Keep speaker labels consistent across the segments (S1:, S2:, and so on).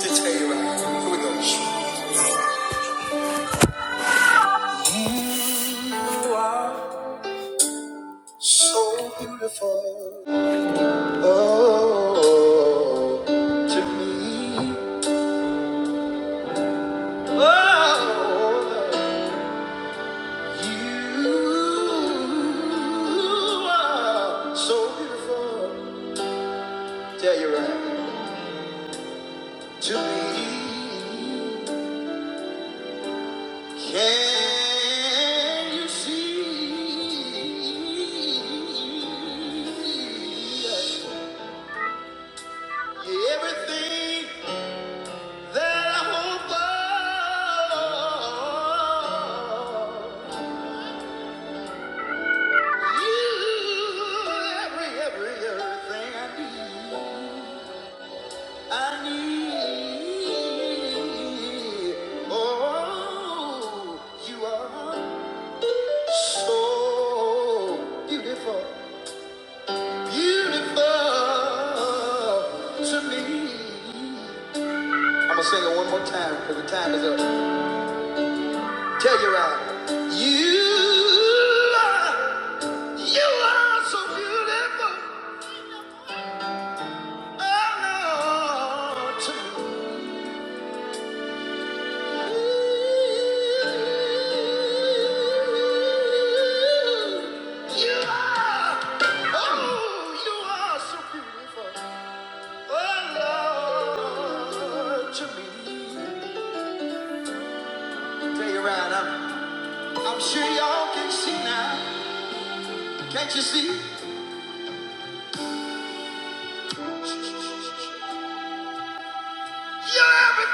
S1: to tell you right. Here we go. You are so beautiful. Oh, to me. Oh, you are so beautiful. Tell you right. To me. Can you see? Everything that I hope for, you, every, every, everything I need, I need. Oh, you are so beautiful, beautiful to me. I'm gonna sing it one more time because the time is up. Tell your eye. You are, you are so beautiful. Oh, Lord, to me. You are, oh, you are so beautiful. Oh, Lord, to me. Tell your eye. I'm, I'm sure y'all can see now. Can't you see? You're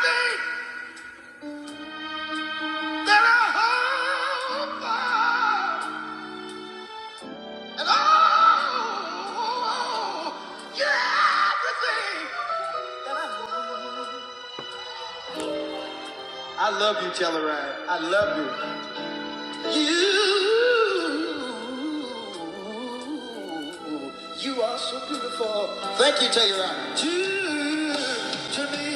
S1: everything. I love you, Telluride. I love you. You, you are so beautiful. Thank you, Telluride. To, to me,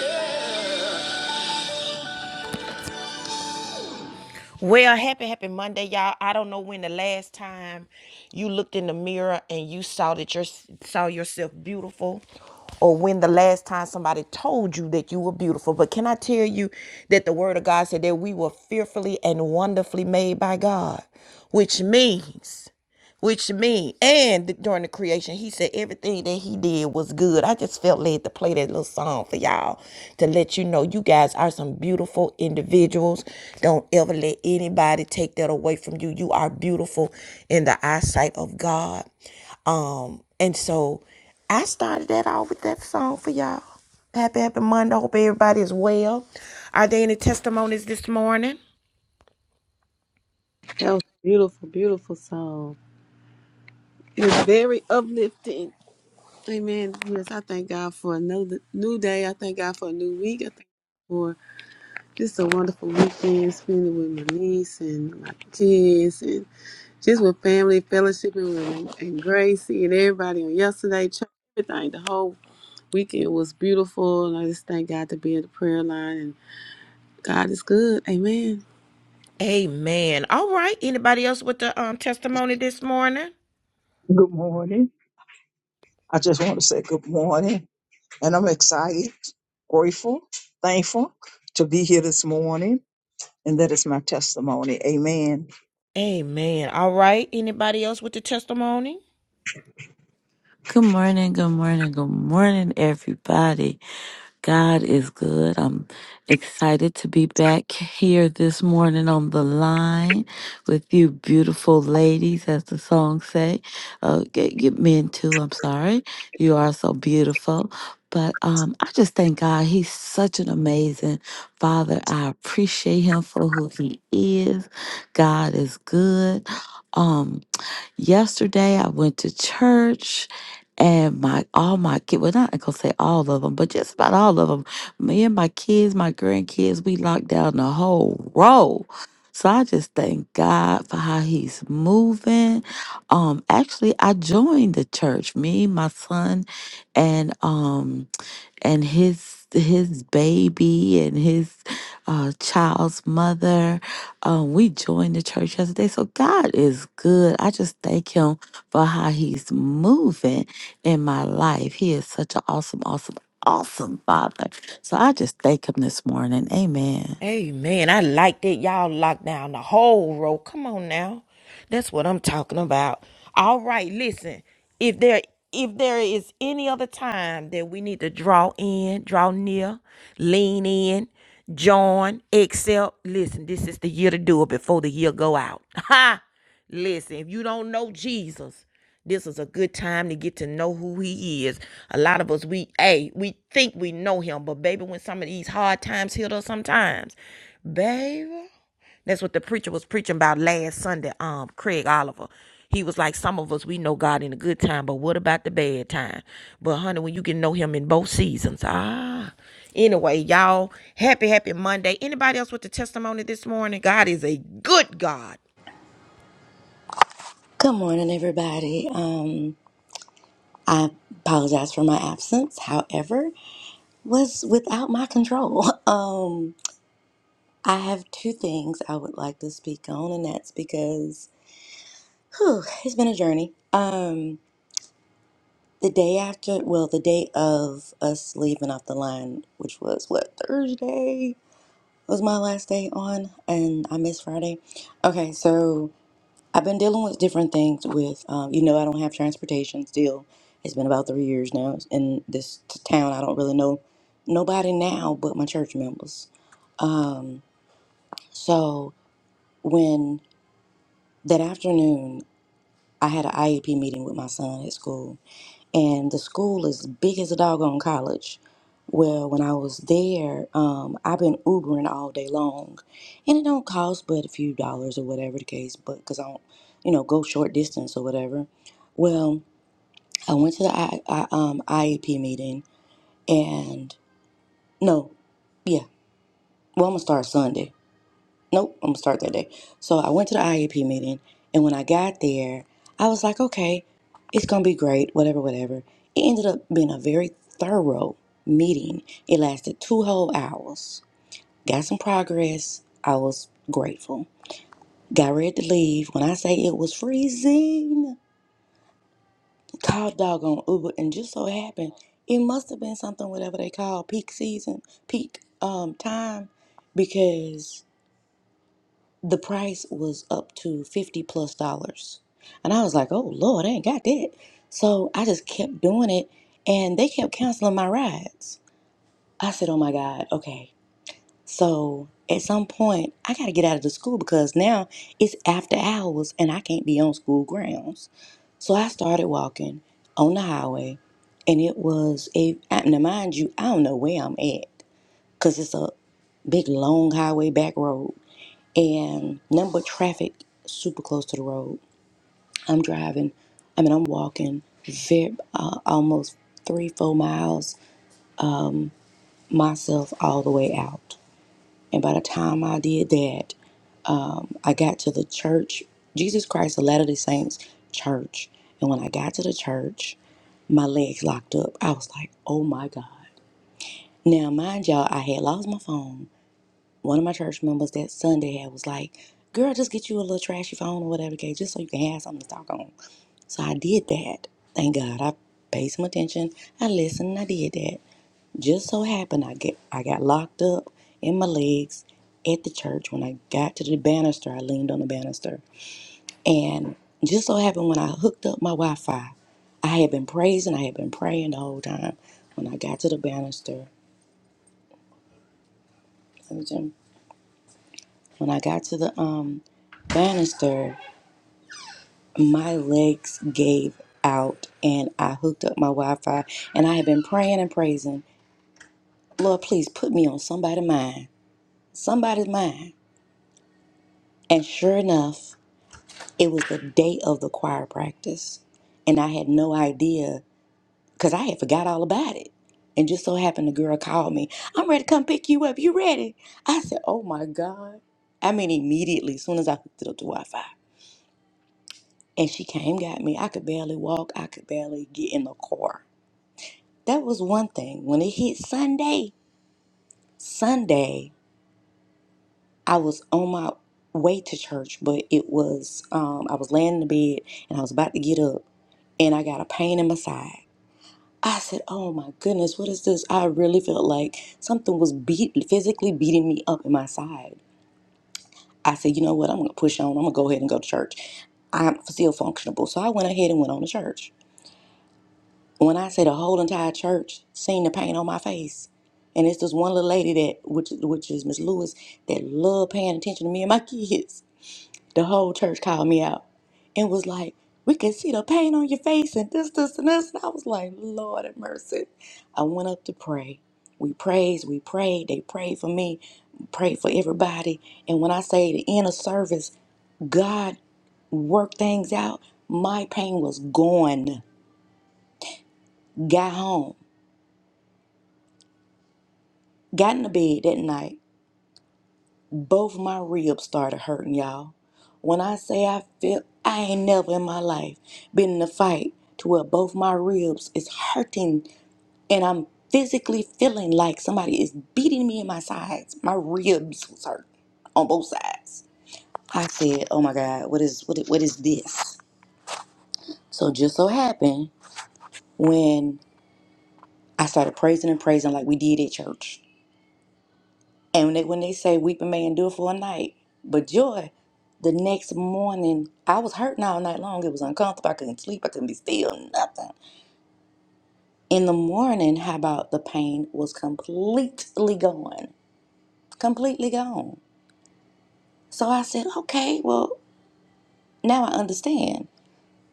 S1: yeah. Well, happy, happy Monday, y'all. I don't know when the last time you looked in the mirror and you saw that you saw yourself beautiful, or when the last time somebody told you that you were beautiful. But can I tell you that the Word of God said that we were fearfully and wonderfully made by God, which means which mean, and during the creation, he said everything that he did was good. I just felt led to play that little song for y'all to let you know you guys are some beautiful individuals. Don't ever let anybody take that away from you. You are beautiful in the eyesight of God. Um, and so I started that off with that song for y'all. Happy, happy Monday. Hope everybody is well. Are there any testimonies this morning?
S2: That was a beautiful, beautiful song. It was very uplifting. Amen. Yes, I thank God for another new day. I thank God for a new week. I thank God for just a wonderful weekend spending with my niece and my kids and just with family, fellowshipping with and Gracie and everybody on yesterday. Church, everything. The whole weekend was beautiful. And I just thank God to be in the prayer line. And God is good. Amen.
S1: Amen. All right. Anybody else with the um testimony this morning?
S3: Good morning. I just want to say good morning. And I'm excited, grateful, thankful to be here this morning. And that is my testimony. Amen.
S1: Amen. All right. Anybody else with the testimony?
S4: Good morning, good morning, good morning, everybody. God is good. I'm excited to be back here this morning on the line with you beautiful ladies, as the song say. Uh, get, get men too, I'm sorry. You are so beautiful. But um, I just thank God. He's such an amazing father. I appreciate him for who he is. God is good. Um, Yesterday, I went to church, and my all my kids. Well, not gonna say all of them, but just about all of them. Me and my kids, my grandkids, we locked down the whole row. So I just thank God for how He's moving. Um, actually, I joined the church. Me, my son, and um, and his his baby and his uh, child's mother. Uh, we joined the church yesterday. So God is good. I just thank Him for how He's moving in my life. He is such an awesome, awesome, awesome Father. So I just thank Him this morning. Amen.
S1: Amen. I like that. Y'all locked down the whole row. Come on now. That's what I'm talking about. All right, listen. If there if there is any other time that we need to draw in, draw near, lean in, join, excel. listen, this is the year to do it before the year go out. Listen, if you don't know Jesus, this is a good time to get to know who he is. A lot of us, we, hey, we think we know him, but baby, when some of these hard times hit us sometimes, baby, that's what the preacher was preaching about last Sunday, um, Craig Oliver. He was like, some of us, we know God in the good time, but what about the bad time? But honey, when you can know him in both seasons, ah. Anyway, y'all, happy, happy Monday. Anybody else with the testimony this morning? God is a good God.
S5: Good morning, everybody. Um, I apologize for my absence. However, was without my control. Um, I have two things I would like to speak on, and that's because whew, it's been a journey. Um, the day after, well, the day of us leaving off the line, which was what Thursday was my last day on, and I missed Friday. Okay, so I've been dealing with different things with, um, you know, I don't have transportation still. It's been about three years now in this t- town. I don't really know nobody now but my church members. Um, so when that afternoon, I had an IEP meeting with my son at school, and the school is big as a doggone college. Well, when I was there, um, I've been Ubering all day long, and it don't cost but a few dollars or whatever the case, but because I don't, you know, go short distance or whatever. Well, I went to the I, I, um, IEP meeting and no, yeah. Well, I'm gonna start Sunday. Nope, I'm gonna start that day. So I went to the IEP meeting, and when I got there, I was like, okay, it's gonna be great, whatever, whatever. It ended up being a very thorough meeting. It lasted two whole hours. Got some progress. I was grateful. Got ready to leave when I say it was freezing. called doggone Uber, and just so happened it must have been something whatever they call peak season, peak um time, because the price was up to fifty plus dollars, and I was like, oh Lord, I ain't got that, so I just kept doing it, and they kept canceling my rides. I said, oh my God, okay. So at some point, I got to get out of the school because now it's after hours and I can't be on school grounds. So I started walking on the highway, and it was a I- now mind you, I don't know where I'm at because it's a big long highway back road and nothing but traffic super close to the road. I'm driving, I mean I'm walking very uh, almost three four miles myself all the way out, and by the time I did that, I got to the church, Jesus Christ of Latter day Saints church. And when I got to the church, my legs locked up. I was like, oh my God. Now, mind y'all, I had lost my phone. One of my church members that Sunday had was like, girl, just get you a little trashy phone or whatever, okay, just so you can have something to talk on. So I did that. Thank God. I paid some attention. I listened. and I did that. Just so happened I get I got locked up in my legs at the church. When I got to the banister, I leaned on the banister. And just so happened when I hooked up my Wi Fi, I had been praising, I had been praying the whole time. When I got to the banister, let me jump- when I got to the um banister, my legs gave out and I hooked up my Wi Fi and I had been praying and praising, Lord, please put me on somebody's mind. Somebody's mind. And sure enough, it was the day of the choir practice. And I had no idea because I had forgot all about it. And just so happened the girl called me, I'm ready to come pick you up. You ready? I said, Oh my God. I mean, immediately, as soon as I hooked it up to Wi Fi. And she came, got me. I could barely walk, I could barely get in the car. That was one thing. When it hit Sunday, Sunday, I was on my way to church, but it was, um, I was laying in the bed and I was about to get up and I got a pain in my side. I said, "Oh my goodness, what is this?" I really felt like something was beat physically beating me up in my side. I said, "You know what? I'm gonna push on. I'm gonna go ahead and go to church. I'm still functionable." So I went ahead and went on to church. When I say the whole entire church seen the pain on my face, and it's this one little lady that, which which is Miss Lewis, that loved paying attention to me and my kids. The whole church called me out and was like, We can see the pain on your face and this, this, and this. And I was like, Lord have mercy. I went up to pray. We praised, we prayed. They prayed for me, prayed for everybody. And when I say the end of service, God worked things out. My pain was gone. Got home, got in the bed that night Both my ribs started hurting, y'all. When I say I feel, I ain't never in my life been in a fight to where both my ribs is hurting and I'm physically feeling like somebody is beating me in my sides. My ribs was hurt on both sides. I said, "Oh my God, what is what? is- What is this?" So just so happened when I started praising and praising like we did at church. And when they, when they say weeping may endure for a night, but joy, the next morning, I was hurting all night long. It was uncomfortable. I couldn't sleep. I couldn't be still, nothing. In the morning, how about the pain was completely gone? Completely gone. So I said, okay, well, now I understand.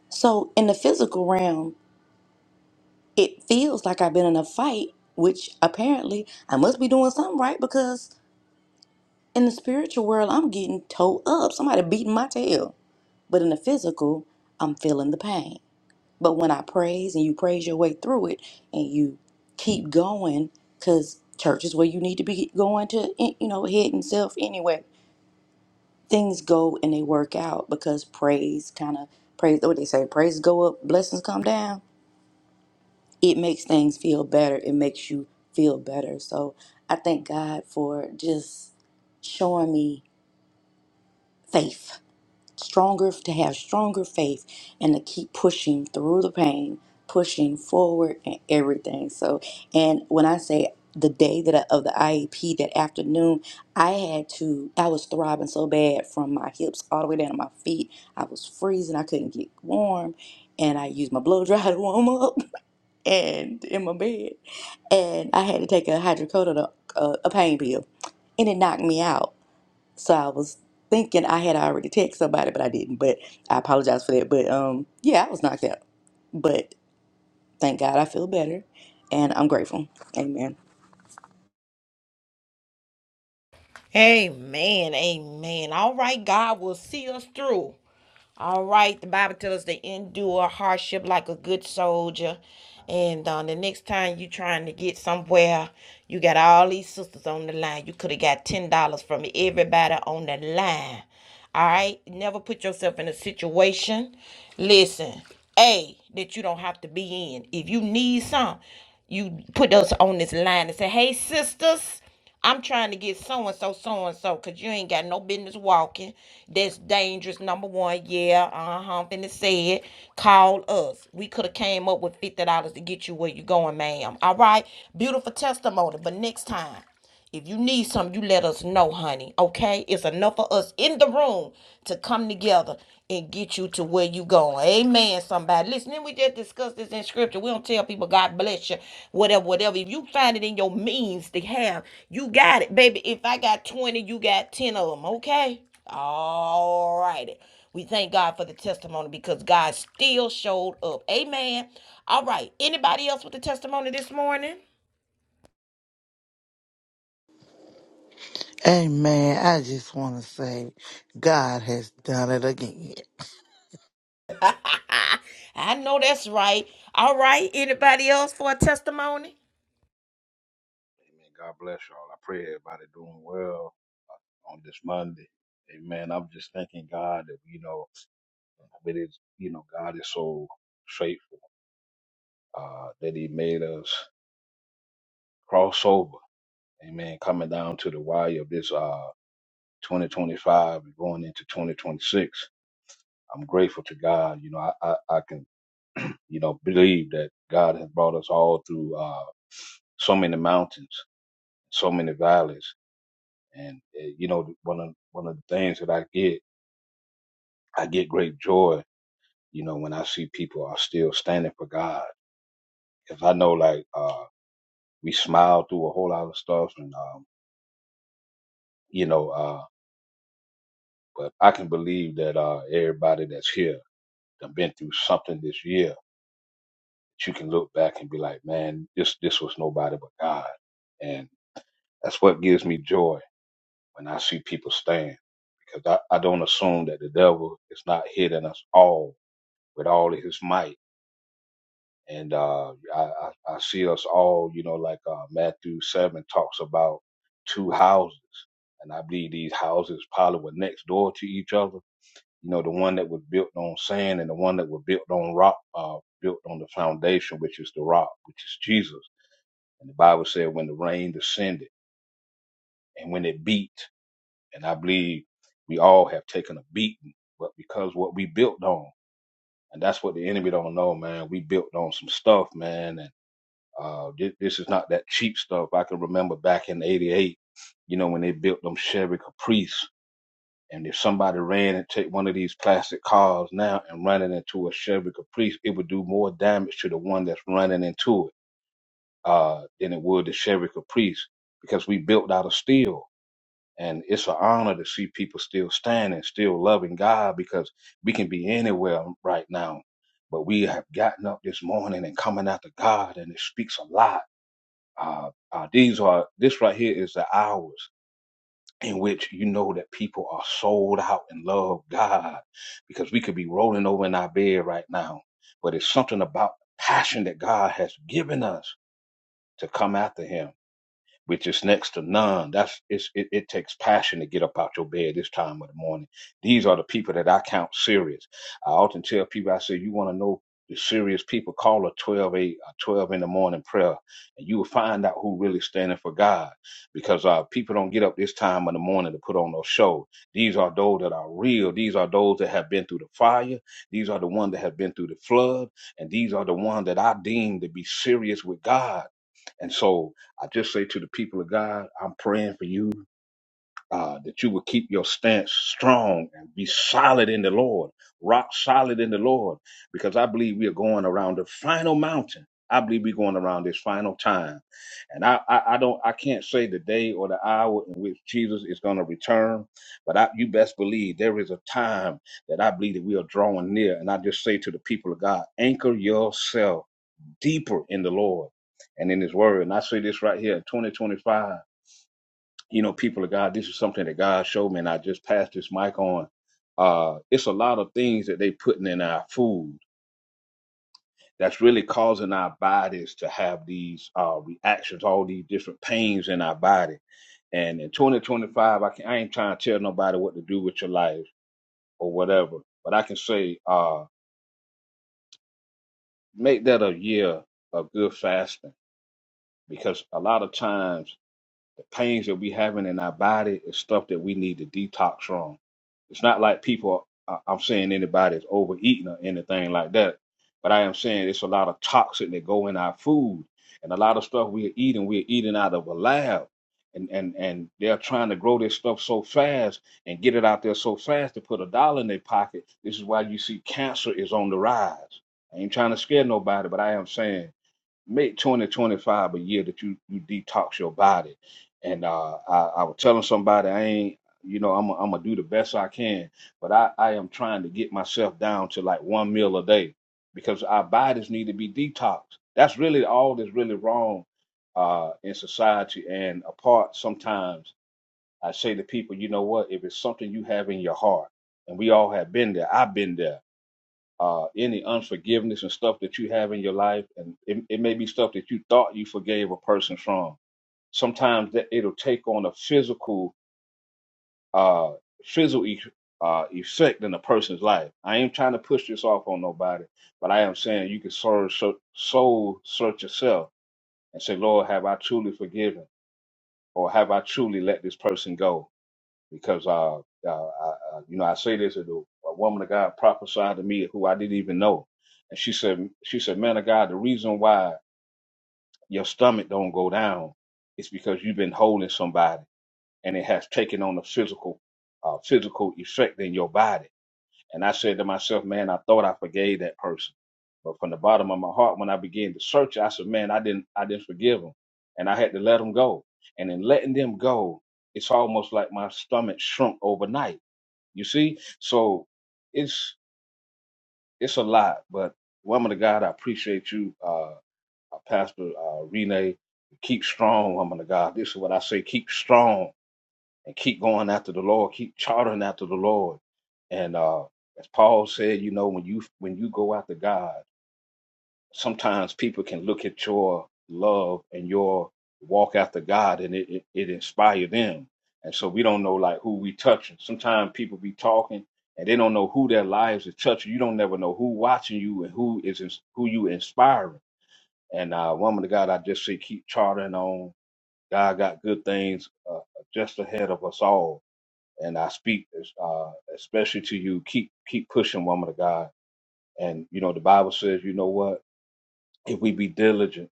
S5: So in the physical realm, it feels like I've been in a fight, which apparently I must be doing something right because in the spiritual world, I'm getting towed up. Somebody beating my tail But in the physical, I'm feeling the pain. But when I praise and you praise your way through it and you keep going, because church is where you need to be going to, eh, you know, head and self anyway, things go and they work out because praise kind of, praise, what they say, praise go up, blessings come down. It makes things feel better. It makes you feel better. So I thank God for just showing me faith stronger to have stronger faith and to keep pushing through the pain pushing forward and everything so and when i say the day that I, of the iep that afternoon i had to i was throbbing so bad from my hips all the way down to my feet i was freezing i couldn't get warm and i used my blow dryer to warm up and in my bed and i had to take a hydrocodone a, a pain pill and it knocked me out so I was thinking I had already texted somebody, but I didn't. But I apologize for that. But um, yeah, I was knocked out. But thank God I feel better, and I'm grateful. Amen.
S1: Amen. Amen. All right, God will see us through. All right, the Bible tells us to endure hardship like a good soldier. And uh, the next time you are trying to get somewhere, you got all these sisters on the line. You could have got ten dollars from everybody on the line. All right, never put yourself in a situation. Listen, a that you don't have to be in. If you need some, you put us on this line and say, "Hey, sisters." I'm trying to get so and so, so and so, because you ain't got no business walking. That's dangerous. Number one, yeah, uh huh. I'm finna say it. Call us. We could have came up with fifty dollars to get you where you going, ma'am. All right, beautiful testimony. But next time, if you need something, you let us know, honey. Okay, it's enough for us in the room to come together and get get you to where you going. Amen, somebody. Listen, Then we just discuss this in scripture. We don't tell people God bless you, whatever, whatever. If you find it in your means to have, you got it, baby. If I got 20, you got 10 of them, okay? All righty. We thank God for the testimony because God still showed up. Amen. All right. Anybody else with a testimony this morning?
S6: Amen. I just want to say God has done it again.
S1: I know that's right. All right. Anybody else for a testimony?
S7: Amen. God bless y'all. I pray everybody doing well on this Monday. Amen. I'm just thanking God that you know, it is you know, God is so faithful uh, that He made us cross over. Amen. Coming down to the wire of this uh 2025 and going into 2026. I'm grateful to God. You know, I I, I can you know believe that God has brought us all through uh so many mountains, so many valleys. And uh, you know, one of one of the things that I get, I get great joy. You know, when I see people are still standing for God, because I know like uh, we smile through a whole lot of stuff, and um, you know, uh, but I can believe that uh, everybody that's here that been through something this year, that you can look back and be like, man, this this was nobody but God, and that's what gives me joy when I see people stand. Because I, I don't assume that the devil is not hitting us all with all of his might And uh, I, I I see us all, you know, like uh, Matthew 7 talks about two houses. And I believe these houses probably were next door to each other. You know, the one that was built on sand and the one that was built on rock, uh, built on the foundation, which is the rock, which is Jesus. And the Bible said when the rain descended and when it beat, and I believe we all have taken a beating, but because what we built on, and that's what the enemy don't know, man. We built on some stuff, man, Uh, this, this is not that cheap stuff. I can remember back in '88, you know, when they built them Chevy Caprice, and if somebody ran and take one of these plastic cars now and running into a Chevy Caprice, it would do more damage to the one that's running into it uh, than it would the Chevy Caprice because we built out of steel. And it's an honor to see people still standing, still loving God because we can be anywhere right now. But we have gotten up this morning and coming out to God, and it speaks a lot uh, uh, these are this right here is the hours in which you know that people are sold out and love God, because we could be rolling over in our bed right now, but it's something about the passion that God has given us to come after Him which is next to none. That's it's, it, it takes passion to get up out your bed this time of the morning. These are the people that I count serious. I often tell people, I say, you want to know the serious people, call a 12 a, a 12 in the morning prayer, and you will find out who really standing for God. Because uh, people don't get up this time of the morning to put on no show. These are those that are real. These are those that have been through the fire. These are the ones that have been through the flood, and these are the ones that I deem to be serious with God. And so I just say to the people of God, I'm praying for you uh, that you will keep your stance strong and be solid in the Lord, rock solid in the Lord, because I believe we are going around the final mountain. I believe we're going around this final time, and I, I I don't I can't say the day or the hour in which Jesus is going to return, but I, you best believe there is a time that I believe that we are drawing near, and I just say to the people of God, anchor yourself deeper in the Lord and in His Word. And I see this right here, 2025. You know, people of God, this is something that God showed me, and I just passed this mic on. Uh, it's a lot of things that they putting in our food that's really causing our bodies to have these uh, reactions, all these different pains in our body. And in 2025, I, can, I ain't trying to tell nobody what to do with your life or whatever, but I can say, uh, make that a year of good fasting because a lot of times The pains that we having in our body is stuff that we need to detox from. It's not like people. I- I'm saying anybody's overeating or anything like that, but I am saying it's a lot of toxin that go in our food and a lot of stuff we're eating. We're eating out of a lab, and and and they're trying to grow this stuff so fast and get it out there so fast to put a dollar in their pocket. This is why you see cancer is on the rise. I ain't trying to scare nobody, but I am saying make 2025 a year that you you detox your body. And uh, I, I was telling somebody I ain't, you know, I'm i I'm gonna do the best I can, but I I am trying to get myself down to like one meal a day because our bodies need to be detoxed. That's really all that's really wrong uh, in society. And apart, sometimes I say to people, you know what? If it's something you have in your heart, and we all have been there, I've been there uh, any unforgiveness and stuff that you have in your life, and it, it may be stuff that you thought you forgave a person from. Sometimes that it'll take on a physical, uh, physical e- uh, effect in a person's life. I ain't trying to push this off on nobody, but I am saying you can soul, search- soul search yourself and say, Lord, have I truly forgiven, or have I truly let this person go? because uh, uh, uh, you know, I say this and a woman of God prophesied to me who I didn't even know, and she said, she said, man of God, the reason why your stomach don't go down is because you've been holding somebody, and it has taken on a physical, uh, physical effect in your body. And I said to myself, man, I thought I forgave that person, but from the bottom of my heart, when I began to search, I said, man, I didn't, I didn't forgive them, and I had to let them go. And in letting them go, it's almost like my stomach shrunk overnight you see? So it's it's a lot, but woman of God, I appreciate you, uh uh, Pastor uh Renee. Keep strong, woman of God. This is what I say, keep strong and keep going after the Lord, keep chartering after the Lord. And uh as Paul said, you know, when you when you go after God, sometimes people can look at your love and your walk after God and it, it, it inspire them. And so we don't know like who we touching. Sometimes people be talking and they don't know who their lives is touching. You don't never know who watching you and who is ins- who you inspiring. And uh, woman of God, I just say keep charting on. God got good things uh, just ahead of us all. And I speak uh, especially to you. Keep keep pushing, woman of God. And you know the Bible says, you know what? If we be diligent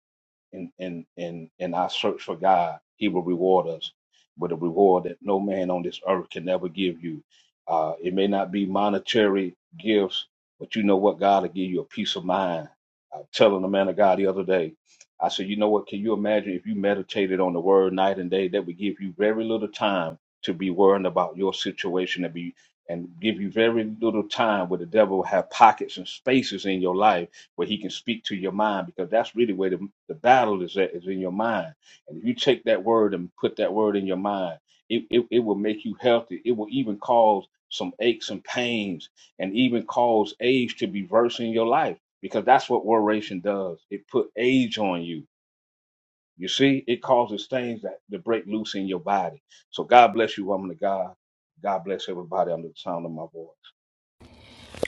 S7: in in in in our search for God, He will reward us with a reward that no man on this earth can ever give you. Uh, it may not be monetary gifts, but you know what? God will give you a peace of mind. I was telling the man of God the other day, I said, you know what? Can you imagine if you meditated on the Word night and day? That would give you very little time to be worrying about your situation and be and give you very little time where the devil have pockets and spaces in your life where he can speak to your mind because that's really where the, the battle is at is in your mind and if you take that word and put that word in your mind it, it, it will make you healthy it will even cause some aches and pains and even cause age to be worse in your life because that's what worration does it put age on you you see it causes things that to break loose in your body so god bless you woman of god god bless everybody under the sound of my voice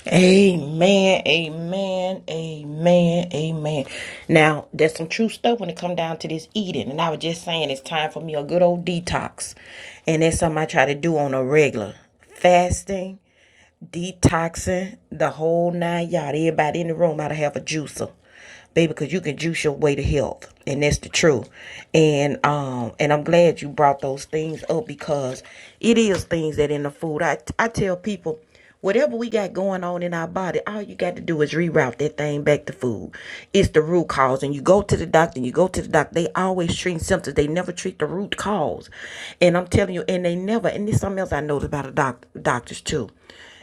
S1: Amen, amen, amen, amen. Now, there's some true stuff when it come down to this eating, and I was just saying it's time for me a good old detox, and that's something I try to do on a regular fasting detoxing the whole nine yard. Everybody in the room ought to have a juicer, baby, because you can juice your way to health, and that's the truth. And um, and I'm glad you brought those things up because it is things that in the food. I I tell people. Whatever we got going on in our body, all you got to do is reroute that thing back to food. It's the root cause. And you go to the doctor, and you go to the doctor, they always treat symptoms. They never treat the root cause. And I'm telling you, and they never, and there's something else I noticed about the doc- doctors too.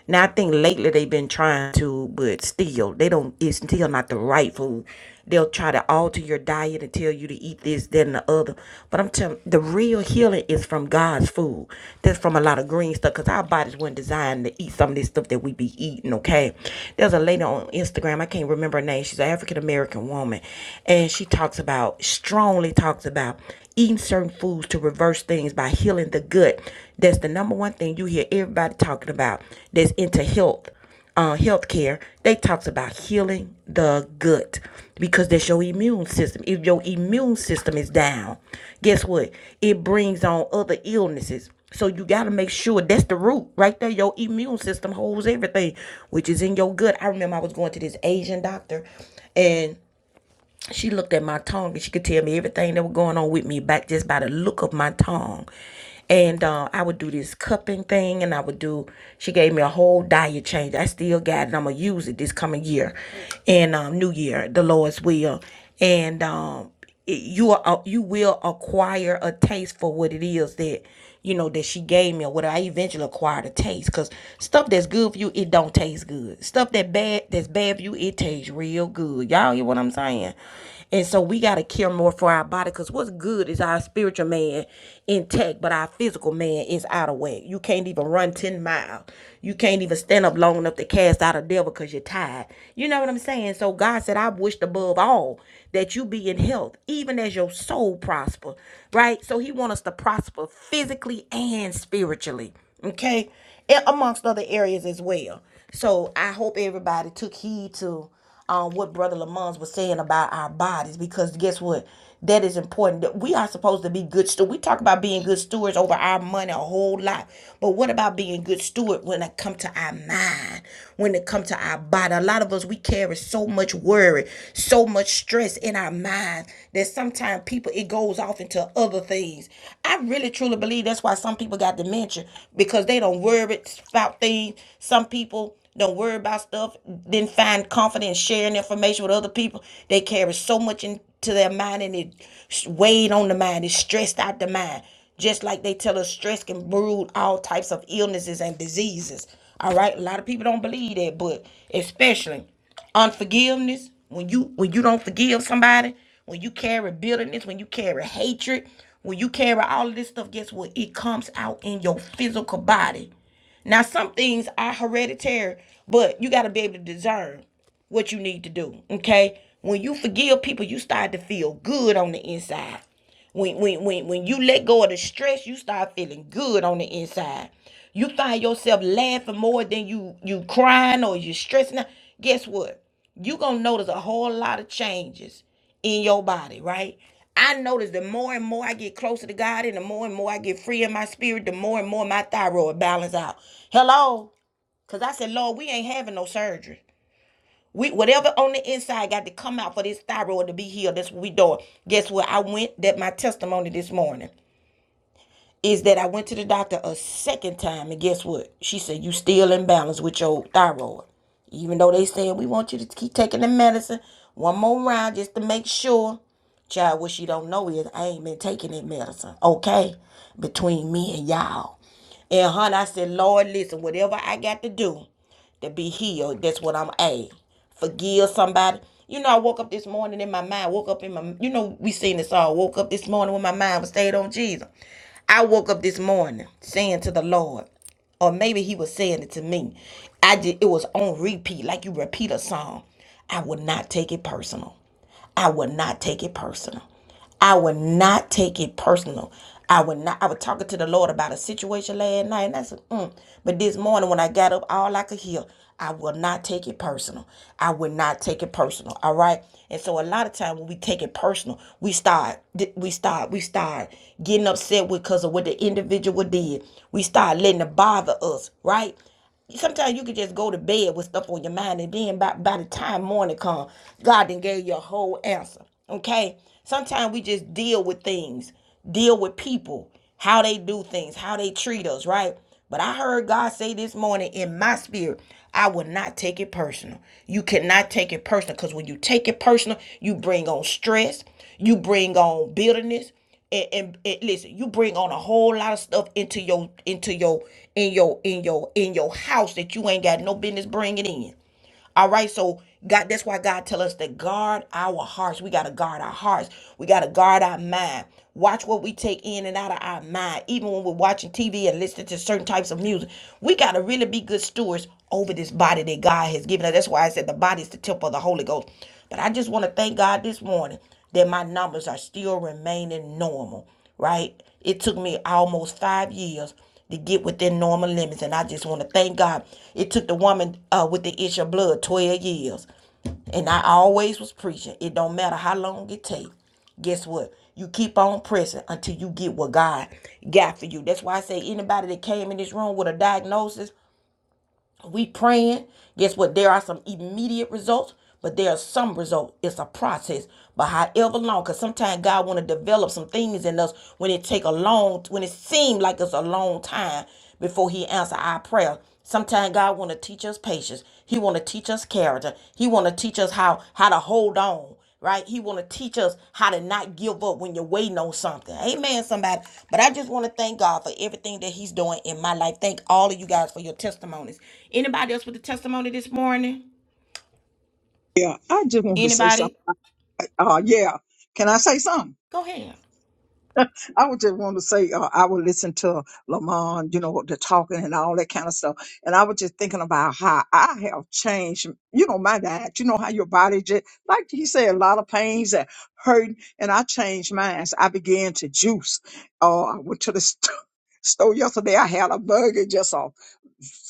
S1: Now I think lately they've been trying to, but still they don't. It's still not the right food. They'll try to alter your diet and tell you to eat this, that, and the other. But I'm telling, you, the real healing is from God's food. That's from a lot of green stuff, cause our bodies weren't designed to eat some of this stuff that we be eating. Okay, there's a lady on Instagram. I can't remember her name. She's an African American woman, and she talks about strongly talks about eating certain foods to reverse things by healing the gut. That's the number one thing you hear everybody talking about that's into health, uh, health care. They talks about healing the gut because that's your immune system. If your immune system is down, guess what? It brings on other illnesses. So you got to make sure that's the root right there. Your immune system holds everything, which is in your gut. I remember I was going to this Asian doctor and she looked at my tongue and she could tell me everything that was going on with me back just by the look of my tongue. And uh, I would do this cupping thing, and I would do. She gave me a whole diet change. I still got it. I'm gonna use it this coming year, and um, New Year, the Lord's will. And um, it, you are, uh, you will acquire a taste for what it is that you know that she gave me or what I eventually acquired a taste because stuff that's good for you it don't taste good stuff that bad that's bad for you it tastes real good y'all hear what I'm saying and so we got to care more for our body because what's good is our spiritual man intact but our physical man is out of whack you can't even run 10 miles you can't even stand up long enough to cast out a devil because you're tired you know what I'm saying so God said I wished above all that you be in health, even as your soul prosper, right? So he wants us to prosper physically and spiritually, okay? And amongst other areas as well. So I hope everybody took heed to um, what Brother Lamont was saying about our bodies, because guess what? That is important. That We are supposed to be good stewards. We talk about being good stewards over our money a whole lot. But what about being good steward when it comes to our mind, when it comes to our body? A lot of us, we carry so much worry, so much stress in our mind that sometimes people, it goes off into other things. I really truly believe that's why some people got dementia because they don't worry about things. Some people, don't worry about stuff, then find confidence sharing information with other people. They carry so much in to their mind and it weighed on the mind. It stressed out the mind. Just like they tell us stress can brew all types of illnesses and diseases. All right. A lot of people don't believe that, but especially unforgiveness, when you when you don't forgive somebody, when you carry bitterness, when you carry hatred, when you carry all of this stuff, guess what? It comes out in your physical body. Now, some things are hereditary, but you got to be able to discern what you need to do. Okay. When you forgive people, you start to feel good on the inside. When when when when you let go of the stress, you start feeling good on the inside. You find yourself laughing more than you you crying or you stressing. out. Guess what? You gonna notice a whole lot of changes in your body, right? I notice the more and more I get closer to God and the more and more I get free in my spirit, the more and more my thyroid balance out. Hello? Cause I said, Lord, we ain't having no surgery. We whatever on the inside got to come out for this thyroid to be healed. That's what we doing. Guess what? I went that my testimony this morning is that I went to the doctor a second time, and guess what? She said you still in balance with your thyroid, even though they said we want you to keep taking the medicine one more round just to make sure. Child, what she don't know is I ain't been taking that medicine. Okay, between me and y'all. And honey, I said, Lord, listen, whatever I got to do to be healed, that's what I'm a. Forgive somebody. You know, I woke up this morning in my mind, woke up in my, you know, we seen this all. Woke up this morning when my mind was stayed on Jesus. I woke up this morning saying to the Lord, or maybe he was saying it to me. I did, it was on repeat, like you repeat a song. I would not take it personal. I would not take it personal. I would not take it personal. I would not. I was talking to the Lord about a situation last night, and I said, mm. but this morning when I got up, all I could hear, I will not take it personal. I would not take it personal. All right. And so a lot of times when we take it personal, we start, we start, we start getting upset with because of what the individual did. We start letting it bother us, right? Sometimes you could just go to bed with stuff on your mind, and then by, by the time morning comes, God then gave you a whole answer. Okay? Sometimes we just deal with things, deal with people, how they do things, how they treat us, right? But I heard God say this morning in my spirit, I will not take it personal. You cannot take it personal because when you take it personal, you bring on stress, you bring on bitterness, and, and, and listen, you bring on a whole lot of stuff into your into your in your in your in your house that you ain't got no business bringing in. All right, so God, that's why God tell us to guard our hearts. We gotta guard our hearts. We gotta guard our mind. Watch what we take in and out of our mind. Even when we're watching TV and listening to certain types of music, we gotta really be good stewards over this body that God has given us. That's why I said the body is the temple of the Holy Ghost. But I just want to thank God this morning that my numbers are still remaining normal, right? It took me almost five years to get within normal limits, and I just want to thank God. It took the woman uh, with the issue of blood 12 years. And I always was preaching. It don't matter how long it takes. Guess what? You keep on pressing until you get what God got for you. That's why I say anybody that came in this room with a diagnosis, we praying. Guess what? There are some immediate results, but there are some results. It's a process. But however long, because sometimes God want to develop some things in us when it take a long, when it seem like it's a long time before He answer our prayer. Sometimes God want to teach us patience. He want to teach us character. He want to teach us how how to hold on right? He want to teach us how to not give up when you're waiting on something. Amen, somebody. But I just want to thank God for everything that He's doing in my life. Thank all of you guys for your testimonies. Anybody else with a testimony this morning?
S3: Yeah, I just want to say something.
S1: Anybody?
S3: Uh, yeah. Can I say something?
S1: Go ahead.
S3: I would just want to say uh, I would listen to Lamont, you know, the talking and all that kind of stuff, and I was just thinking about how I have changed, you know, my diet. You know how your body just like he said, a lot of pains and hurting, and I changed mine. So I began to juice. Oh, I went to the st- store yesterday. I had a burger, just a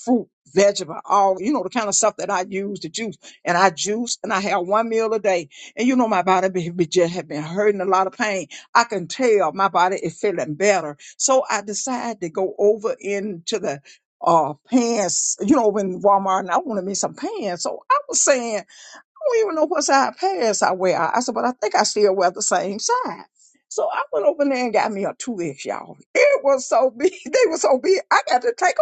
S3: fruit, vegetable, all you know, the kind of stuff that I use to juice. And I juice, and I have one meal a day. And you know, my body be, be just have been hurting a lot of pain. I can tell my body is feeling better. So I decided to go over into the uh pants, you know, in Walmart and I wanted me some pants. So I was saying, I don't even know what size pants I wear. I said, but I think I still wear the same size. So I went over there and got me a two X, y'all. It was so big. They were so big. I got to take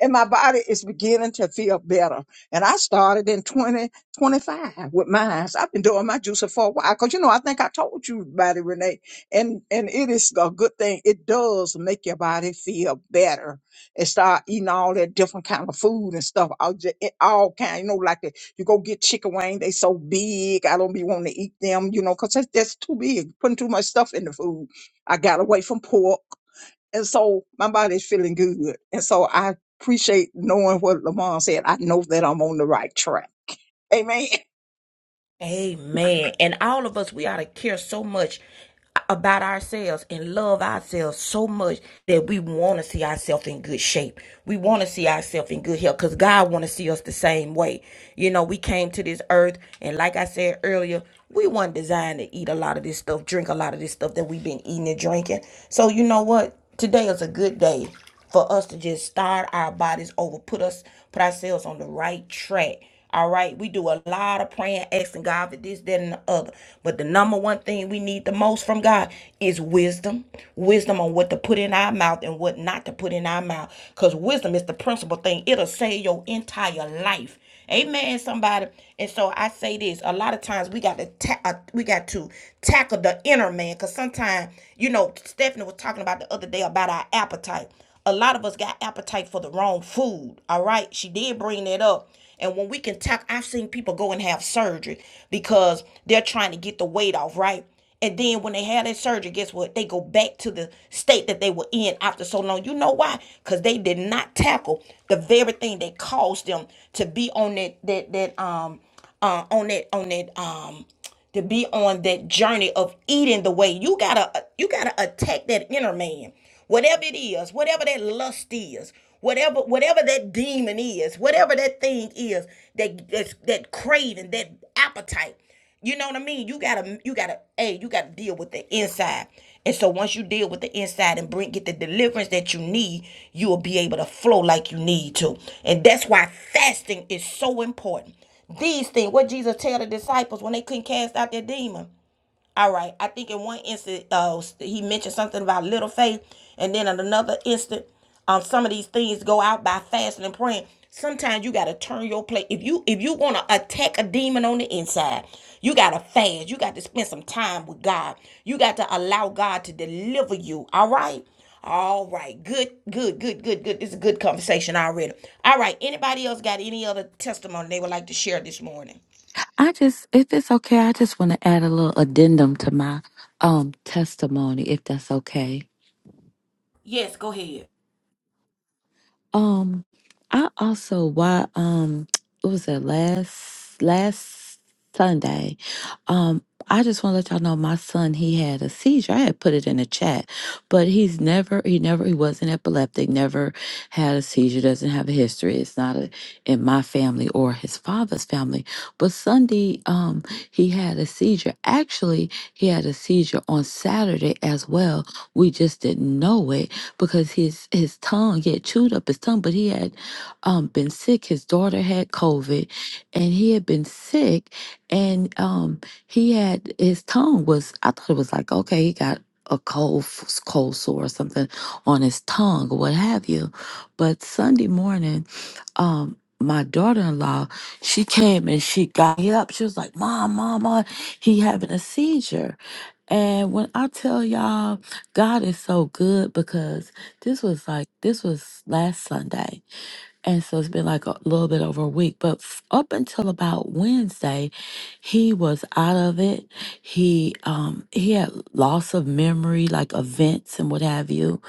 S3: and my body is beginning to feel better. And I started in 2025 with mine. So I've been doing my juicing for a while because you know I think I told you about it, Renee. And and it is a good thing. It does make your body feel better and start eating all that different kind of food and stuff. All just, all kind, you know, like the, you go get chicken wing. They so big. I don't be wanting to eat them, you know, because that's, that's too big. Putting too much stuff in the food. I got away from pork. And so my body's feeling good. And so I appreciate knowing what Lamont said. I know that I'm on the right track. Amen.
S1: Amen. And all of us, we ought to care so much about ourselves and love ourselves so much that we want to see ourselves in good shape. We want to see ourselves in good health because God want to see us the same way. You know, we came to this earth and like I said earlier, we weren't designed to eat a lot of this stuff, drink a lot of this stuff that we've been eating and drinking. So you know what? Today is a good day for us to just start our bodies over, put us put ourselves on the right track. All right, we do a lot of praying, asking God for this, that, and the other. But the number one thing we need the most from God is wisdom. Wisdom on what to put in our mouth and what not to put in our mouth. Because wisdom is the principal thing, it'll save your entire life. Amen, somebody. And so I say this: a lot of times we got to ta- uh, we got to tackle the inner man, because sometimes you know Stephanie was talking about the other day about our appetite a lot of us got appetite for the wrong food. All right. She did bring that up. And when we can talk, I've seen people go and have surgery because they're trying to get the weight off, right? And then when they have that surgery, guess what? They go back to the state that they were in after so long. You know why? Because they did not tackle the very thing that caused them to be on that that that um uh on that on that um to be on that journey of eating the way you gotta you gotta attack that inner man whatever it is whatever that lust is whatever whatever that demon is whatever that thing is that that's, that craving that appetite you know what i mean you gotta you gotta hey you gotta deal with the inside and so once you deal with the inside and bring get the deliverance that you need you will be able to flow like you need to and that's why fasting is so important these things, what Jesus tell the disciples when they couldn't cast out their demon. All right. I think in one instant, uh, he mentioned something about little faith, and then in another instant, um, some of these things go out by fasting and praying. Sometimes you gotta turn your plate. If you if you wanna attack a demon on the inside, you gotta fast. You got to spend some time with God. You got to allow God to deliver you. All right. All right. Good. Good. Good. Good. Good. This is a good conversation already. All right. Anybody else got any other testimony they would like to share this morning?
S4: I just, if it's okay, I just want to add a little addendum to my um testimony, if that's okay.
S1: Yes. Go ahead.
S4: Um, I also why um it was it last last Sunday. Um, I just want to let y'all know my son he had a seizure. I had put it in the chat, but he's never he never he wasn't epileptic. Never had a seizure. Doesn't have a history. It's not a, in my family or his father's family. But Sunday, um, he had a seizure. Actually, he had a seizure on Saturday as well. We just didn't know it because his his tongue he had chewed up his tongue, but he had um, been sick. His daughter had COVID, and he had been sick, and um, he had his tongue was. I thought it was like okay, he got a cold f- cold sore or something on his tongue or what have you. But Sunday morning, um. My daughter-in-law, she came and she got me up. She was like, "Mom, mom, mom, he having a seizure." And when I tell y'all God is so good because this was like this was last Sunday and so it's been like a little bit over a week, but f- up until about Wednesday, he was out of it. He um he had loss of memory, like events and what have you.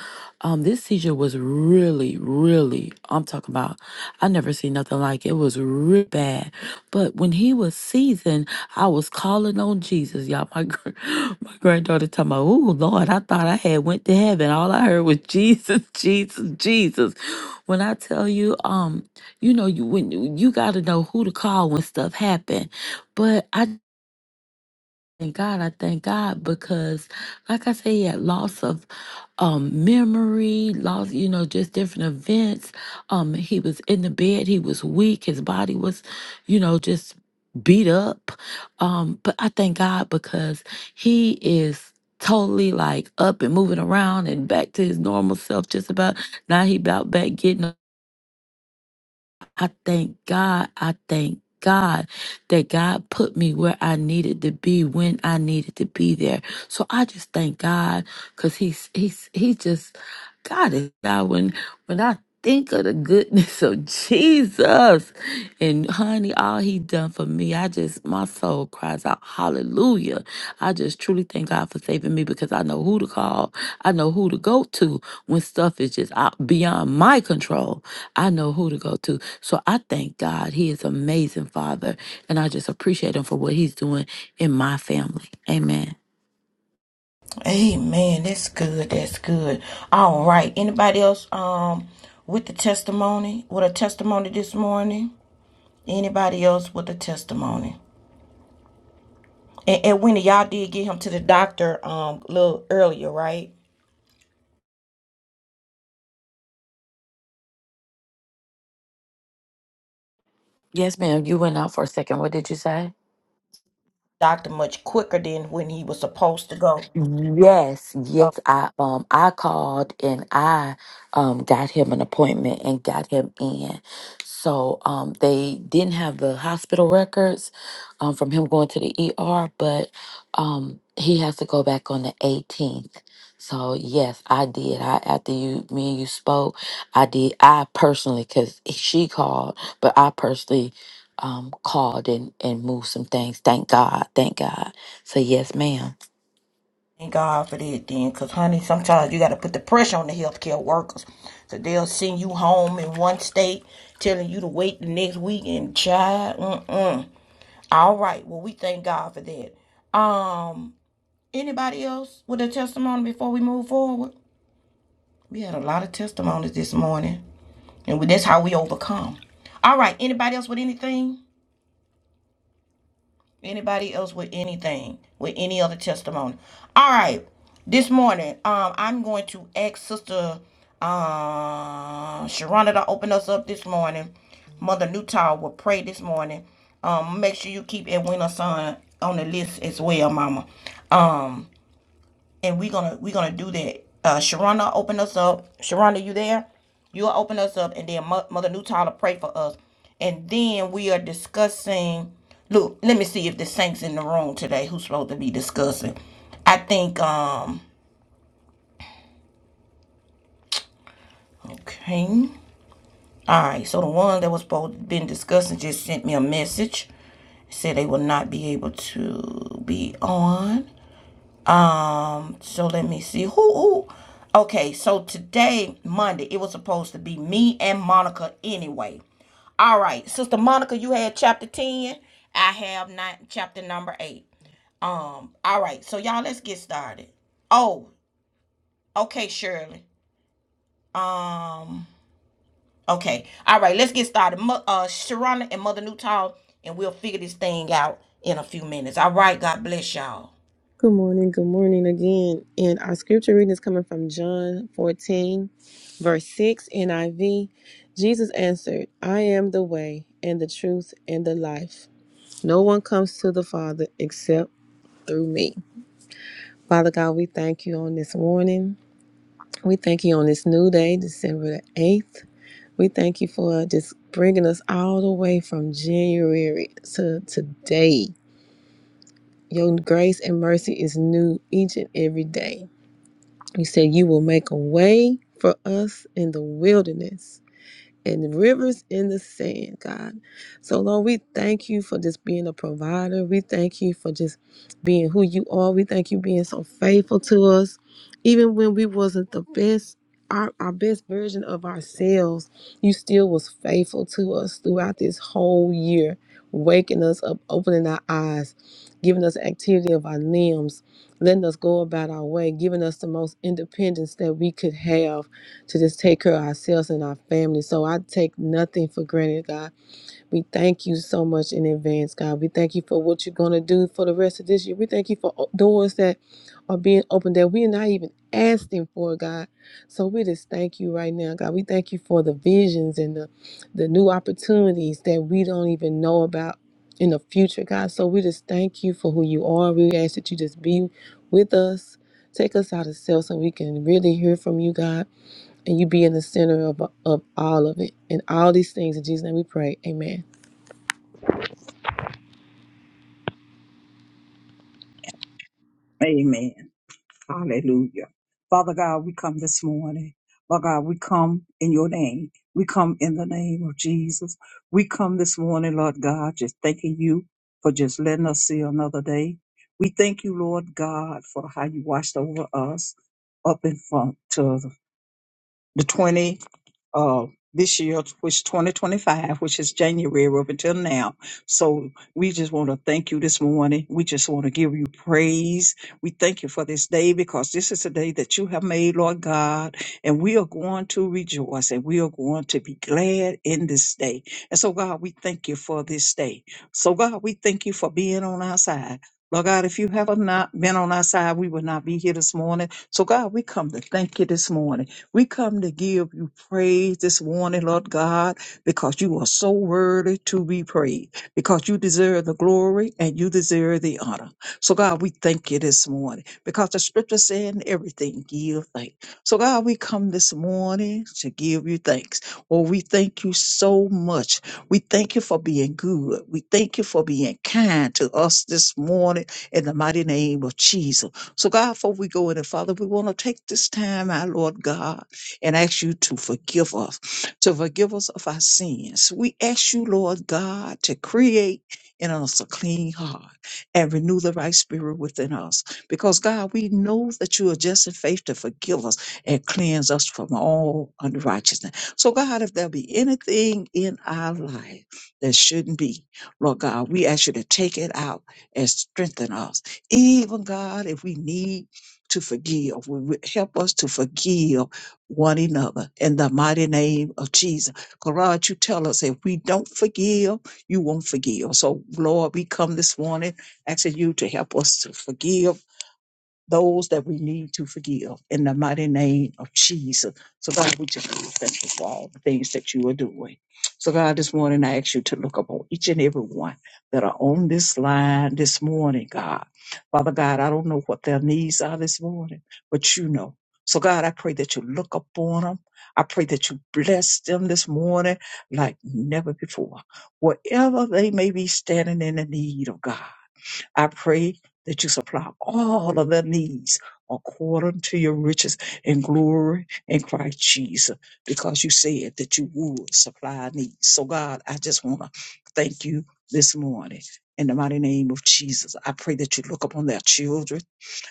S4: Um, this seizure was really, really. I'm talking about. I never seen nothing like it. It was really bad. But when he was seasoned, I was calling on Jesus, y'all. My gr- my granddaughter talking about, "Oh Lord, I thought I had went to heaven. All I heard was Jesus, Jesus, Jesus." When I tell you, um, you know, you when you got to know who to call when stuff happen. But I thank God, I thank God because, like I said, yeah, loss of um memory, loss, you know, just different events. Um, he was in the bed, he was weak, his body was, you know, just beat up. Um, but I thank God because he is totally like up and moving around and back to his normal self just about now he about back getting I thank God. I thank God that God put me where I needed to be when I needed to be there. So I just thank God because he's he's he just God is God when when I think of the goodness of Jesus and honey all he done for me I just my soul cries out hallelujah I just truly thank God for saving me because I know who to call I know who to go to when stuff is just out beyond my control I know who to go to. So I thank God. He is amazing Father. And I just appreciate him for what he's doing in my family. Amen.
S1: Amen. That's good. That's good. All right. Anybody else um with the testimony? With a testimony this morning? Anybody else with a testimony? And, and Winnie, y'all did get him to the doctor um a little earlier, right?
S4: Yes, ma'am. You went out for a second. What did you say?
S1: Doctor much quicker than when he was supposed to go.
S4: Yes,
S1: Oh,
S4: yes. I um I called and I um got him an appointment and got him in. So um they didn't have the hospital records um from him going to the ER, but um he has to go back on the 18th. So yes, I did. I after you me and you spoke, I did. I personally cuz she called, but I personally um called and and moved some things. Thank God. Thank God. So yes, ma'am.
S1: thank God for that then, because honey, sometimes you gotta put the pressure on the healthcare workers. So they'll send you home in one state, telling you to wait the next week and child. Mm-mm. All right. Well, we thank God for that. Um, anybody else with a testimony before we move forward? We had a lot of testimonies this morning, and we, that's how we overcome. All right. Anybody else with anything? Anybody else with anything? With any other testimony? All right. This morning, um, I'm going to ask Sister uh, Sharonda to open us up this morning. Mother Newtow will pray this morning. Um, make sure you keep Edwina son on the list as well, Mama. and we're gonna we're gonna do that. Uh, Sharonda, open us up. Sharonda, you there? You'll open us up, and then Mo- Mother New pray for us, and then we are discussing. Look, let me see if the saints in the room today who's supposed to be discussing. I think um okay. All right, so the one that was supposed to been discussing just sent me a message. Said they will not be able to be on. Um, So let me see who who. Okay, so today Monday it was supposed to be me and Monica anyway. All right, Sister Monica, you had chapter ten. I have not chapter number eight. Um, all right, so y'all let's get started. Oh, okay, Shirley. Um, okay, all right, let's get started. Mo- uh, Sharana and Mother Newtall, and we'll figure this thing out in a few minutes. All right, God bless y'all.
S2: Good morning, good morning again. And our scripture reading is coming from John 14, verse 6, NIV. Jesus answered, I am the way and the truth and the life. No one comes to the Father except through me. Father God, we thank you on this morning. We thank you on this new day, December the 8th. We thank you for just bringing us all the way from January to today. Your grace and mercy is new each and every day. He said you will make a way for us in the wilderness and rivers in the sand, God. So, Lord, we thank you for just being a provider. We thank you for just being who you are. We thank you being so faithful to us, even when we wasn't the best. Our, our best version of ourselves you still was faithful to us throughout this whole year waking us up opening our eyes giving us activity of our limbs letting us go about our way giving us the most independence that we could have to just take care of ourselves and our family. So I take nothing for granted, God. We thank you so much in advance, God. We thank you for what you're going to do for the rest of this year. We thank you for o- doors that are being opened that we're not even asking for, God. So we just thank you right now, God. We thank you for the visions and the, the new opportunities that we don't even know about in the future, God. So we just thank you for who you are. We ask that you just be with us. Take us out of self so we can really hear from you, God and you be in the center of, of all of it. And all these things in Jesus' name we pray. Amen.
S3: Amen. Hallelujah. Father God, we come this morning. Lord God, we come in your name. We come in the name of Jesus. We come this morning, Lord God, just thanking you for just letting us see another day. We thank you, Lord God, for how you watched over us up in front to the 20 uh, this year, which 2025, which is January up until now. So we just want to thank you this morning. We just want to give you praise. We thank you for this day because this is a day that you have made, Lord God, and we are going to rejoice and we are going to be glad in this day. And so, God, we thank you for this day. So, God, we thank you for being on our side. Lord God, if you have not been on our side, we would not be here this morning. So, God, we come to thank you this morning. We come to give you praise this morning, Lord God, because you are so worthy to be praised, because you deserve the glory and you deserve the honor. So, God, we thank you this morning because the scripture said in everything, give thanks. So, God, we come this morning to give you thanks. Oh, we thank you so much. We thank you for being good. We thank you for being kind to us this morning in the mighty name of Jesus. So, God, before we go in, and Father, we want to take this time, our Lord God and ask you to forgive us, to forgive us of our sins. We ask you, Lord God, to create in us a clean heart and renew the right spirit within us. Because God, we know that you are just in faith to forgive us and cleanse us from all unrighteousness. So, God, if there be anything in our life that shouldn't be, Lord God, we ask you to take it out and strengthen us. Even God, if we need to forgive, will help us to forgive one another in the mighty name of Jesus. Lord, you tell us if we don't forgive, you won't forgive. So, Lord, we come this morning asking you to help us to forgive those that we need to forgive in the mighty name of Jesus. So, God, we just want to thank for all the things that you are doing. So, God, this morning I ask you to look upon each and every one that are on this line this morning, God. Father God, I don't know what their needs are this morning, but you know. So, God, I pray that you look upon them. I pray that you bless them this morning like never before. Wherever they may be standing in the need of God. I pray that you supply all of their needs according to your riches and glory in Christ Jesus, because you said that you would supply our needs. So, God, I just want to thank you this morning. In the mighty name of Jesus, I pray that you look upon their children.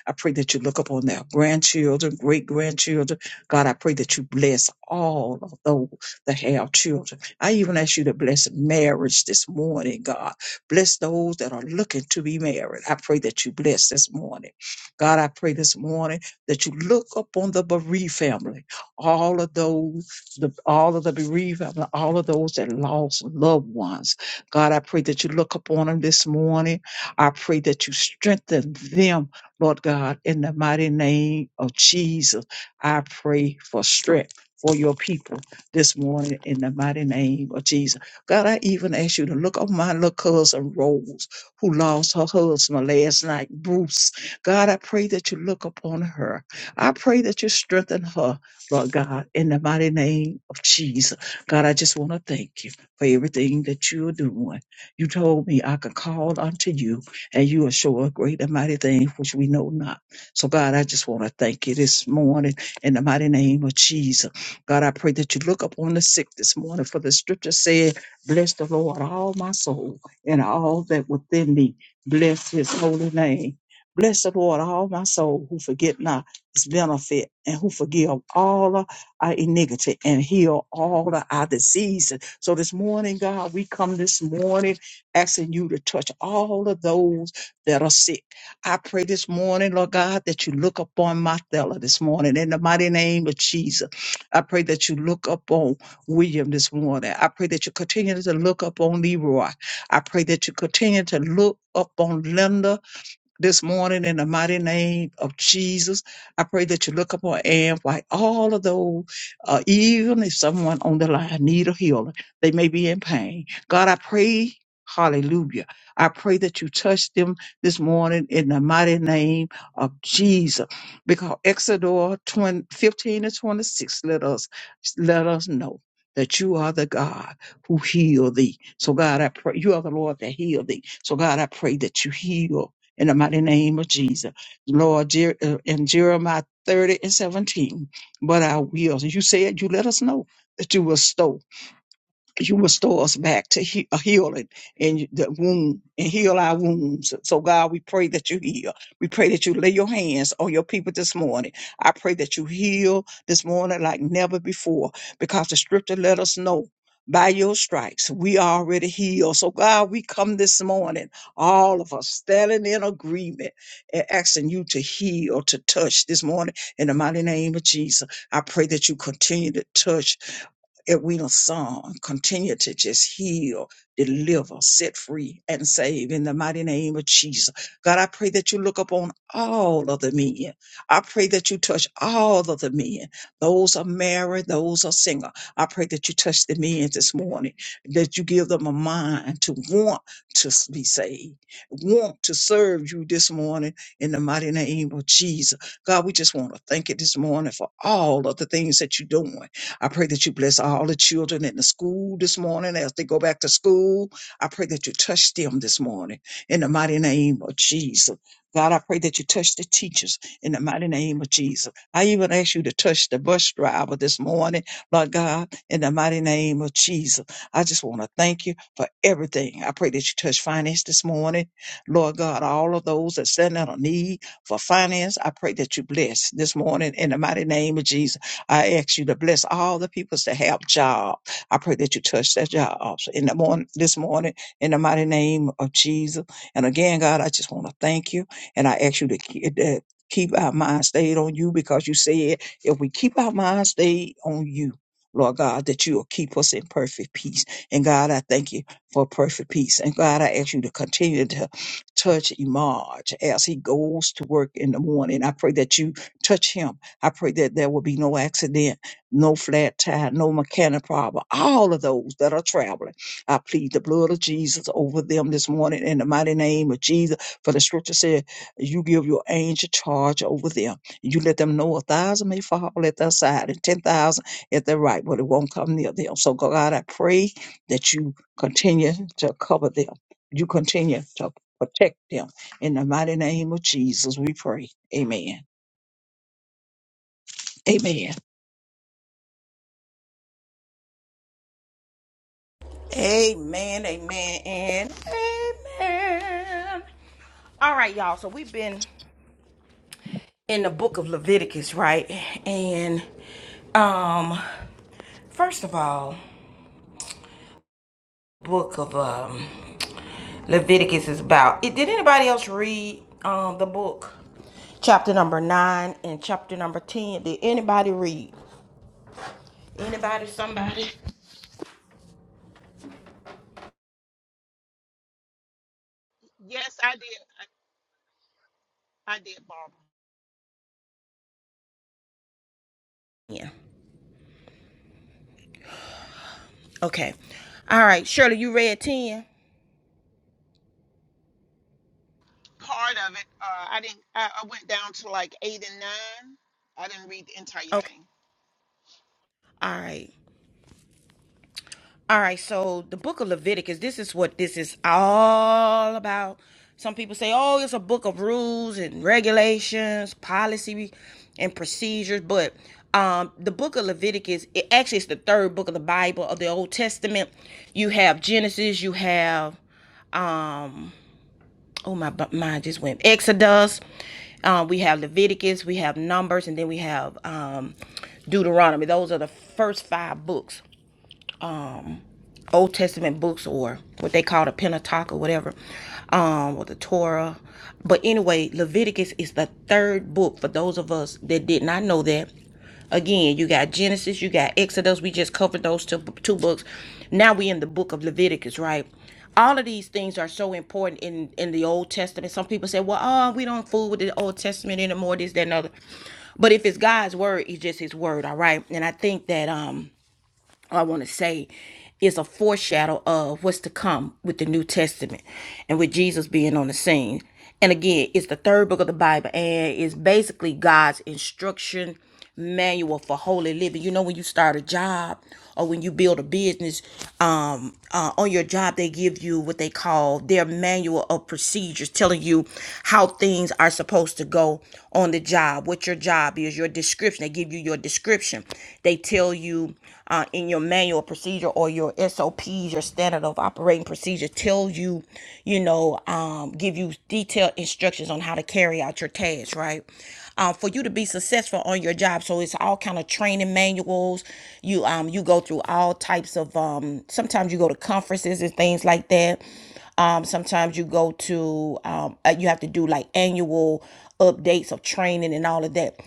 S3: I pray that you look upon their grandchildren, great grandchildren. God, I pray that you bless all of those that have children. I even ask you to bless marriage this morning, God. Bless those that are looking to be married. I pray that you bless this morning. God, I pray this morning that you look upon the bereaved family, all of those, the, all of the bereaved family, all of those that lost loved ones. God, I pray that you look upon them this morning. I pray that you strengthen them Lord God, in the mighty name of Jesus, I pray for strength for your people this morning in the mighty name of Jesus. God, I even ask you to look on my little cousin Rose, who lost her husband last night, Bruce. God, I pray that you look upon her. I pray that you strengthen her, Lord God, in the mighty name of Jesus. God, I just want to thank you for everything that you're doing. You told me I could call unto you and you will show a great and mighty thing which we know not. So, God, I just want to thank you this morning in the mighty name of Jesus. God, I pray that you look upon the sick this morning, for the scripture said, Bless the Lord, all my soul, and all that within me. Bless his holy name. Bless the Lord, all my soul, who forget not his benefit and who forgive all of our iniquity and heal all of our diseases. So this morning, God, we come this morning asking you to touch all of those that are sick. I pray this morning, Lord God, that you look upon Martella this morning in the mighty name of Jesus. I pray that you look upon William this morning. I pray that you continue to look upon Leroy. I pray that you continue to look upon Linda this morning in the mighty name of Jesus. I pray that you look upon and like all of those, uh, even if someone on the line need a healer, they may be in pain. God, I pray, hallelujah. I pray that you touch them this morning in the mighty name of Jesus. Because Exodus 20 15 and 26 let us, let us know. That you are the God who heal thee. So God, I pray you are the Lord that heal thee. So God, I pray that you heal in the mighty name of Jesus. Lord, Jer- uh, in Jeremiah 30 and 17, but I will. You said you let us know that you will you restore us back to he- a healing and the wound and heal our wounds. So God, we pray that you heal. We pray that you lay your hands on your people this morning. I pray that you heal this morning like never before because the scripture let us know by your stripes we are already healed. So God, we come this morning, all of us standing in agreement and asking you to heal, to touch this morning in the mighty name of Jesus. I pray that you continue to touch if we don't song, continue to just heal, deliver, set free, and save in the mighty name of Jesus. God, I pray that you look upon all of the men. I pray that you touch all of the men. Those are married, those are single. I pray that you touch the men this morning, that you give them a mind to want to s- be saved, want to serve you this morning in the mighty name of Jesus. God, we just want to thank you this morning for all of the things that you're doing I pray that you bless all the children in the school this morning as they go back to school. I pray that you touch them this morning in the mighty name of Jesus. God, I pray that you touch the teachers in the mighty name of Jesus. I even ask you to touch the bus driver this morning, Lord God, in the mighty name of Jesus. I just want to thank you for everything. I pray that you touch finance this morning. Lord God, all of those that stand out of need for finance, I pray that you bless this morning in the mighty name of Jesus. I ask you to bless all the peoples that have job. I pray that you touch their jobs in the morning, this morning, in the mighty name of Jesus. And again, God, I just want to thank you, and I ask you to keep that. Keep our mind stayed on you because you said if we keep our mind stayed on you, Lord God, that you will keep us in perfect peace. And God, I thank you for perfect peace. And God, I ask you to continue to touch Emarge as he goes to work in the morning. I pray that you touch him I pray that there will be no accident, no flat tire, no mechanic problem. All of those that are traveling, I plead the blood of Jesus over them this morning in the mighty name of Jesus. For the scripture said, You give your angel charge over them. You let them know a thousand may fall at their side and 10,000 at their right, but it won't come near them. So, God, I pray that you continue to cover them. You continue to protect them. In the mighty name of Jesus, we pray. Amen. Amen.
S1: Amen, amen, and amen. All right, y'all. So we've been in the book of Leviticus, right? And um, first of all, book of um Leviticus is about. Did anybody else read um the book? Chapter number nine and chapter number ten. Did anybody read? Anybody? Somebody?
S8: Yes, I did. I, I did, Barbara.
S1: Yeah. Okay. All right, Shirley, you read ten.
S8: Part of it. Uh, I didn't. I, I went down to like eight and nine. I didn't read the entire
S1: Okay.
S8: thing.
S1: All right. All right, so the book of Leviticus, this is what this is all about. Some people say, oh, it's a book of rules and regulations, policy and procedures. But um, the book of Leviticus, it actually is the third book of the Bible of the Old Testament. You have Genesis, you have um oh my bu- mind just went exodus uh, we have leviticus we have numbers and then we have um deuteronomy those are the first five books Um, Old Testament books or what they call the Pentateuch or whatever, um, or the Torah. But anyway, Leviticus is the third book for those of us that did not know that. Again, you got Genesis, you got Exodus. We just covered those two, two books. Now we in the book of Leviticus, right? All of these things are so important in in the Old Testament. Some people say, "Well, oh, we don't fool with the Old Testament anymore." This, that, and other. But if it's God's word, it's just His word, all right. And I think that um I want to say is a foreshadow of what's to come with the New Testament and with Jesus being on the scene. And again, it's the third book of the Bible and it's basically God's instruction manual for holy living. You know, when you start a job or when you build a business, um, uh, on your job, they give you what they call their manual of procedures, telling you how things are supposed to go on the job, what your job is, your description. They give you your description. They tell you uh, in your manual procedure or your SOPs, your standard of operating procedure, tells you, you know, um, give you detailed instructions on how to carry out your tasks, right? Um, for you to be successful on your job, so it's all kind of training manuals. You um you go through all types of um. Sometimes you go to conferences and things like that. Um, sometimes you go to um, uh, you have to do like annual updates of training and all of that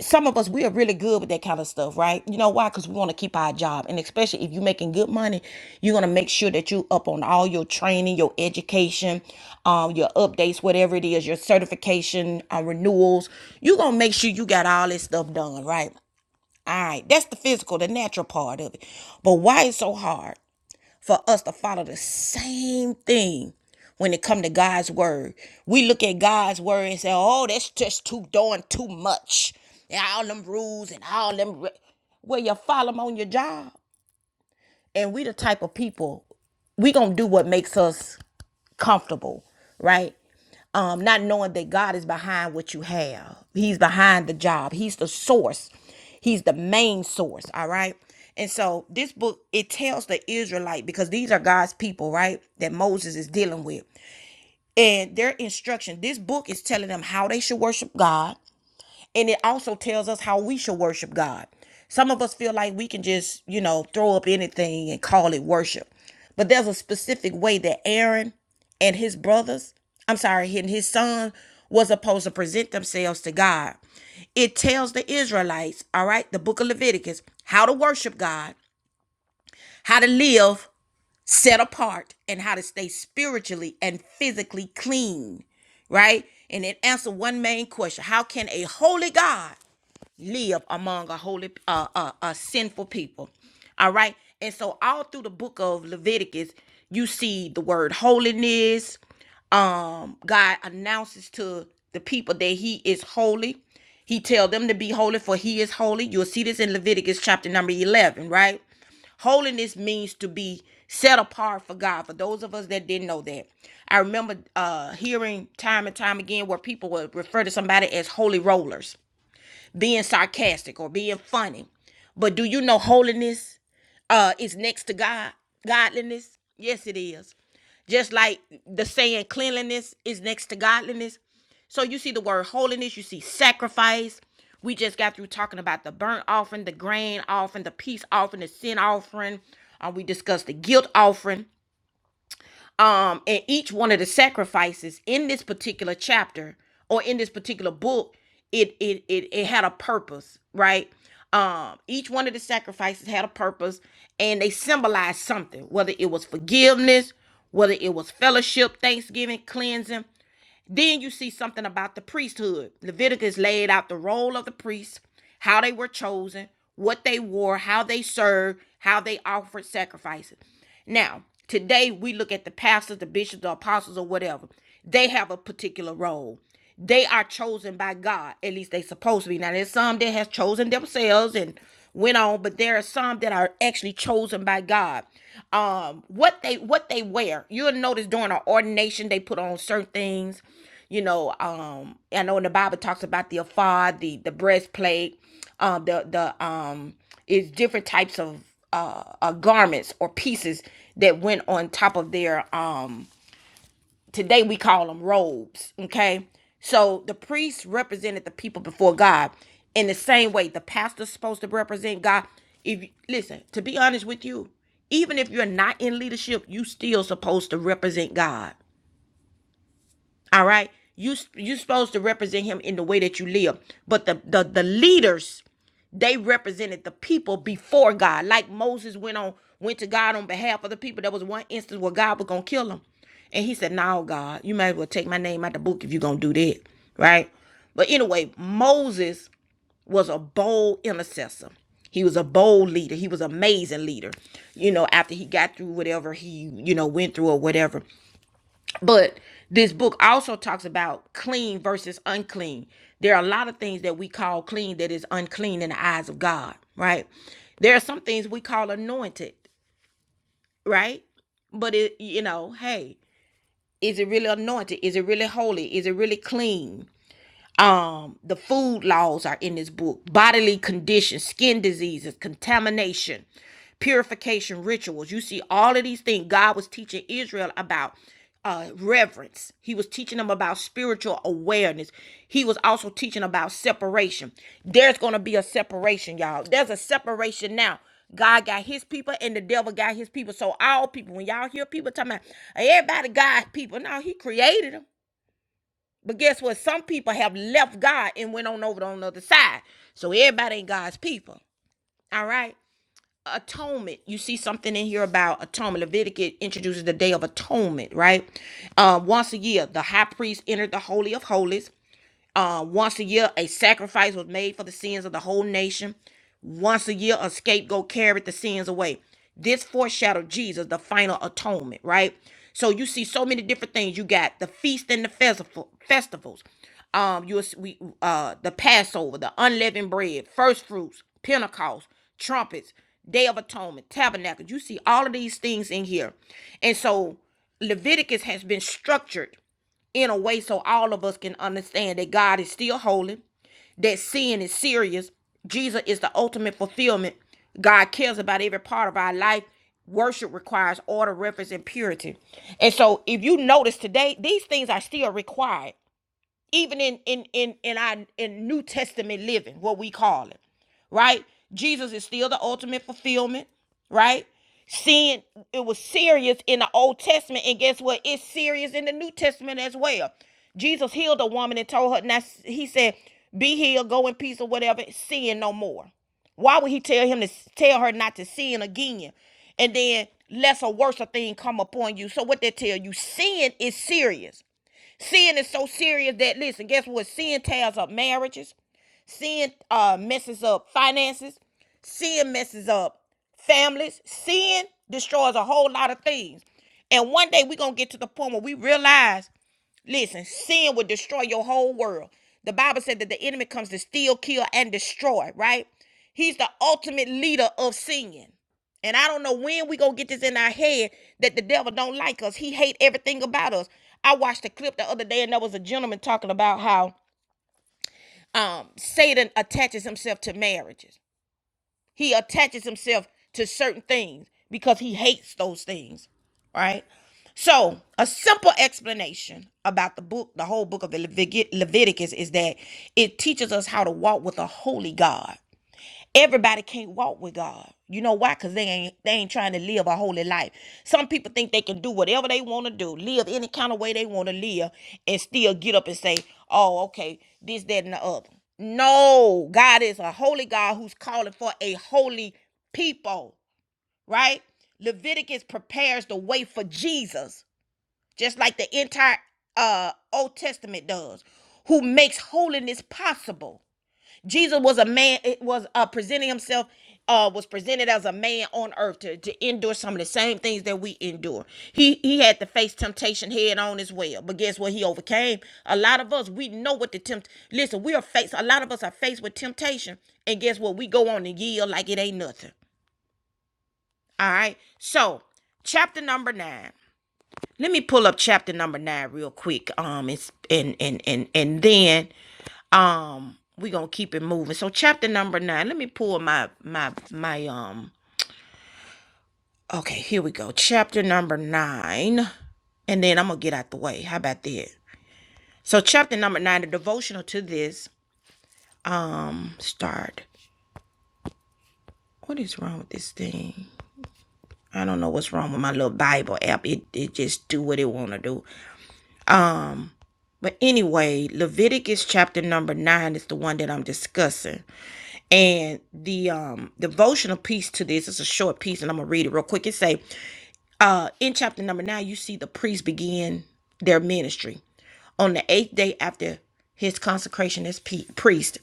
S1: some of us we are really good with that kind of stuff right you know why because we want to keep our job and especially if you're making good money you're going to make sure that you up on all your training your education um, your updates whatever it is your certification uh, renewals you're going to make sure you got all this stuff done right all right that's the physical the natural part of it but why it's so hard for us to follow the same thing when it come to God's word. We look at God's word and say, "Oh, that's just too doing too much." And all them rules and all them re- well, you follow them on your job. And we the type of people we gonna do what makes us comfortable, right? Um, not knowing that God is behind what you have. He's behind the job. He's the source. He's the main source. All right. And so this book it tells the Israelite because these are God's people, right? That Moses is dealing with, and their instruction. This book is telling them how they should worship God and it also tells us how we should worship God. Some of us feel like we can just, you know, throw up anything and call it worship. But there's a specific way that Aaron and his brothers, I'm sorry, and his son was supposed to present themselves to God. It tells the Israelites, all right, the book of Leviticus, how to worship God, how to live set apart, and how to stay spiritually and physically clean, right? And it answered one main question How can a holy God live among a holy uh, uh, a sinful people all right and so all through the book of leviticus you see the word holiness um god announces to the people that he is holy he tells them to be holy for he is holy you'll see this in leviticus chapter number 11 right holiness means to be set apart for god for those of us that didn't know that i remember uh hearing time and time again where people would refer to somebody as holy rollers being sarcastic or being funny. But do you know holiness uh is next to God? Godliness? Yes, it is. Just like the saying cleanliness is next to godliness. So you see the word holiness, you see sacrifice. We just got through talking about the burnt offering, the grain offering, the peace offering, the sin offering. Uh, we discussed the guilt offering um and each one of the sacrifices in this particular chapter or in this particular book it it it, it had a purpose right um each one of the sacrifices had a purpose and they symbolized something whether it was forgiveness whether it was fellowship thanksgiving cleansing then you see something about the priesthood. Leviticus laid out the role of the priests, how they were chosen, what they wore, how they served, how they offered sacrifices. Now, today we look at the pastors, the bishops, the apostles, or whatever. They have a particular role. They are chosen by God. At least they supposed to be. Now there's some that has chosen themselves and went on, but there are some that are actually chosen by God. Um, what they what they wear. You'll notice during our ordination they put on certain things. You know, um, I know in the Bible it talks about the ephod, the the breastplate, um, the the um, is different types of uh, uh garments or pieces that went on top of their um Today we call them robes, okay? So the priests represented the people before God. In the same way, the pastor's supposed to represent God. If you, listen, to be honest with you, even if you're not in leadership, you still supposed to represent God. All right, you you supposed to represent Him in the way that you live. But the the the leaders they represented the people before God. Like Moses went on, went to God on behalf of the people. There was one instance where God was gonna kill him. And he said, No, God, you might as well take my name out the book if you're gonna do that. Right? But anyway, Moses was a bold intercessor. He was a bold leader. He was an amazing leader. You know, after he got through whatever he, you know, went through or whatever. But this book also talks about clean versus unclean. There are a lot of things that we call clean that is unclean in the eyes of God, right? There are some things we call anointed, right? But it, you know, hey, is it really anointed? Is it really holy? Is it really clean? um the food laws are in this book bodily conditions skin diseases contamination purification rituals you see all of these things god was teaching israel about uh reverence he was teaching them about spiritual awareness he was also teaching about separation there's gonna be a separation y'all there's a separation now God got his people and the devil got his people. So all people, when y'all hear people talking about "Hey, everybody got people, no, he created them. But guess what? Some people have left God and went on over on the other side. So everybody ain't God's people. All right. Atonement. You see something in here about atonement. Leviticus introduces the day of atonement, right? Uh, once a year, the high priest entered the holy of holies uh, once a year, a sacrifice was made for the sins of the whole nation. Once a year, a scapegoat carried the sins away. This foreshadowed Jesus, the final atonement, right? So you see so many different things. You got the feast and the festival, festivals. Um, you we uh the Passover, the unleavened bread, first fruits, Pentecost, trumpets, Day of Atonement, tabernacles. You see all of these things in here, and so Leviticus has been structured in a way so all of us can understand that God is still holy, that sin is serious. Jesus is the ultimate fulfillment. God cares about every part of our life. Worship requires order, reverence, and purity. And so, if you notice today, these things are still required even in in in in our in New Testament living, what we call it, right? Jesus is still the ultimate fulfillment, right? Sin it was serious in the Old Testament, and guess what? It's serious in the New Testament as well. Jesus healed a woman and told her, now he said, "Be healed, go in peace, or whatever. Sin no more." Why would he tell him to tell her not to sin again? And then less or worse a thing come upon you. So what they tell you, sin is serious. Sin is so serious that listen, guess what? Sin tears up marriages, Sin uh, messes up finances. Sin messes up families. Sin destroys a whole lot of things. And one day we're going to get to the point where we realize Listen, sin would destroy your whole world. The Bible said that the enemy comes to steal, kill, and destroy, right? He's the ultimate leader of sin. And I don't know when we gonna get this in our head that the devil don't like us. He hate everything about us. I watched a clip the other day, and there was a gentleman talking about how um satan attaches himself to marriages he attaches himself to certain things because he hates those things right so a simple explanation about the book the whole book of the Levitic- leviticus is that it teaches us how to walk with a holy god Everybody can't walk with God. You know why? Because they ain't they ain't trying to live a holy life. Some people think they can do whatever they want to do, live any kind of way they want to live, and still get up and say, Oh, okay, this, that, and the other. No, God is a holy God who's calling for a holy people, right? Leviticus prepares the way for Jesus, just like the entire uh Old Testament does, who makes holiness possible. Jesus was a man, it was uh presenting himself, uh was presented as a man on earth to, to endure some of the same things that we endure. He he had to face temptation head on as well. But guess what? He overcame. A lot of us, we know what the tempt listen, we are faced, a lot of us are faced with temptation. And guess what? We go on and yield like it ain't nothing. All right. So chapter number nine. Let me pull up chapter number nine real quick. Um, it's and and and and then um we're gonna keep it moving so chapter number nine let me pull my my my um okay here we go chapter number nine and then i'm gonna get out the way how about that so chapter number nine the devotional to this start what is wrong with this thing i don't know what's wrong with my little bible app it, it just do what it want to do but anyway leviticus chapter number nine is the one that i'm discussing and the um devotional piece to this is a short piece and i'm gonna read it real quick it say Uh, in chapter number nine, you see the priests begin their ministry. On the eighth day after his consecration as pe- priest,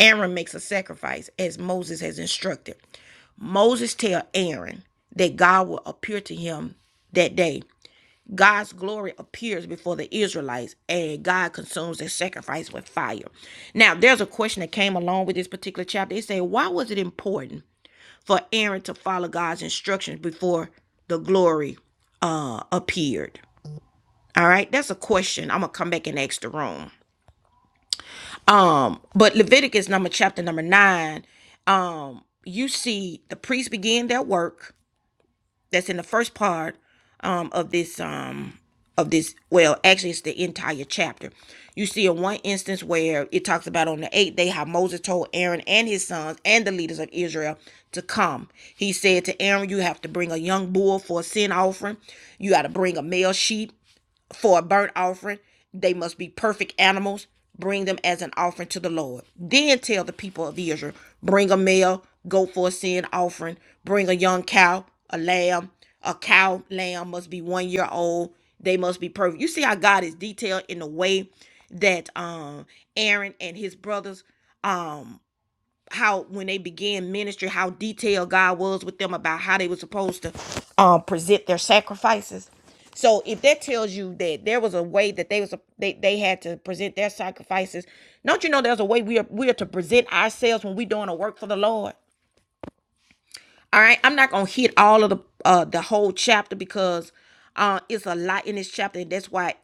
S1: Aaron makes a sacrifice as Moses has instructed. Moses tell Aaron that God will appear to him that day. God's glory appears before the Israelites, and God consumes their sacrifice with fire. Now, there's a question that came along with this particular chapter. It said, "Why was it important?" for Aaron to follow God's instructions before the glory uh, appeared? All right, that's a question. I'm gonna come back and ask the room. But Leviticus number chapter number nine, um, you see the priests begin their work that's in the first part um, of this um, of this well actually it's the entire chapter you see in one instance where it talks about on the eighth day how moses told aaron and his sons and the leaders of israel to come he said to aaron you have to bring a young bull for a sin offering you got to bring a male sheep for a burnt offering. They must be perfect animals. Bring them as an offering to the Lord. Then tell the people of Israel bring a male, goat for a sin offering, bring a young cow, a lamb. A cow, lamb must be one year old. They must be perfect. You see how God is detailed in the way that um Aaron and his brothers um how when they began ministry, how detailed God was with them about how they were supposed to um, present their sacrifices. So if that tells you that there was a way that they was a, they, they had to present their sacrifices, don't you know there's a way we are we are to present ourselves when we're doing a work for the Lord. All right, I'm not gonna hit all of the uh the whole chapter because uh it's a lot in this chapter, and that's why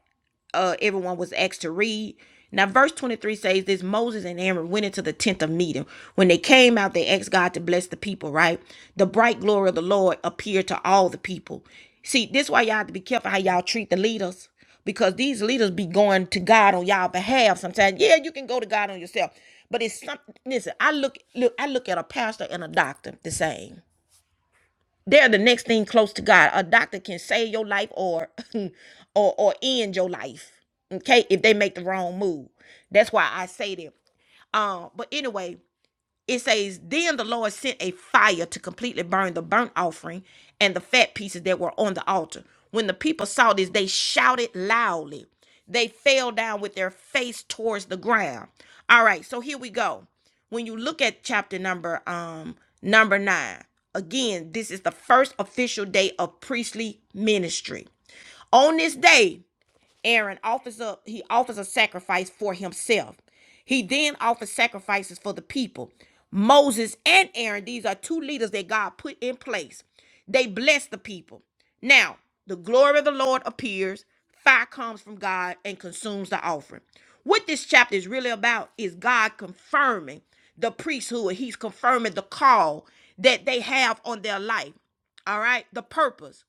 S1: uh everyone was asked to read. Now verse 23 says this Moses and Aaron went into the tent of meeting. When they came out, they asked God to bless the people, right? The bright glory of the Lord appeared to all the people. See, this is why y'all have to be careful how y'all treat the leaders. Because these leaders be going to God on y'all behalf sometimes. Yeah, you can go to God on yourself. But it's something listen, I look look, I look at a pastor and a doctor the same. They're the next thing close to God. A doctor can save your life or or or end your life. Okay, if they make the wrong move. That's why I say that. Um, but anyway, it says, Then the Lord sent a fire to completely burn the burnt offering and the fat pieces that were on the altar. When the people saw this, they shouted loudly. They fell down with their face towards the ground. All right, so here we go. When you look at chapter number um number nine, again, this is the first official day of priestly ministry. On this day, Aaron offers up, he offers a sacrifice for himself. He then offers sacrifices for the people. Moses and Aaron, these are two leaders that God put in place. They bless the people. Now, the glory of the Lord appears, fire comes from God and consumes the offering. What this chapter is really about is God confirming the priesthood, He's confirming the call that they have on their life. All right, the purpose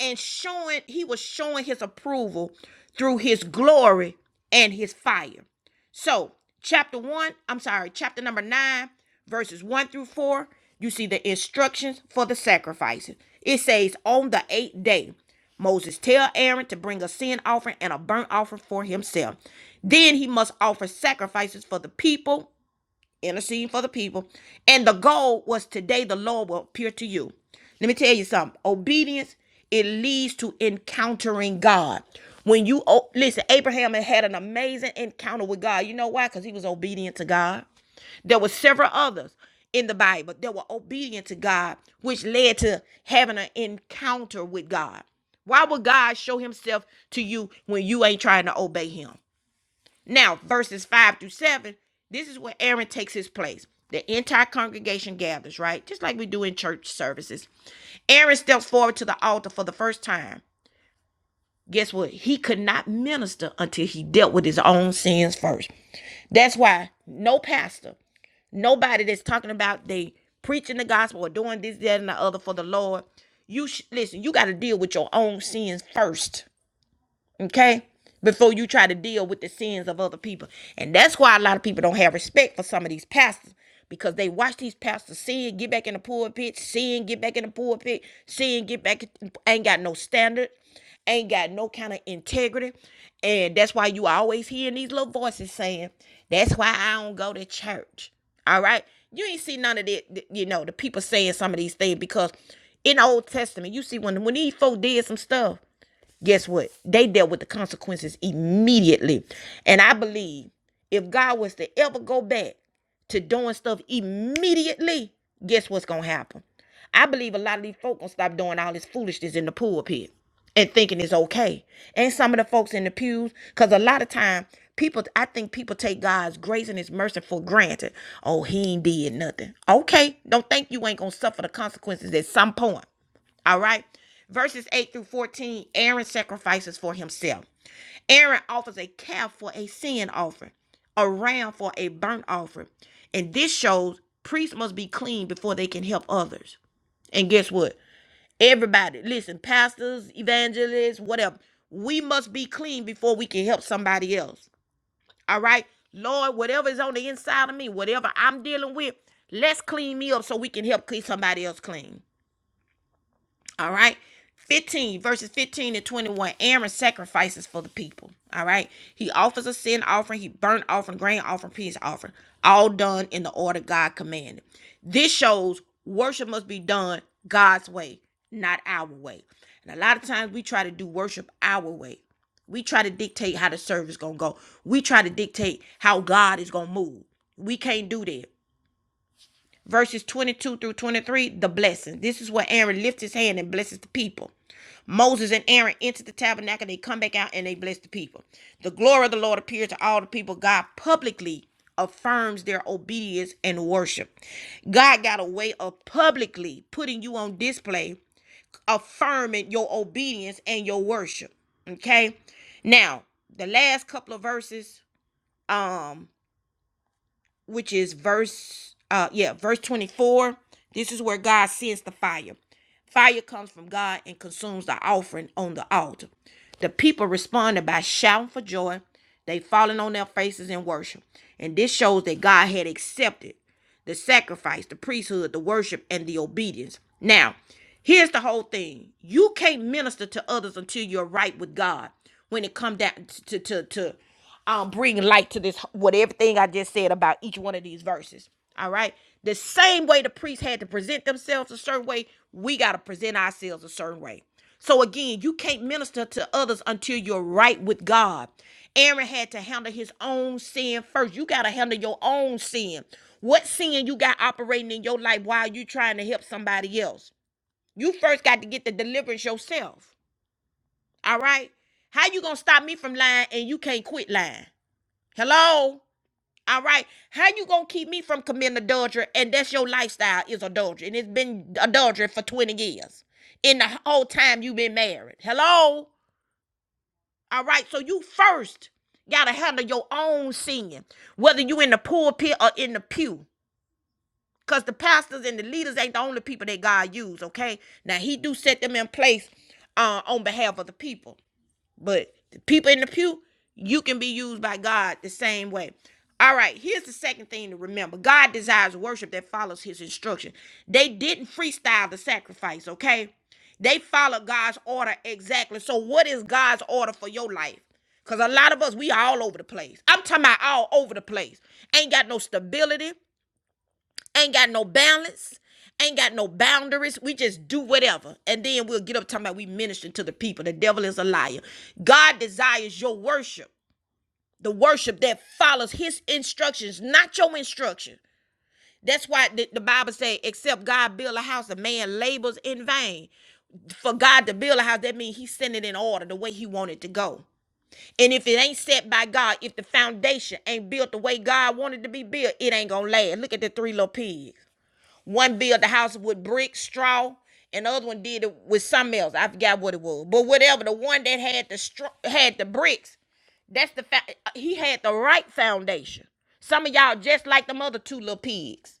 S1: and showing he was showing his approval through his glory and his fire. So, chapter 1, I'm sorry, chapter number 9, verses 1 through 4, you see the instructions for the sacrifices. It says, "On the 8th day, Moses tell Aaron to bring a sin offering and a burnt offering for himself. Then he must offer sacrifices for the people interceding for the people. And the goal was today the Lord will appear to you. Let me tell you something. Obedience, it leads to encountering God. When you o- listen, Abraham had had an amazing encounter with God. You know why? Because he was obedient to God. There were several others in the Bible that were obedient to God, which led to having an encounter with God. Why would God show himself to you when you ain't trying to obey him? Now, verses 5 through 7, this is where Aaron takes his place. The entire congregation gathers, right? Just like we do in church services. Aaron steps forward to the altar for the first time. Guess what? He could not minister until he dealt with his own sins first. That's why no pastor, nobody that's talking about they preaching the gospel or doing this, that, and the other for the Lord, you sh- listen, you got to deal with your own sins first okay before you try to deal with the sins of other people and that's why a lot of people don't have respect for some of these pastors because they watch these pastors sin get back in the pulpit sin get back in the pulpit sin get back ain't got no standard ain't got no kind of integrity and that's why you always hearing these little voices saying that's why i don't go to church all right you ain't see none of that you know the people saying some of these things because in the old testament you see when when these folk did some stuff guess what? They dealt with the consequences immediately. And I believe if God was to ever go back to doing stuff immediately, guess what's gonna happen? I believe a lot of these folk gonna stop doing all this foolishness in the pulpit and thinking it's okay. And some of the folks in the pews, because a lot of time people, I think people take God's grace and His mercy for granted. Oh, He ain't did nothing. Okay, don't think you ain't gonna suffer the consequences at some point. All right. Verses 8 through 14 Aaron sacrifices for himself. Aaron offers a calf for a sin offering, a ram for a burnt offering. And this shows priests must be clean before they can help others. And guess what? Everybody, listen, pastors, evangelists, whatever, we must be clean before we can help somebody else. All right? Lord, whatever is on the inside of me, whatever I'm dealing with, let's clean me up so we can help keep somebody else clean. All right. 15 verses 15 to 21. Aaron sacrifices for the people. All right. He offers a sin offering, he burnt offering, grain offering, peace offering. All done in the order God commanded. This shows worship must be done God's way, not our way. And a lot of times we try to do worship our way. We try to dictate how the service gonna go. We try to dictate how God is gonna move. We can't do that verses 22 through 23, the blessing. This is where Aaron lifts his hand and blesses the people. Moses and Aaron enter the tabernacle, they come back out and they bless the people. The glory of the Lord appears to all the people. God publicly affirms their obedience and worship. God got a way of publicly putting you on display, affirming your obedience and your worship. Okay? Now, the last couple of verses, um, which is verse uh yeah, verse 24. This is where God sends the fire. Fire comes from God and consumes the offering on the altar. The people responded by shouting for joy. They falling on their faces in worship. And this shows that God had accepted the sacrifice, the priesthood, the worship, and the obedience. Now, here's the whole thing. You can't minister to others until you're right with God when it comes down to to to um bring light to this what everything I just said about each one of these verses. All right. The same way the priests had to present themselves a certain way, we gotta present ourselves a certain way. So again, you can't minister to others until you're right with God. Aaron had to handle his own sin first. You got to handle your own sin. What sin you got operating in your life while you trying to help somebody else? You first got to get the deliverance yourself. All right? How you going to stop me from lying and you can't quit lying? Hello? All right. How you gonna keep me from committing adultery? And that's your lifestyle is adultery, and it's been adultery for twenty years. In the whole time you've been married. Hello. All right. So you first gotta handle your own singing, whether you in the pulpit or in the pew. Cause the pastors and the leaders ain't the only people that God use, okay? Now he do set them in place uh, on behalf of the people. But the people in the pew, you can be used by God the same way. All right, here's the second thing to remember God desires worship that follows his instruction. They didn't freestyle the sacrifice, okay? They followed God's order exactly. So, what is God's order for your life? Because a lot of us, we all over the place. I'm talking about all over the place. Ain't got no stability ain't got no balance, ain't got no boundaries. We just do whatever. And then we'll get up talking about we minister to the people. The devil is a liar. God desires your worship, the worship that follows his instructions, not your instruction. That's why the, the Bible says, except God build a house, a man labors in vain. For God to build a house, that means He sent it in order the way he wanted to go. And if it ain't set by God, if the foundation ain't built the way God wanted to be built, it ain't gonna last. Look at the three little pigs. One built the house with brick, straw, and the other one did it with something else. I forgot what it was, but whatever. The one that had the straw, had the bricks. That's the fact. He had the right foundation. Some of y'all just like them other two little pigs.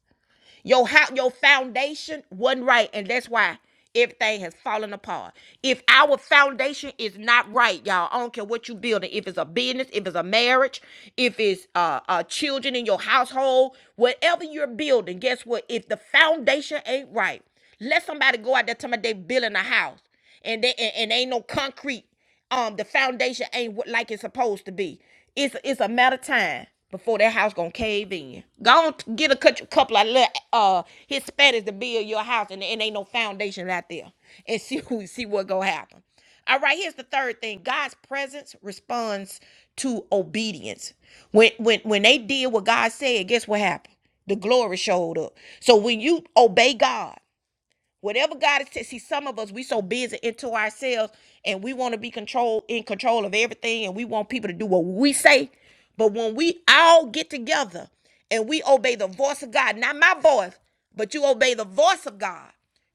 S1: Your how your foundation wasn't right, and that's why everything has fallen apart. If our foundation is not right, y'all, I don't care what you are building. If it's a business, if it's a marriage, if it's uh, uh children in your household, whatever you're building, guess what? If the foundation ain't right, let somebody go out there tell me they building a house and they and, and ain't no concrete. Um, the foundation ain't what like it's supposed to be. It's it's a matter of time before that house gonna cave in. Go on, t- get a cou- couple of little uh Hispanics to build your house, and, and ain't no foundation out there, and see who see what gonna happen. All right, here's the third thing. God's presence responds to obedience. When when when they did what God said, guess what happened? The glory showed up. So when you obey God. Whatever God is, t- see, some of us we so busy into ourselves, and we want to be control in control of everything, and we want people to do what we say. But when we all get together and we obey the voice of God, not my voice, but you obey the voice of God,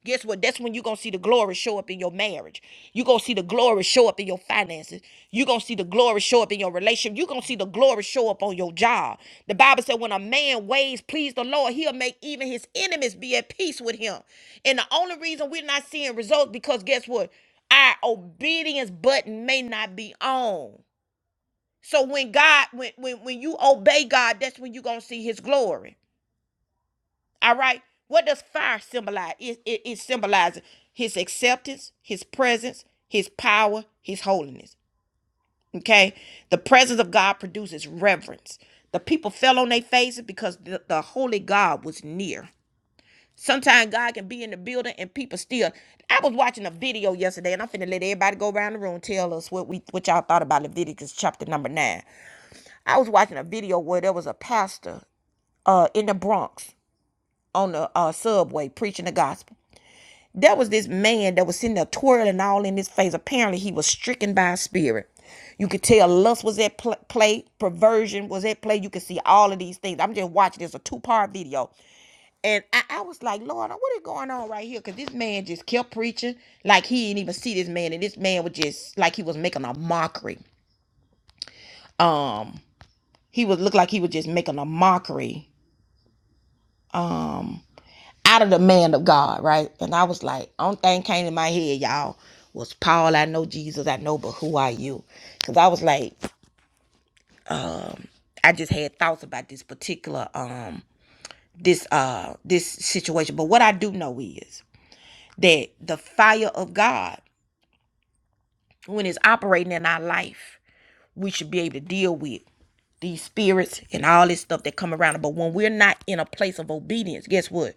S1: guess what? That's when you're gonna see the glory show up in your marriage. You're going to see the glory show up in your finances. You're going to see the glory show up in your relationship. You're going to see the glory show up on your job. The Bible said, when a man ways please the Lord, he'll make even his enemies be at peace with him. And the only reason we're not seeing results because guess what? Our obedience button may not be on. So when God, when, when, when you obey God, that's when you're going to see his glory. All right. What does fire symbolize? It, it, it symbolizes his acceptance, his presence, his power, his holiness. Okay. The presence of God produces reverence. The people fell on their faces because the, the holy God was near. Sometimes God can be in the building and people still. I was watching a video yesterday, and I'm finna let everybody go around the room tell us what we what y'all thought about Leviticus chapter number nine. I was watching a video where there was a pastor uh in the Bronx on the uh, subway preaching the gospel There was this man that was sitting there twirling all in his face. Apparently, he was stricken by a spirit. You could tell lust was at pl- play, perversion was at play. You could see all of these things. I'm just watching this a two part video, and I, I was like, Lord, what is going on right here? Because this man just kept preaching like he didn't even see this man, and this man was just like he was making a mockery. Um, he was looked like he was just making a mockery. Um, out of the man of God, right? And I was like, only thing came to my head, y'all, was Paul, I know Jesus, I know, but who are you? Because I was like, I just had thoughts about this particular um this uh this situation. But what I do know is that the fire of God, when it's operating in our life, we should be able to deal with these spirits and all this stuff that come around. But when we're not in a place of obedience, guess what?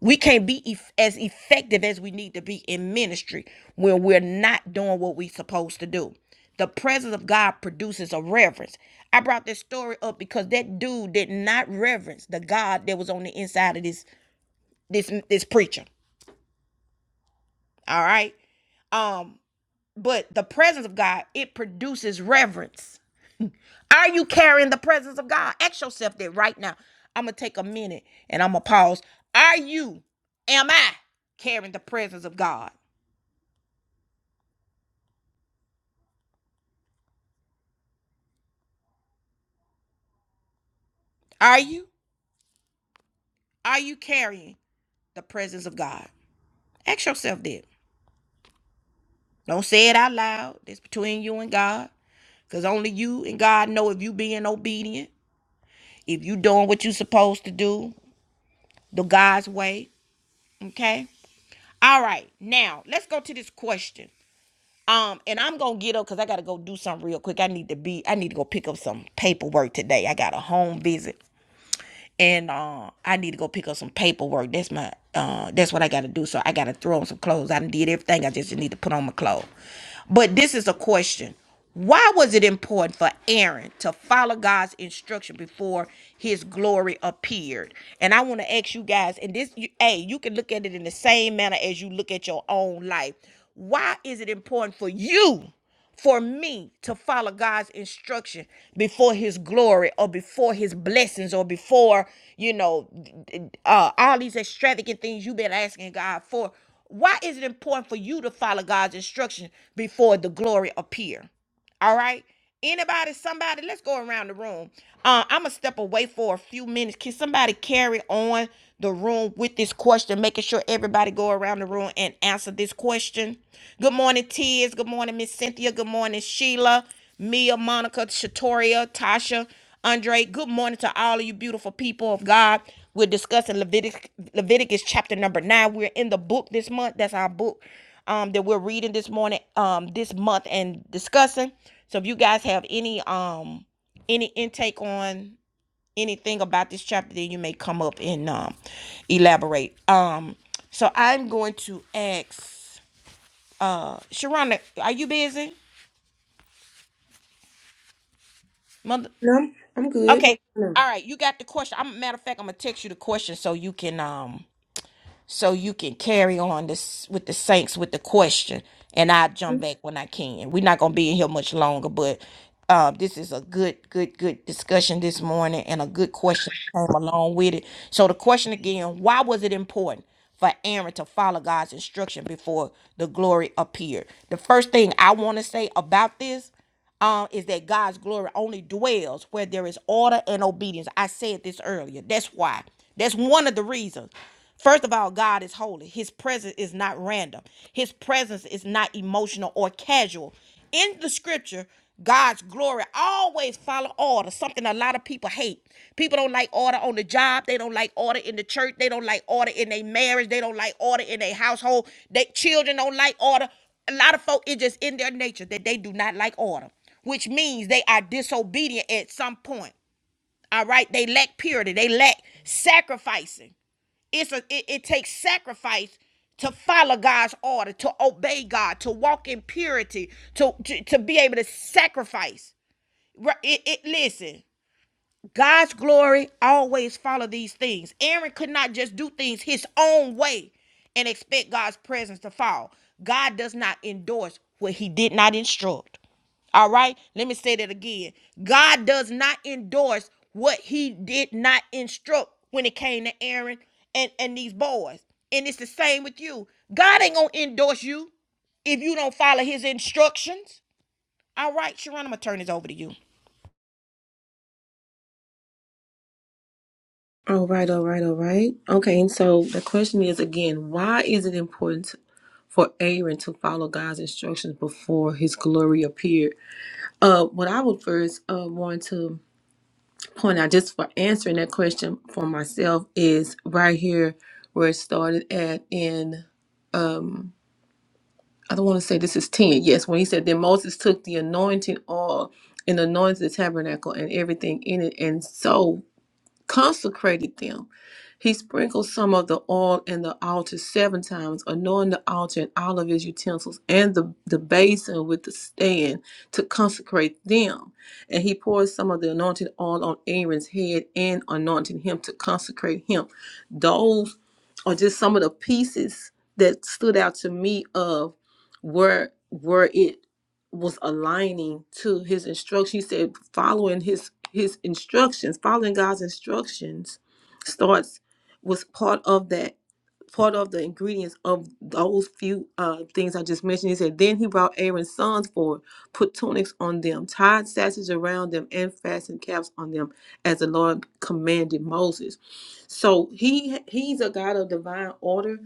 S1: We can't be eff- as effective as we need to be in ministry when we're not doing what we're supposed to do. The presence of God produces a reverence. I brought this story up because that dude did not reverence the God that was on the inside of this this this preacher. All right. Um, but the presence of God, it produces reverence. Are you carrying the presence of God? Ask yourself that right now. I'm gonna take a minute and I'm gonna pause. Are you, am I carrying the presence of God? Are you? Are you carrying the presence of God? Ask yourself that. Don't say it out loud. It's between you and God. Because only you and God know if you being obedient, if you doing what you supposed to do, the God's way. Okay? All right. Now let's go to this question. Um, and I'm gonna get up because I gotta go do something real quick. I need to be I need to go pick up some paperwork today. I got a home visit. and uh, I need to go pick up some paperwork. That's my uh, that's what I got to do. So I got to throw on some clothes. I done did everything. I just need to put on my clothes. But this is a question: Why was it important for Aaron to follow God's instruction before His glory appeared? And I want to ask you guys, and this, you, hey, you can look at it in the same manner as you look at your own life. Why is it important for you? for me to follow God's instruction before his glory or before his blessings or before, you know, uh, all these extravagant things you've been asking God for. Why is it important for you to follow God's instruction before the glory appear? All right. Anybody, somebody, let's go around the room. Uh, I'm gonna step away for a few minutes. Can somebody carry on the room with this question, making sure everybody go around the room and answer this question? Good morning, Tiz. Good morning, Miss Cynthia. Good morning, Sheila, Mia, Monica, Shatoria, Tasha, Andre. Good morning to all of you beautiful people of God. We're discussing Levitic- Leviticus chapter number nine. We're in the book this month. That's our book um, that we're reading this morning, um, this month and discussing. So if you guys have any um any intake on anything about this chapter, then you may come up and um elaborate. Um, so I'm going to ask Sharonda, are you busy? Mother
S2: No.
S1: Okay. All right, you got the question. I'm matter of fact, I'm gonna text you the question so you can um so you can carry on this with the saints with the question and i'll jump back when i can we're not going to be in here much longer but uh, this is a good good good discussion this morning and a good question that came along with it so the question again why was it important for aaron to follow god's instruction before the glory appeared the first thing i want to say about this um, is that God's glory only dwells where there is order and obedience. I said this earlier. That's why. That's one of the reasons. First of all, God is holy. His presence is not random. His presence is not emotional or casual. In the scripture, God's glory always follow order, something a lot of people hate. People don't like order on the job. They don't like order in the church. They don't like order in their marriage. They don't like order in their household. Their children don't like order a lot of folk it just in their nature that they do not like order which means they are disobedient at some point all right they lack purity they lack sacrificing it's a it, it takes sacrifice to follow god's order to obey god to walk in purity to to, to be able to sacrifice Right, it, it listen God's glory always follow these things. Aaron could not just do things his own way and expect God's presence to fall. God does not endorse what he did not instruct. All right? Let me say that again. God does not endorse what he did not instruct when it came to Aaron and, and these boys. And it's the same with you. God ain't gonna endorse you if you don't follow his instructions. All right, Sharon, I'm gonna turn this over to you.
S2: All right, all right, all right. Okay, and so the question is again, why is it important for Aaron to follow God's instructions before his glory appeared? Uh, what I would first uh, want to point out, just for answering that question for myself, is right here where it started at in. Um, I don't want to say this is 10. Yes, when he said that Moses took the anointing oil and anointed the tabernacle and everything in it. And so consecrated them. He sprinkled some of the oil in the altar seven times, anointing the altar and all of his utensils and the, the basin with the stand to consecrate them. And he poured some of the anointing oil on Aaron's head and anointing him to consecrate him. Those are just some of the pieces that stood out to me of where where it was aligning to his instruction. He said following his his instructions, following God's instructions starts was part of that part of the ingredients of those few uh, things I just mentioned. He said, Then he brought Aaron's sons forward, put tunics on them, tied sashes around them, and fastened caps on them, as the Lord commanded Moses. So he he's a God of divine order.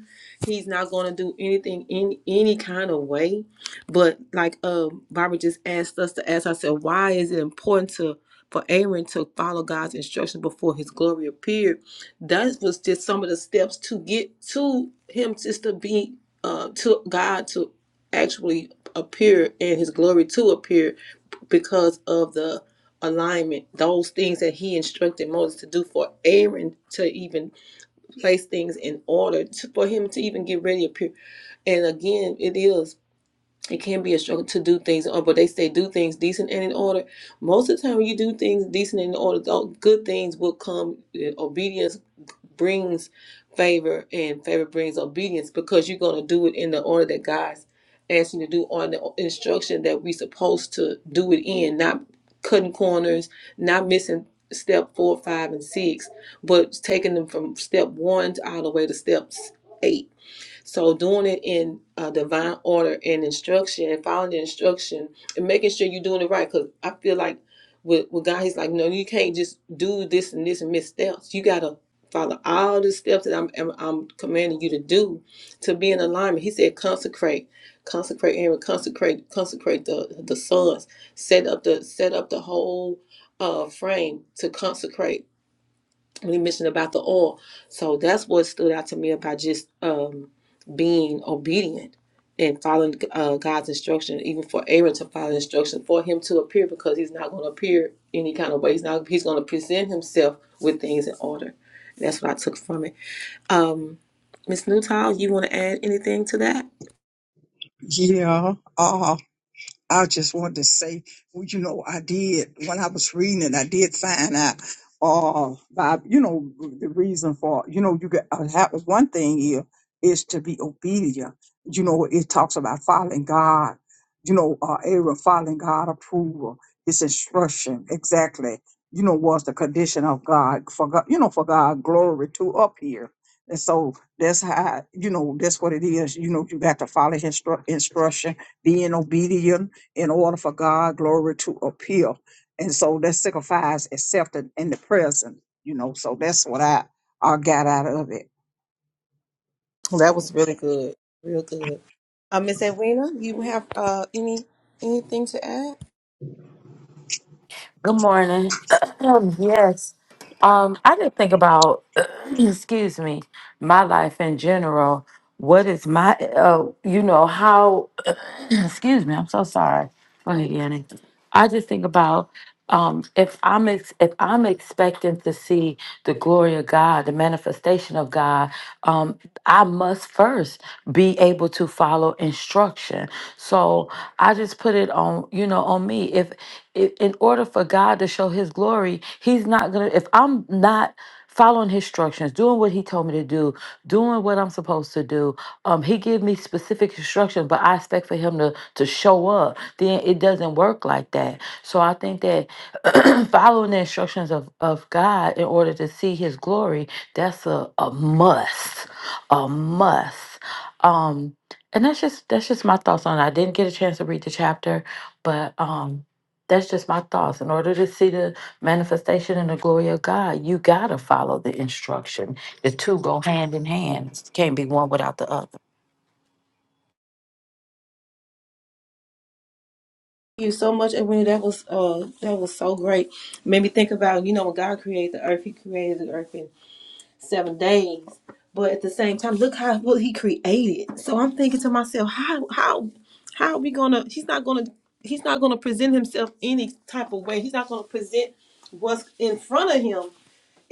S2: He's not going to do anything in any kind of way. But like uh, Barbara just asked us to ask ourselves, why is it important to for Aaron to follow God's instruction before his glory appeared? that was just some of the steps to get to him just to be uh to god to actually appear and his glory to appear because of the alignment those things that he instructed moses to do for aaron to even place things in order to, for him to even get ready to appear and again it is it can be a struggle to do things, or but they say do things decent and in order. Most of the time, when you do things decent and in order, tho- good things will come. Uh, Obedience brings favor, and favor brings obedience because you're going to do it in the order that God's asking you to do, on the instruction that we're supposed to do it in, not cutting corners, not missing step four, five, and six, but taking them from step one to all the way to steps eight so doing it in uh, divine order and instruction and following the instruction and making sure you're doing it right. Because I feel like with, with God, He's like, no, you can't just do this and this and miss steps. You gotta follow all the steps that I'm I'm, I'm commanding you to do to be in alignment. He said, consecrate, consecrate Aaron, consecrate, consecrate the the sons, set up the set up the whole uh frame to consecrate we mentioned about the oil. So that's what stood out to me about just um, being obedient and following uh, God's instruction, even for Aaron to follow instruction for him to appear because he's not going to appear any kind of way. He's not. He's going to present himself with things in order. That's what I took from it. Um, Miss Newtile, you want to add anything to that?
S3: Yeah. uh, I just wanted to say, well, you know, I did when I was reading it, I did find out, uh, by you know, the reason for you know, you got uh, that was one thing here is to be obedient. You know, it talks about following God. You know, uh, Aaron following God approval, His instruction exactly. You know, was the condition of God for God. You know, for God glory to up here. And so that's how you know that's what it is. You know, you got to follow his instru- instruction, being obedient in order for God glory to appear. And so that signifies accepted in in the present, you know. So that's what I I got out of it.
S2: That was really good. Real good. Uh, Miss Edwina, you have uh, any anything to add?
S4: Good morning. yes. Um, I did think about, excuse me, my life in general. What is my, uh, you know, how, excuse me, I'm so sorry. Go ahead, Yanni. I just think about um, if I'm ex- if I'm expecting to see the glory of God, the manifestation of God, um, I must first be able to follow instruction. So I just put it on, you know, on me i- in order for God to show his glory, he's not going to, if I'm not following his instructions, doing what he told me to do, doing what I'm supposed to do, um, he give me specific instructions, but I expect for him to, to show up, then it doesn't work like that. So I think that following the instructions of, of God in order to see his glory, that's a, a must, a must. Um, and that's just, that's just my thoughts on it. I didn't get a chance to read the chapter, but, um, that's just my thoughts. In order to see the manifestation and the glory of God, you gotta follow the instruction. The two go hand in hand. Can't be one without the other.
S2: you so much, Edwina. That was uh that was so great. Made me think about, you know, when God created the earth, he created the earth in seven days. But at the same time, look how what he created. So I'm thinking to myself, how how how are we gonna he's not gonna he's not gonna present himself any type of way. He's not gonna present what's in front of him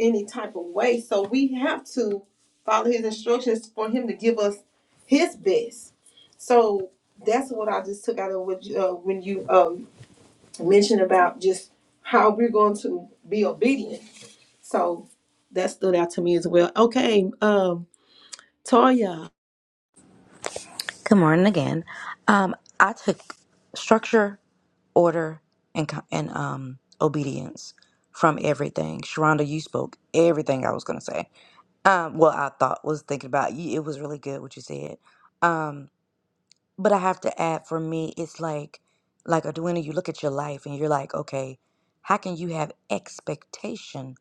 S2: any type of way. So we have to follow his instructions for him to give us his best. So that's what I just took out of what you, uh, when you um mention about just how we're going to be obedient. So that stood out to me as well. Okay, um, Toya,
S5: Good morning again. Um, I took structure, order, and co- and um obedience from everything. Sharonda, you spoke everything I was gonna say. Um, well, I thought was thinking about you. It was really good what you said. Um, But I have to add for me, it's like like Edwina, you look at your life and you're like, okay, how can you have expectation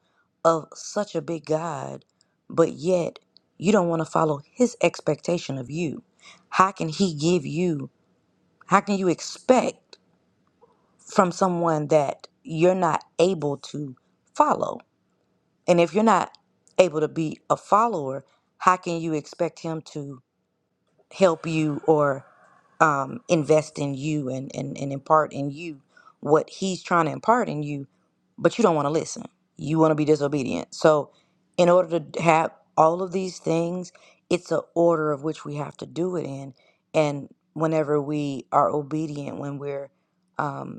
S5: of such a big God, but yet you don't want to follow his expectation of you? How can he give you how can you expect from someone that you're not able to follow? And if you're not able to be a follower, how can you expect him to help you or um, invest in you and, and, and impart in you what he's trying to impart in you, but you don't want to listen. You want to be disobedient. So, in order to have all of these things, it's an order of which we have to do it in. And whenever we are obedient, when we're um,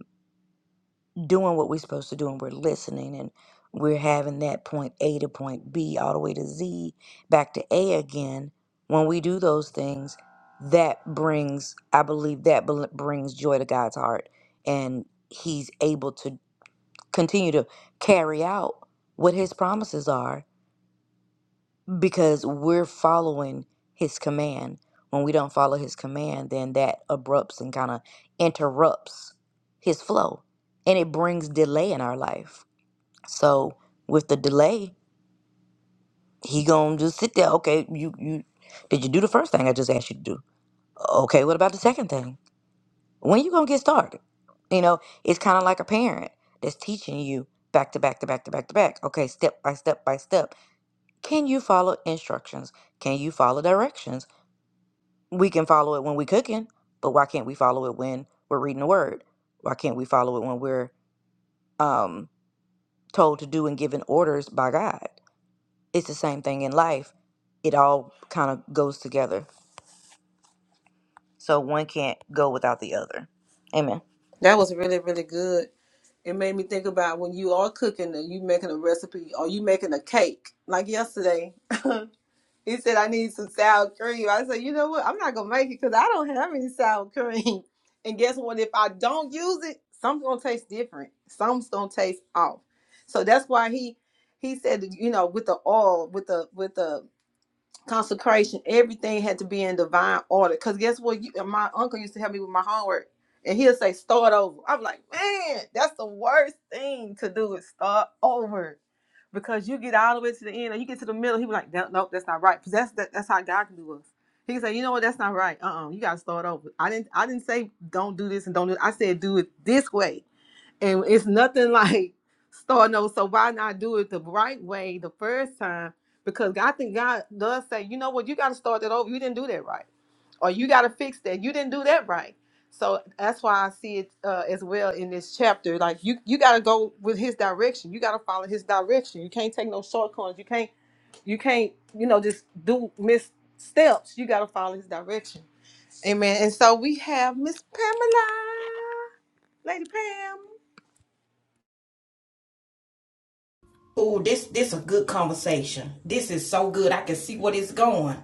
S5: doing what we're supposed to do and we're listening and we're having that point A to point B all the way to Z back to A again, when we do those things, that brings, I believe, that bel- brings joy to God's heart. And He's able to continue to carry out what His promises are because we're following His command. When we don't follow His command, then that abrupts and kind of interrupts His flow and it brings delay in our life so with the delay, he gonna just sit there. Okay, you you did you do the first thing I just asked you to do? Okay, what about the second thing? When you gonna get started? You know, it's kind of like a parent that's teaching you back to back to back to back to back. Okay, step by step by step. Can you follow instructions? Can you follow directions? We can follow it when we cooking, but why can't we follow it when we're reading the word? Why can't we follow it when we're um, told to do and given orders by God? It's the same thing in life. It all kind of goes together. So one can't go without the other. Amen.
S2: that was really really good. It made me think about when you are cooking and you making a recipe or you making a cake like yesterday. He said, I need some sour cream. I said, you know what? I'm not gonna make it because I don't have any sour cream. And guess what? If I don't use it, some's gonna taste different. Some's gonna taste off. So that's why he he said, you know, with the oil, with the with the consecration. Everything had to be in divine order. Cause guess what? You, my uncle used to help me with my homework, and he'll say start over. I'm like, man, that's the worst thing to do is start over, because you get all the way to the end, or you get to the middle. He be like, no, nope, that's not right. Cause that's that, that's how God can do us. He can say, you know what, that's not right. Uh, uh you gotta start over. I didn't, I didn't say don't do this and don't do. That. I said do it this way and it's nothing like starting over. So why not do it the right way the first time? Because I think God does say, you know what, you got to start that over. You didn't do that right, or you got to fix that. You didn't do that right. So that's why I see it uh, as well in this chapter. Like you, you got to go with His direction. You got to follow His direction. You can't take no shortcuts. You can't, you can't, you know, just do missteps. You got to follow His direction. Amen. And so we have Miss Pamela, Lady Pam.
S1: Ooh, this this a good conversation. This is so good. I can see what it's going.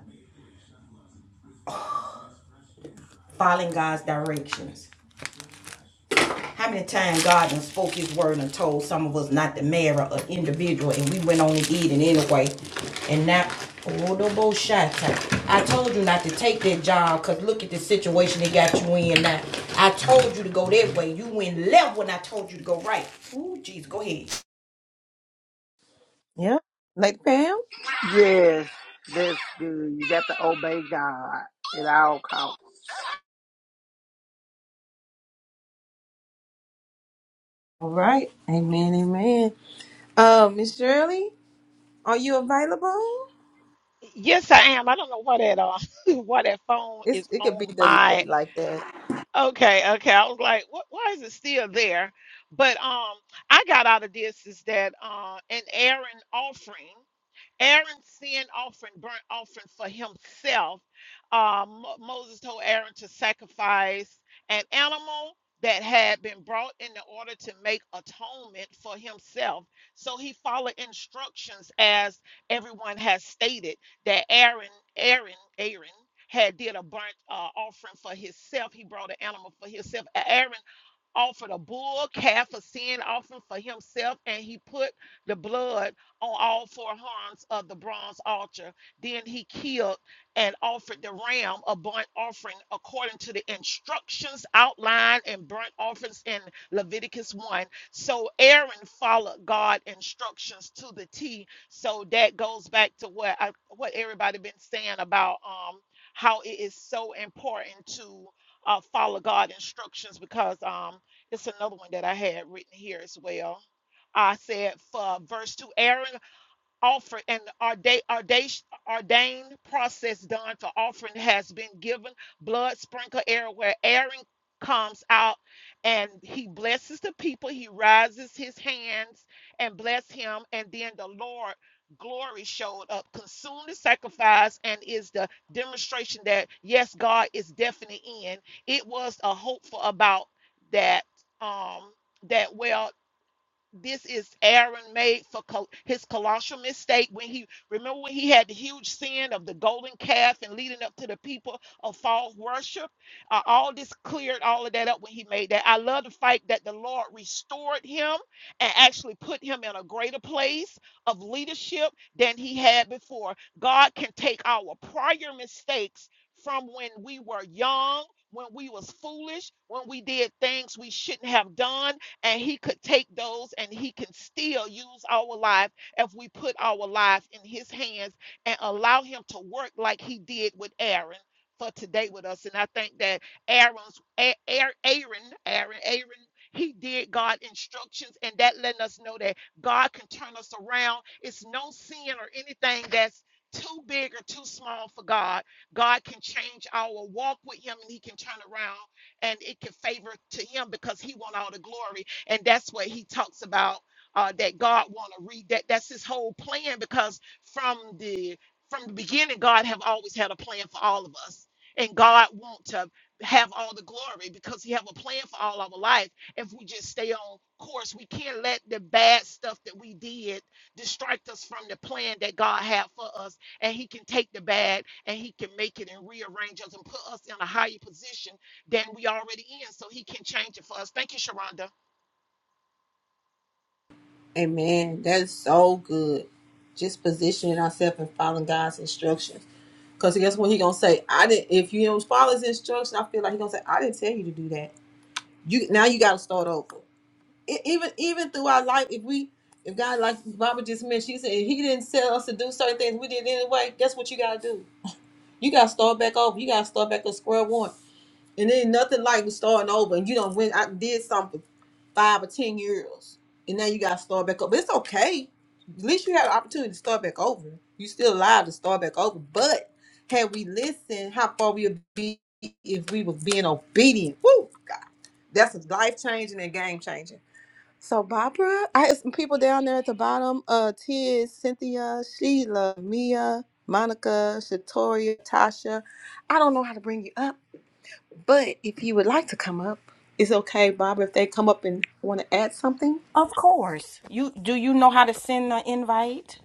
S1: Following God's directions. How many times God done spoke His word and told some of us not to marry an individual, and we went on and did it anyway. And now, oh, the bullshit! I told you not to take that job, cause look at the situation they got you in. Now, I told you to go that way. You went left when I told you to go right. Ooh, jeez, go ahead.
S2: Yeah. like Pam?
S6: Yes, that's good. You got to obey God at all costs.
S2: All right. Amen. Amen. Uh, Miss Shirley, are you available?
S8: Yes, I am. I don't know why that uh, why that phone is
S2: It's, it could be
S8: on
S2: delayed
S8: my.
S2: like that.
S8: Okay, okay. I was like, what? Why is it still there? But um, I got out of this is that uh, an Aaron offering. Aaron's sin offering, burnt offering for himself. Uh, Mo- Moses told Aaron to sacrifice an animal that had been brought in the order to make atonement for himself. So he followed instructions as everyone has stated that Aaron, Aaron, Aaron had did a burnt uh, offering for himself. He brought an animal for himself. A- Aaron offered a bull calf a sin offering for himself, and he put the blood on all four horns of the bronze altar. Then he killed and offered the ram a burnt offering according to the instructions outlined in burnt offerings in Leviticus 1. So Aaron followed God instructions to the T. So that goes back to what I, what everybody been saying about um how it is so important to uh, follow God instructions because um it's another one that I had written here as well. I said for verse 2 Aaron offer and orda- orda- ordained process done for offering has been given blood sprinkle air where aaron comes out and he blesses the people he rises his hands and bless him and then the lord glory showed up consumed the sacrifice and is the demonstration that yes god is definitely in it was a hope for about that um that well this is Aaron made for col- his colossal mistake when he remember when he had the huge sin of the golden calf and leading up to the people of false worship. Uh, all this cleared all of that up when he made that. I love the fact that the Lord restored him and actually put him in a greater place of leadership than he had before. God can take our prior mistakes from when we were young. When we was foolish, when we did things we shouldn't have done, and he could take those and he can still use our life if we put our lives in his hands and allow him to work like he did with Aaron for today with us. And I think that Aaron's A- Aar- Aaron, Aaron, Aaron, he did God instructions, and that letting us know that God can turn us around. It's no sin or anything that's too big or too small for God. God can change our walk with Him, and He can turn around, and it can favor to Him because He want all the glory and that's what he talks about uh, that God want to read that that's his whole plan because from the from the beginning God have always had a plan for all of us and God want to have all the glory because he have a plan for all our life if we just stay on course we can't let the bad stuff that we did distract us from the plan that God had for us and he can take the bad and he can make it and rearrange us and put us in a higher position than we already in so he can change it for us thank you Sharonda
S2: Amen. That's so good. Just positioning ourselves and following God's instructions. Because guess what? He gonna say, I didn't if you don't follow his instructions, I feel like he gonna say, I didn't tell you to do that. You now you gotta start over. E- even even through our life, if we if God like Mama just mentioned, she said if he didn't tell us to do certain things, we did anyway, guess what you gotta do? You got to start back over. You got to start back at square one. And then nothing like starting over. And you don't win. I did something five or ten years, and now you got to start back up. But it's okay. At least you had an opportunity to start back over. You still alive to start back over. But had we listened, how far we would be if we were being obedient. Woo, God, that's a life changing and game changing. So Barbara, I had some people down there at the bottom. Uh, Tiz, Cynthia, Sheila, Mia, Monica, Shatoria, Tasha. I don't know how to bring you up, but if you would like to come up, it's okay, Barbara. If they come up and want to add something,
S1: Of course. You do you know how to send an invite?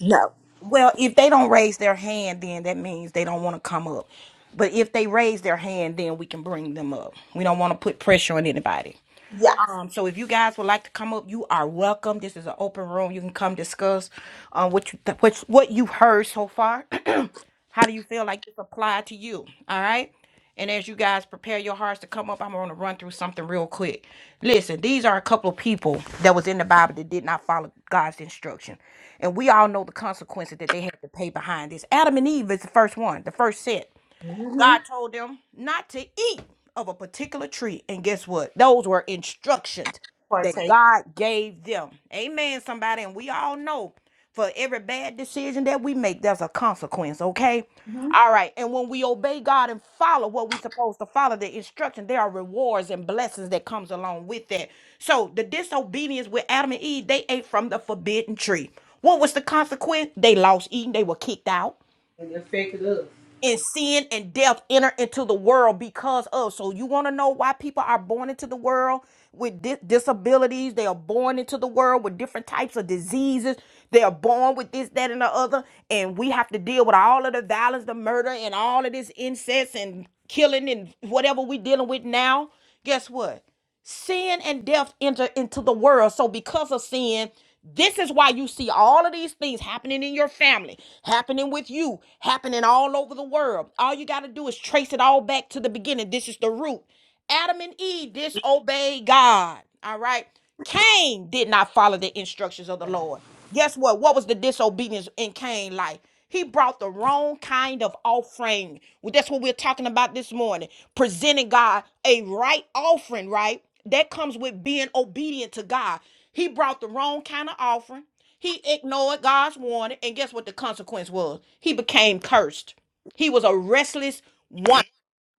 S2: No.
S1: Well, if they don't raise their hand, then that means they don't want to come up. But if they raise their hand, then we can bring them up. We don't want to put pressure on anybody.
S2: Yes.
S1: Um, so if you guys would like to come up, you are welcome. This is an open room. You can come discuss uh, what you th- what what you've heard so far. How do you feel like this applied to you? All right. And as you guys prepare your hearts to come up, I'm going to run through something real quick. Listen, these are a couple of people that was in the Bible that did not follow God's instruction. And we all know the consequences that they had to pay behind this. Adam and Eve is the first one, the first set.
S2: Mm-hmm.
S1: God told them not to eat of a particular tree. And guess what? Those were instructions that
S2: Partake.
S1: God gave them. Amen, somebody. And we all know for every bad decision that we make, there's a consequence, okay?
S2: Mm-hmm.
S1: All right. And when we obey God and follow what we're supposed to follow, the instruction, there are rewards and blessings that comes along with that. So the disobedience with Adam and Eve, they ate from the forbidden tree. What was the consequence? They lost eating. They were kicked out
S2: And it pick it up.
S1: and sin and death enter into the world because of. So you want to know why people are born into the world with di- disabilities? They are born into the world with different types of diseases. They are born with this, that, and the other, and we have to deal with all of the violence, the murder, and all of this incest and killing and whatever we dealing with now. Guess what? Sin and death enter into the world. So because of sin, this is why you see all of these things happening in your family, happening with you, happening all over the world. All you got to do is trace it all back to the beginning. This is the root. Adam and Eve disobeyed God. All right. Cain did not follow the instructions of the Lord. Guess what? What was the disobedience in Cain's life? He brought the wrong kind of offering. Well, that's what we're talking about this morning. Presenting God a right offering, right? That comes with being obedient to God. He brought the wrong kind of offering. He ignored God's warning. And guess what the consequence was? He became cursed. He was a restless one.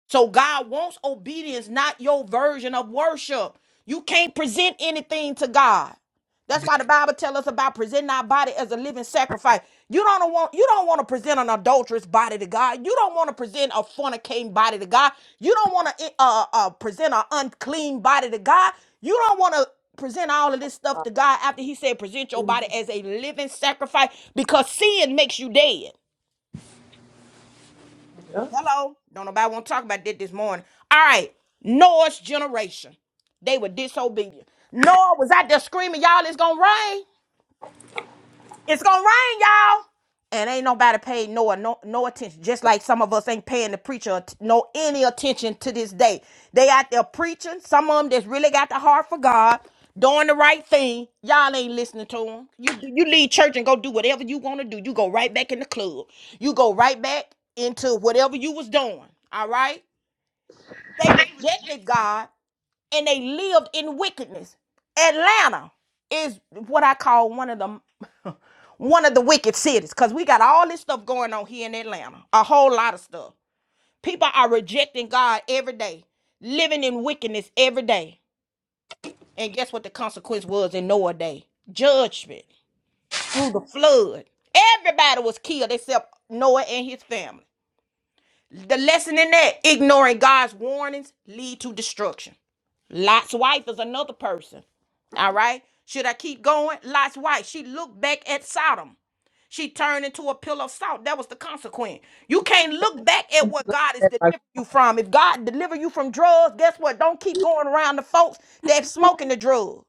S1: So God wants obedience, not your version of worship. You can't present anything to God. That's why the Bible tells us about presenting our body as a living sacrifice. You don't want you don't want to present an adulterous body to God. You don't want to present a fornicating body to God. You don't want to eh, uh, uh, present an unclean body to God. You don't want to present all of this stuff
S2: Uh,
S1: to God after He said present your body as a living sacrifice because sin makes you dead. Hello. Don't nobody want to talk about that this morning. All right. Noah's generation. They were disobedient. Noah was out there screaming, y'all, it's going to rain. It's gonna rain, y'all. And ain't nobody paid no no no attention. Just like some of us ain't paying the preacher no any attention to this day. They out there preaching. Some of them that's really got the heart for God, doing the right thing. Y'all ain't listening to them. You you leave church and go do whatever you want to do. You go right back in the club. You go right back into whatever you was doing. All right. They rejected God and they lived in wickedness. Atlanta is what I call one of the one of the wicked cities because we got all this stuff going on here in Atlanta. A whole lot of stuff. People are rejecting God every day, living in wickedness every day. And guess what the consequence was in Noah day? Judgment through the flood. Everybody was killed except Noah and his family. The lesson in that, ignoring God's warnings lead to destruction. Lot's wife is another person. All right. Should I keep going? Lot's wife. She looked back at Sodom. She turned into a pillar of salt. That was the consequence. You can't look back at
S2: mhm.
S1: what God is
S2: like-
S1: delivering you from. If God deliver you from drugs, guess what? Don't keep going around the folks that smoking the drug.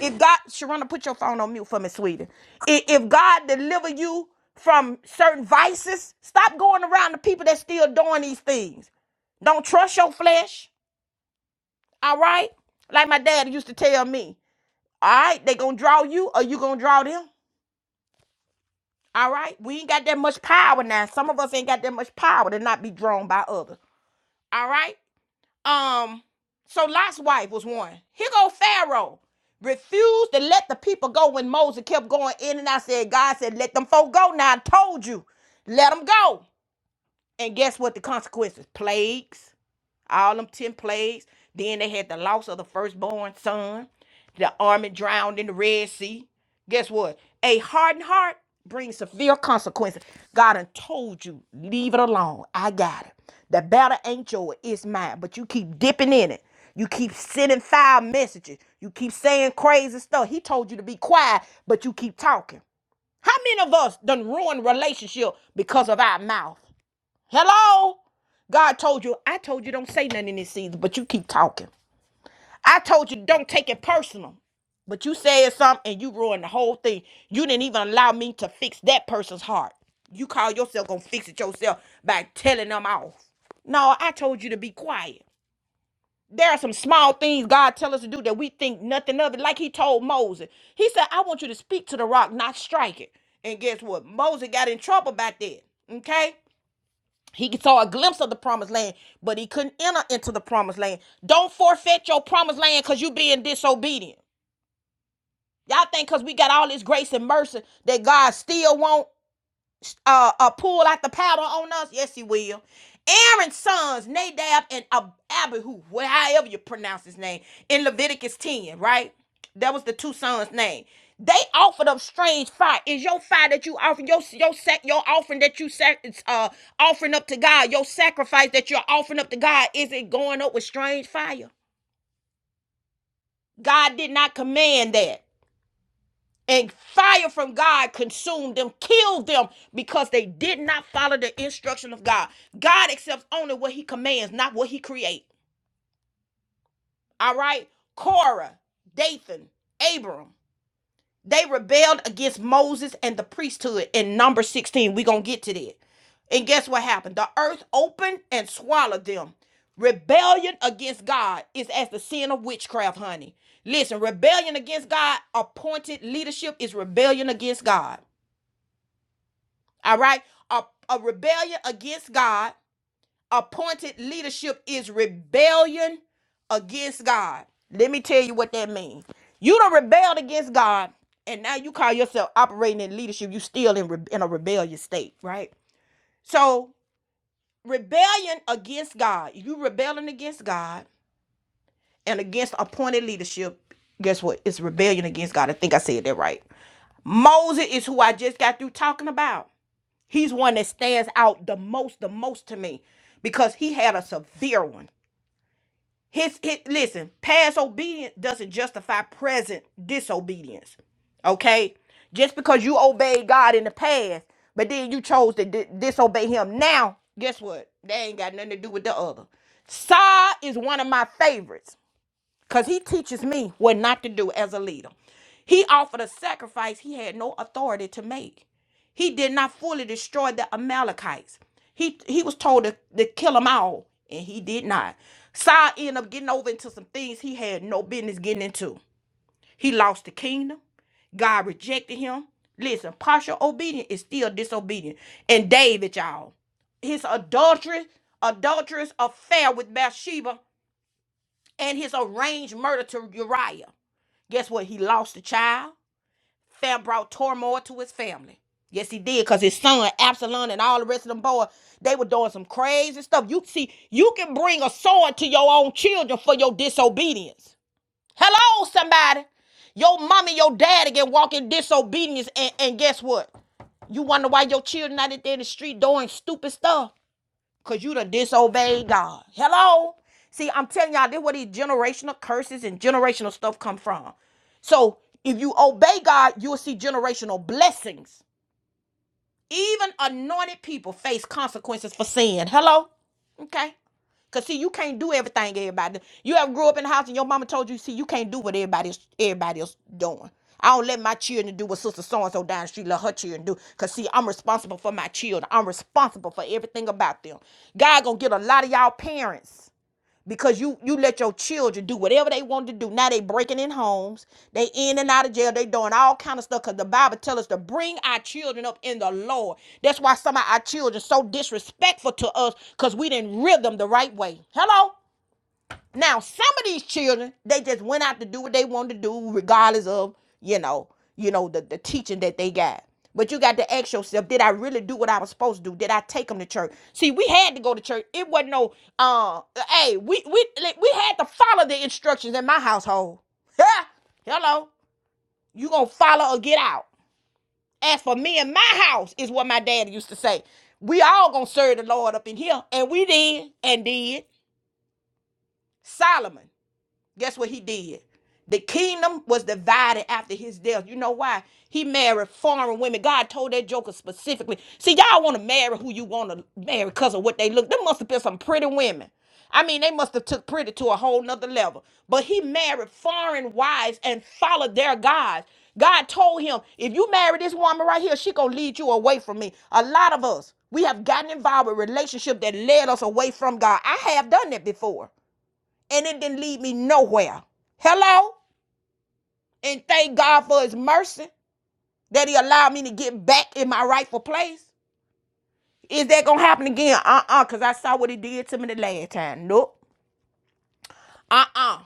S1: If God, Sharona, put your phone on mute for me, sweetie. I- If God deliver you from certain vices, stop going around the people that still doing these things. Don't trust your flesh. All right? Like my dad used to tell me, all right, they gonna draw you or you gonna draw them. All right? We ain't got that much power now. Some of us ain't got that much power to not be drawn by others. All right? Um, so Lot's wife was one. Here go Pharaoh. Refused to let the people go when Moses kept going in and I said, God said, let them folk go. Now I told you, let them go. And guess what the consequences? Plagues all them 10 plagues. Then they had the loss of the firstborn son. The army drowned in the Red Sea. Guess what? A hardened heart brings severe consequences. God done told you, leave it alone. I got it. The battle ain't yours, it's mine. But you keep dipping in it. You keep sending foul messages. You keep saying crazy stuff. He told you to be quiet, but you keep talking. How many of us done ruined relationship because of our mouth? Hello? God told you, I told you don't say nothing in this season, but you keep talking. I told you don't take it personal. But you said something and you ruined the whole thing. You didn't even allow me to fix that person's heart. You call yourself gonna fix it yourself by telling them off. No, I told you to be quiet. There are some small things God tell us to do that we think nothing of it. Like he told Moses. He said, I want you to speak to the rock, not strike it. And guess what? Moses got in trouble about that. Okay? He saw a glimpse of the promised land, but he couldn't enter into the promised land. Don't forfeit your promised land because you being disobedient. Y'all think because we got all this grace and mercy that God still won't? uh, uh pull out the powder on us? Yes, he will. Aaron's sons, Nadab and Ab- Abihu, wh- however you pronounce his name, in Leviticus 10, right? That was the two sons' name. They offered up strange fire. Is your fire that you offer your your sac, your offering that you sac, uh offering up to God, your sacrifice that you're offering up to God, is it going up with strange fire? God did not command that and fire from God consumed them, killed them because they did not follow the instruction of God. God accepts only what he commands, not what he creates. All right? Korah, Dathan, abiram they rebelled against Moses and the priesthood in number 16. We're going to get to that. And guess what happened? The earth opened and swallowed them. Rebellion against God is as the sin of witchcraft, honey. Listen, rebellion against God, appointed leadership is rebellion against God. All right. A, a rebellion against God, appointed leadership is rebellion against God. Let me tell you what that means. You don't rebelled against God, and now you call yourself operating in leadership. You still in, re- in a rebellious state, right? So rebellion against God. You rebelling against God and against appointed leadership. Guess what? It's rebellion against God. I think I said that right. Moses is who I just got through talking about. He's one that stands out the most, the most to me, because he had a severe one. His, his listen, past obedience doesn't justify present disobedience. Okay, just because you obeyed God in the past, but then you chose to di- disobey Him now, guess what? They ain't got nothing to do with the other. Saw is one of my favorites because he teaches me what not to do as a leader. He offered a sacrifice he had no authority to make. He did not fully destroy the Amalekites. He he was told to, to kill them all, and he did not. Saul ended up getting over into some things he had no business getting into. He lost the kingdom. God rejected him. Listen, partial obedience is still disobedient. And David, y'all, his adulterous, adulterous affair with Bathsheba and his arranged murder to Uriah. Guess what? He lost a child. Fam brought turmoil to his family. Yes, he did, because his son, Absalom, and all the rest of them boys, they were doing some crazy stuff. You see, you can bring a sword to your own children for your disobedience. Hello, somebody. Your mom and your daddy can walk in disobedience, and, and guess what? You wonder why your children out there in the street doing stupid stuff. Cause you done disobeyed God. Hello? See, I'm telling y'all, this is where these generational curses and generational stuff come from. So if you obey God, you'll see generational blessings. Even anointed people face consequences for sin. Hello? Okay. Cause see, you can't do everything everybody. do. You have grew up in the house and your mama told you, see, you can't do what everybody's everybody else doing. I don't let my children do what sister so and so down the street let her children do. Cause see, I'm responsible for my children. I'm responsible for everything about them. God gonna get a lot of y'all parents because you you let your children do whatever they want to do. Now they breaking in homes, they in and out of jail, they doing all kind of stuff. Cause the Bible tell us to bring our children up in the Lord. That's why some of our children so disrespectful to us, cause we didn't rear them the right way. Hello. Now, some of these children, they just went out to do what they wanted to do, regardless of, you know, you know, the, the teaching that they got. But you got to ask yourself, did I really do what I was supposed to do? Did I take them to church? See, we had to go to church. It wasn't no uh hey, we we like, we had to follow the instructions in my household. Hello. You gonna follow or get out. As for me and my house, is what my dad used to say. We all gonna serve the Lord up in here. And we did and did. Solomon. Guess what he did? The kingdom was divided after his death. You know why? He married foreign women. God told that joker specifically. See, y'all want to marry who you want to marry because of what they look. There must have been some pretty women. I mean, they must have took pretty to a whole nother level. But he married foreign wives and followed their gods. God told him, if you marry this woman right here, she gonna lead you away from me. A lot of us, we have gotten involved with relationships that led us away from God. I have done that before and it didn't lead me nowhere. Hello? And thank God for his mercy that he allowed me to get back in my rightful place. Is that gonna happen again? Uh-uh, because I saw what he did to me the last time. Nope. Uh-uh.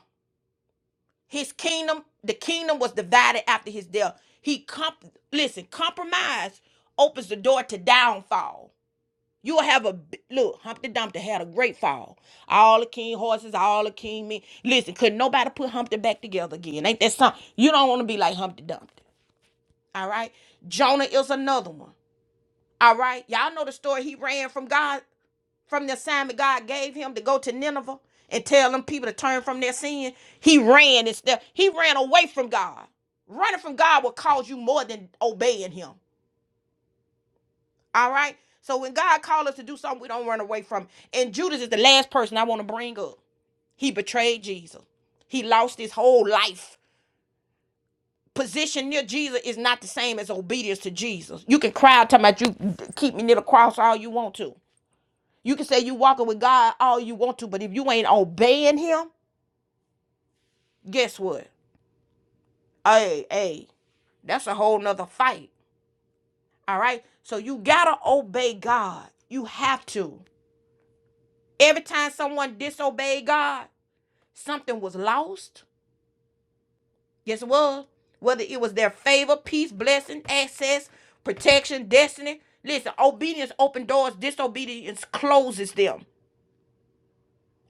S1: His kingdom, the kingdom was divided after his death. He comp listen, compromise opens the door to downfall. You'll have a look. Humpty Dumpty had a great fall. All the king horses, all the king men. Listen, could not nobody put Humpty back together again? Ain't that something? You don't want to be like Humpty Dumpty. All right. Jonah is another one. All right. Y'all know the story. He ran from God, from the assignment God gave him to go to Nineveh and tell them people to turn from their sin. He ran instead. He ran away from God. Running from God will cause you more than obeying Him. All right. So when God calls us to do something, we don't run away from. it. And Judas is the last person I want to bring up. He betrayed Jesus. He lost his whole life. Position near Jesus is not the same as obedience to Jesus. You can cry out talking about you keep me near the cross all you want to. You can say you walking with God all you want to, but if you ain't obeying him, guess what? Hey, hey, that's a whole nother fight. All right. So you gotta obey God. You have to. Every time someone disobeyed God, something was lost. Yes, it was. Whether it was their favor, peace, blessing, access, protection, destiny. Listen, obedience opens doors, disobedience closes them.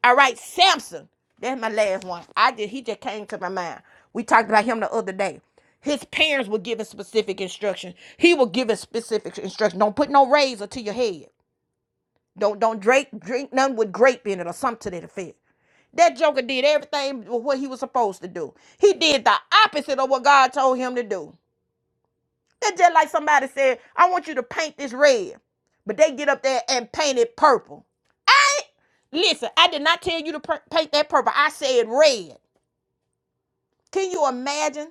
S1: All right, Samson. That's my last one. I just he just came to my mind. We talked about him the other day. His parents were giving specific instructions. He was giving specific instructions. Don't put no razor to your head. Don't don't drink drink none with grape in it or something to that effect. That joker did everything with what he was supposed to do. He did the opposite of what God told him to do. That's just like somebody said, I want you to paint this red. But they get up there and paint it purple. I ain't- listen, I did not tell you to paint that purple. I said red. Can you imagine?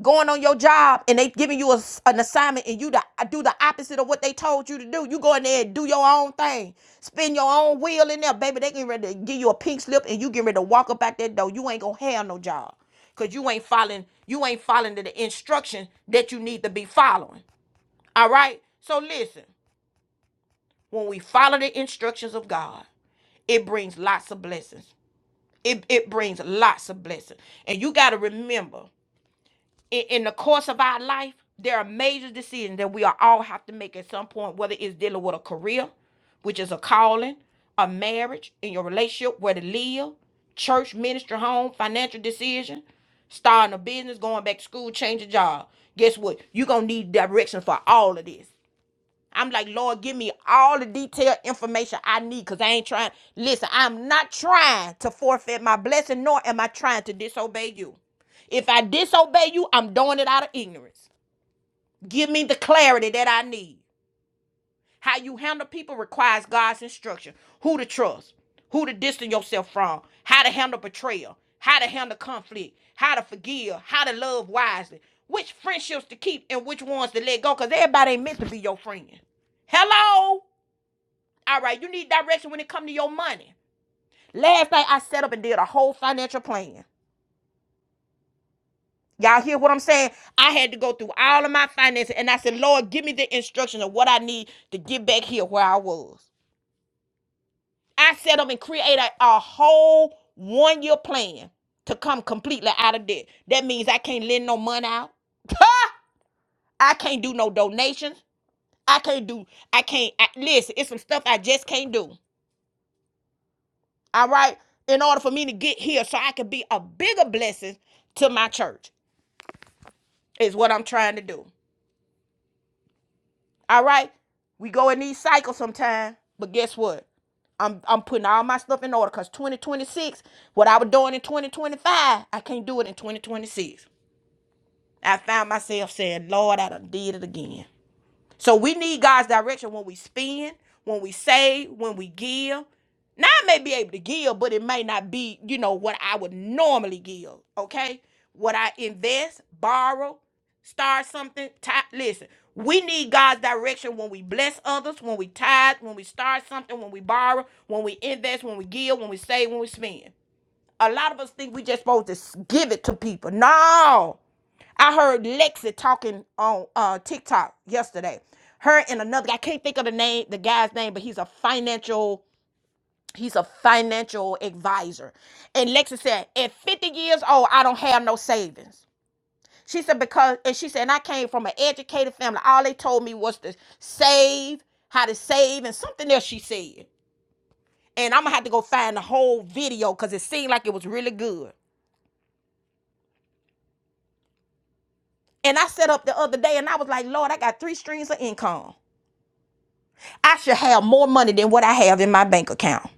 S1: going on your job and they giving you a an assignment and you the, uh, do the opposite of what they told you to do. You go in there and do your own thing. Spin your own wheel in there, baby. They getting ready to give you a pink slip and you getting ready to walk up out that door. You ain't gonna have no job. Cause you ain't following, you ain't following the instruction that you need to be following. All right? So listen, when we follow the instructions of God, it brings lots of blessings. It, it brings lots of blessings. And you got to remember in, in the course of our life, there are major decisions that we are all have to make at some point, whether it's dealing with a career, which is a calling, a marriage, in your relationship, where to live, church, ministry, home, financial decision, starting a business, going back to school, changing job. Guess what? You're gonna need direction for all of this. I'm like, Lord, give me all the detailed information I need because I ain't trying. Listen, I'm not trying to forfeit my blessing, nor am I trying to disobey you. If I disobey you, I'm doing it out of ignorance. Give me the clarity that I need. How you handle people requires God's instruction. Who to trust, who to distance yourself from, how to handle betrayal, how to handle conflict, how to forgive, how to love wisely, which friendships to keep and which ones to let go, because everybody ain't meant to be your friend. Hello? All right, you need direction when it come to your money. Last night I set up and did a whole financial plan. Y'all hear what I'm saying? I had to go through all of my finances and I said, Lord, give me the instruction of what I need to get back here where I was. I set up and created a, a whole one year plan to come completely out of debt. That means I can't lend no money out. I can't do no donations. I can't do, I can't, I, listen, it's some stuff I just can't do. all right, in order for me to get here so I can be a bigger blessing to my church, is what I'm trying to do. All right, we go in these cycles sometime, but guess what? I'm, I'm putting all my stuff in order because 2026, what I was doing in 2025, I can't do it in 2026. I found myself saying, Lord, I done did it again. So we need God's direction when we spend, when we save, when we give. Now I may be able to give, but it may not be, you know, what I would normally give. Okay. What I invest, borrow, start something. ti- Listen, we need God's direction when we bless others, when we tithe, when we start something, when we borrow, when we invest, when we give, when we save, when we spend. A lot of us think we just supposed to give it to people. No. I heard Lexi talking on uh, TikTok yesterday. Her and another guy, I can't think of the name, the guy's name, but he's a financial, he's a financial advisor. And Lexi said, at 50 years old, I don't have no savings. She said, because and she said, and I came from an educated family. All they told me was to save, how to save, and something else she said. And I'm gonna have to go find the whole video because it seemed like it was really good. And I set up the other day and I was like, Lord, I got three streams of income. I should have more money than what I have in my bank account.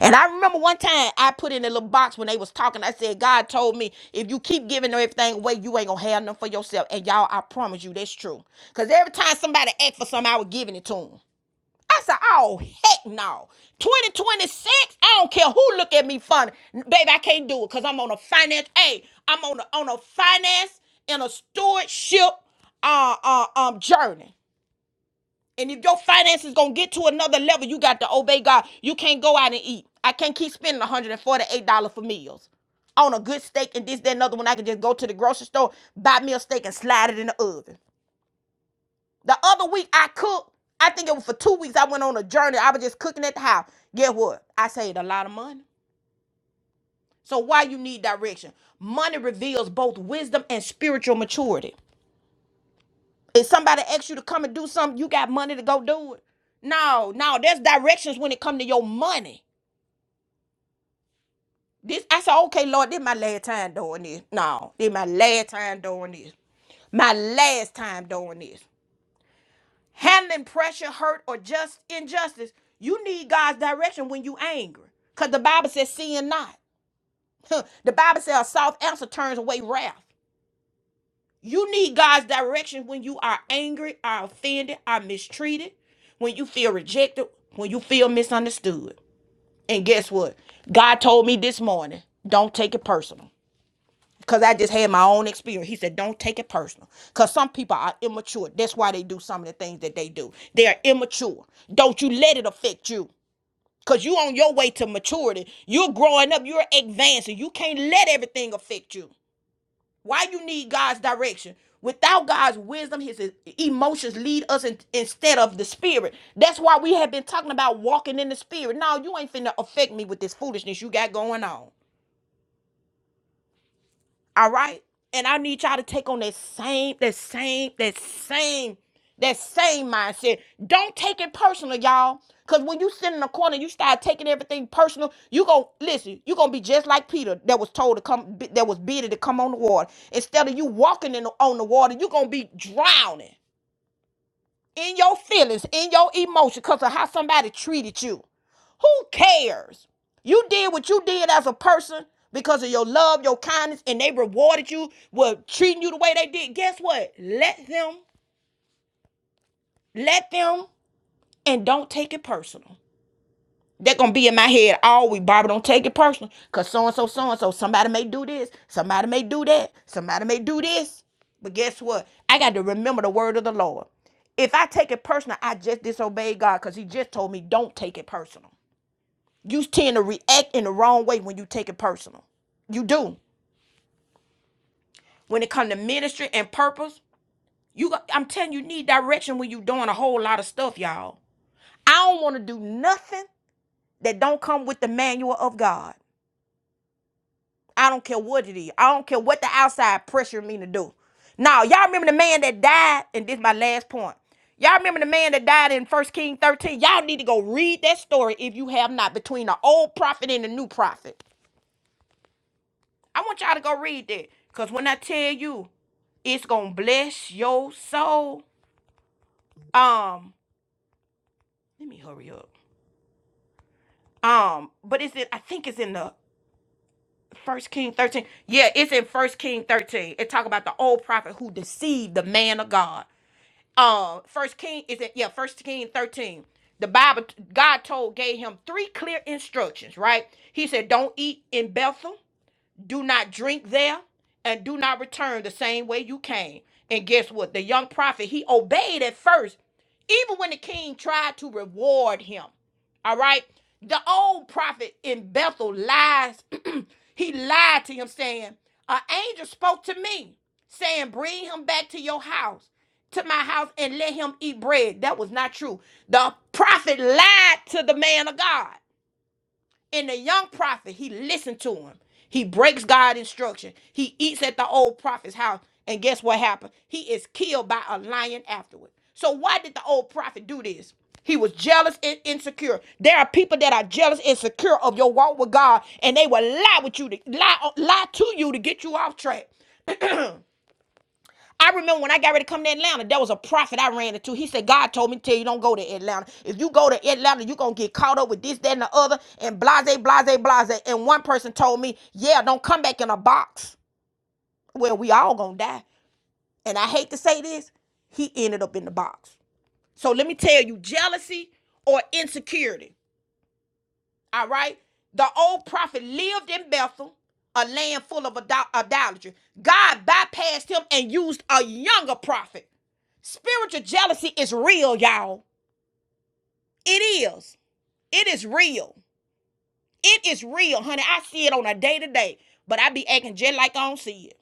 S1: And I remember one time I put in a little box when they was talking. I said, God told me if you keep giving everything away, you ain't gonna have nothing for yourself. And y'all, I promise you that's true. Cause every time somebody asked for something, I was giving it to them. I said, oh heck no. 2026, I don't care who look at me funny. Baby, I can't do it because I'm on a finance. Hey, I'm on a on a finance and a stewardship uh, uh um journey. And if your finances gonna get to another level, you got to obey God. You can't go out and eat. I can't keep spending $148 for meals on a good steak and this, that, and other when I can just go to the grocery store, buy me a steak and slide it in the oven. The other week I cooked, I think it was for two weeks, I went on a journey. I was just cooking at the house. Get what? I saved a lot of money. So why you need direction? Money reveals both wisdom and spiritual maturity. If somebody asks you to come and do something, you got money to go do it. No, no, there's directions when it come to your money. This I said, okay, Lord, this my last time doing this. No, this my last time doing this. My last time doing this. Handling pressure, hurt, or just injustice, you need God's direction when you angry. Cause the Bible says sin not. the Bible says a soft answer turns away wrath. You need God's direction when you are angry, are offended, are mistreated, when you feel rejected, when you feel misunderstood. And guess what? God told me this morning, don't take it personal. Because I just had my own experience. He said, don't take it personal. Because some people are immature. That's why they do some of the things that they do. They are immature. Don't you let it affect you. Because you on your way to maturity. You're growing up. You're advancing. You can't let everything affect you. Why you need God's direction? Without God's wisdom, his e- emotions lead us in- instead of the spirit. That's why we have been talking about walking in the spirit. No, you ain't finna affect me with this foolishness you got going on. All right? And I need y'all to take on that same, that same, that same, that same mindset. Don't take it personal, y'all. Cause when you sit in the corner, you start taking everything personal. You gon' listen. You gonna be just like Peter, that was told to come, that was bidden to come on the water. Instead of you walking in the, on the water, you gonna be drowning in your feelings, in your emotion, because of how somebody treated you. Who cares? You did what you did as a person because of your love, your kindness, and they rewarded you with treating you the way they did. Guess what? Let them, let them, and don't take it personal. They're gonna be in my head all week. Barbara, don't take it personal. Cause so and so, so and so, somebody may do this, somebody may do that, somebody may do this. But guess what? I got to remember the word of the Lord. If I take it personal, I just disobeyed God because He just told me don't take it personal. You tend to react in the wrong way when you take it personal. You do. When it comes to ministry and purpose, you got, I'm telling you, you need direction when you doing a whole lot of stuff, y'all. I don't want to do nothing that don't come with the manual of God. I don't care what it is. I don't care what the outside pressure me to do. Now, y'all remember the man that died, and this is my last point. Y'all remember the man that died in First King 13? Y'all need to go read that story if you have not, between the old prophet and the new prophet. I want y'all to go read that. Because when I tell you, it's gonna bless your soul. Um, let me hurry up. Um, but is it I think it's in the First King 13. Yeah, it's in First King 13. It talk about the old prophet who deceived the man of God. um first king is it yeah first king 13 the bible god told gave him three clear instructions right he said don't eat in bethel do not drink there and do not return the same way you came. And guess what? The young prophet, he obeyed at first, even when the king tried to reward him. All right. The old prophet in Bethel lies. he lied to him, saying, An angel spoke to me, saying, Bring him back to your house, to my house, and let him eat bread. That was not true. The prophet lied to the man of God. And the young prophet, he listened to him. He breaks God's instruction. He eats at the old prophet's house. And guess what happened? He is killed by a lion afterward. So why did the old prophet do this? He was jealous and insecure. There are people that are jealous and insecure of your walk with God, and they will lie with you to lie, lie to you to get you off track. I remember when I got ready to come to Atlanta, there was a prophet I ran into. He said, God told me to tell you don't go to Atlanta. If you go to Atlanta, you're going to get caught up with this, that, and the other, and blase, blase, blase. And one person told me, yeah, don't come back in a box. Well, we all going to die. And I hate to say this, he ended up in the box. So let me tell you, jealousy or insecurity. All right. The old prophet lived in Bethel, a land full of idolatry. God bypassed him and used a younger prophet. Spiritual jealousy is real, y'all. It is. It is real. It is real, honey. I see it on a day to day, but I be acting just like I don't see it.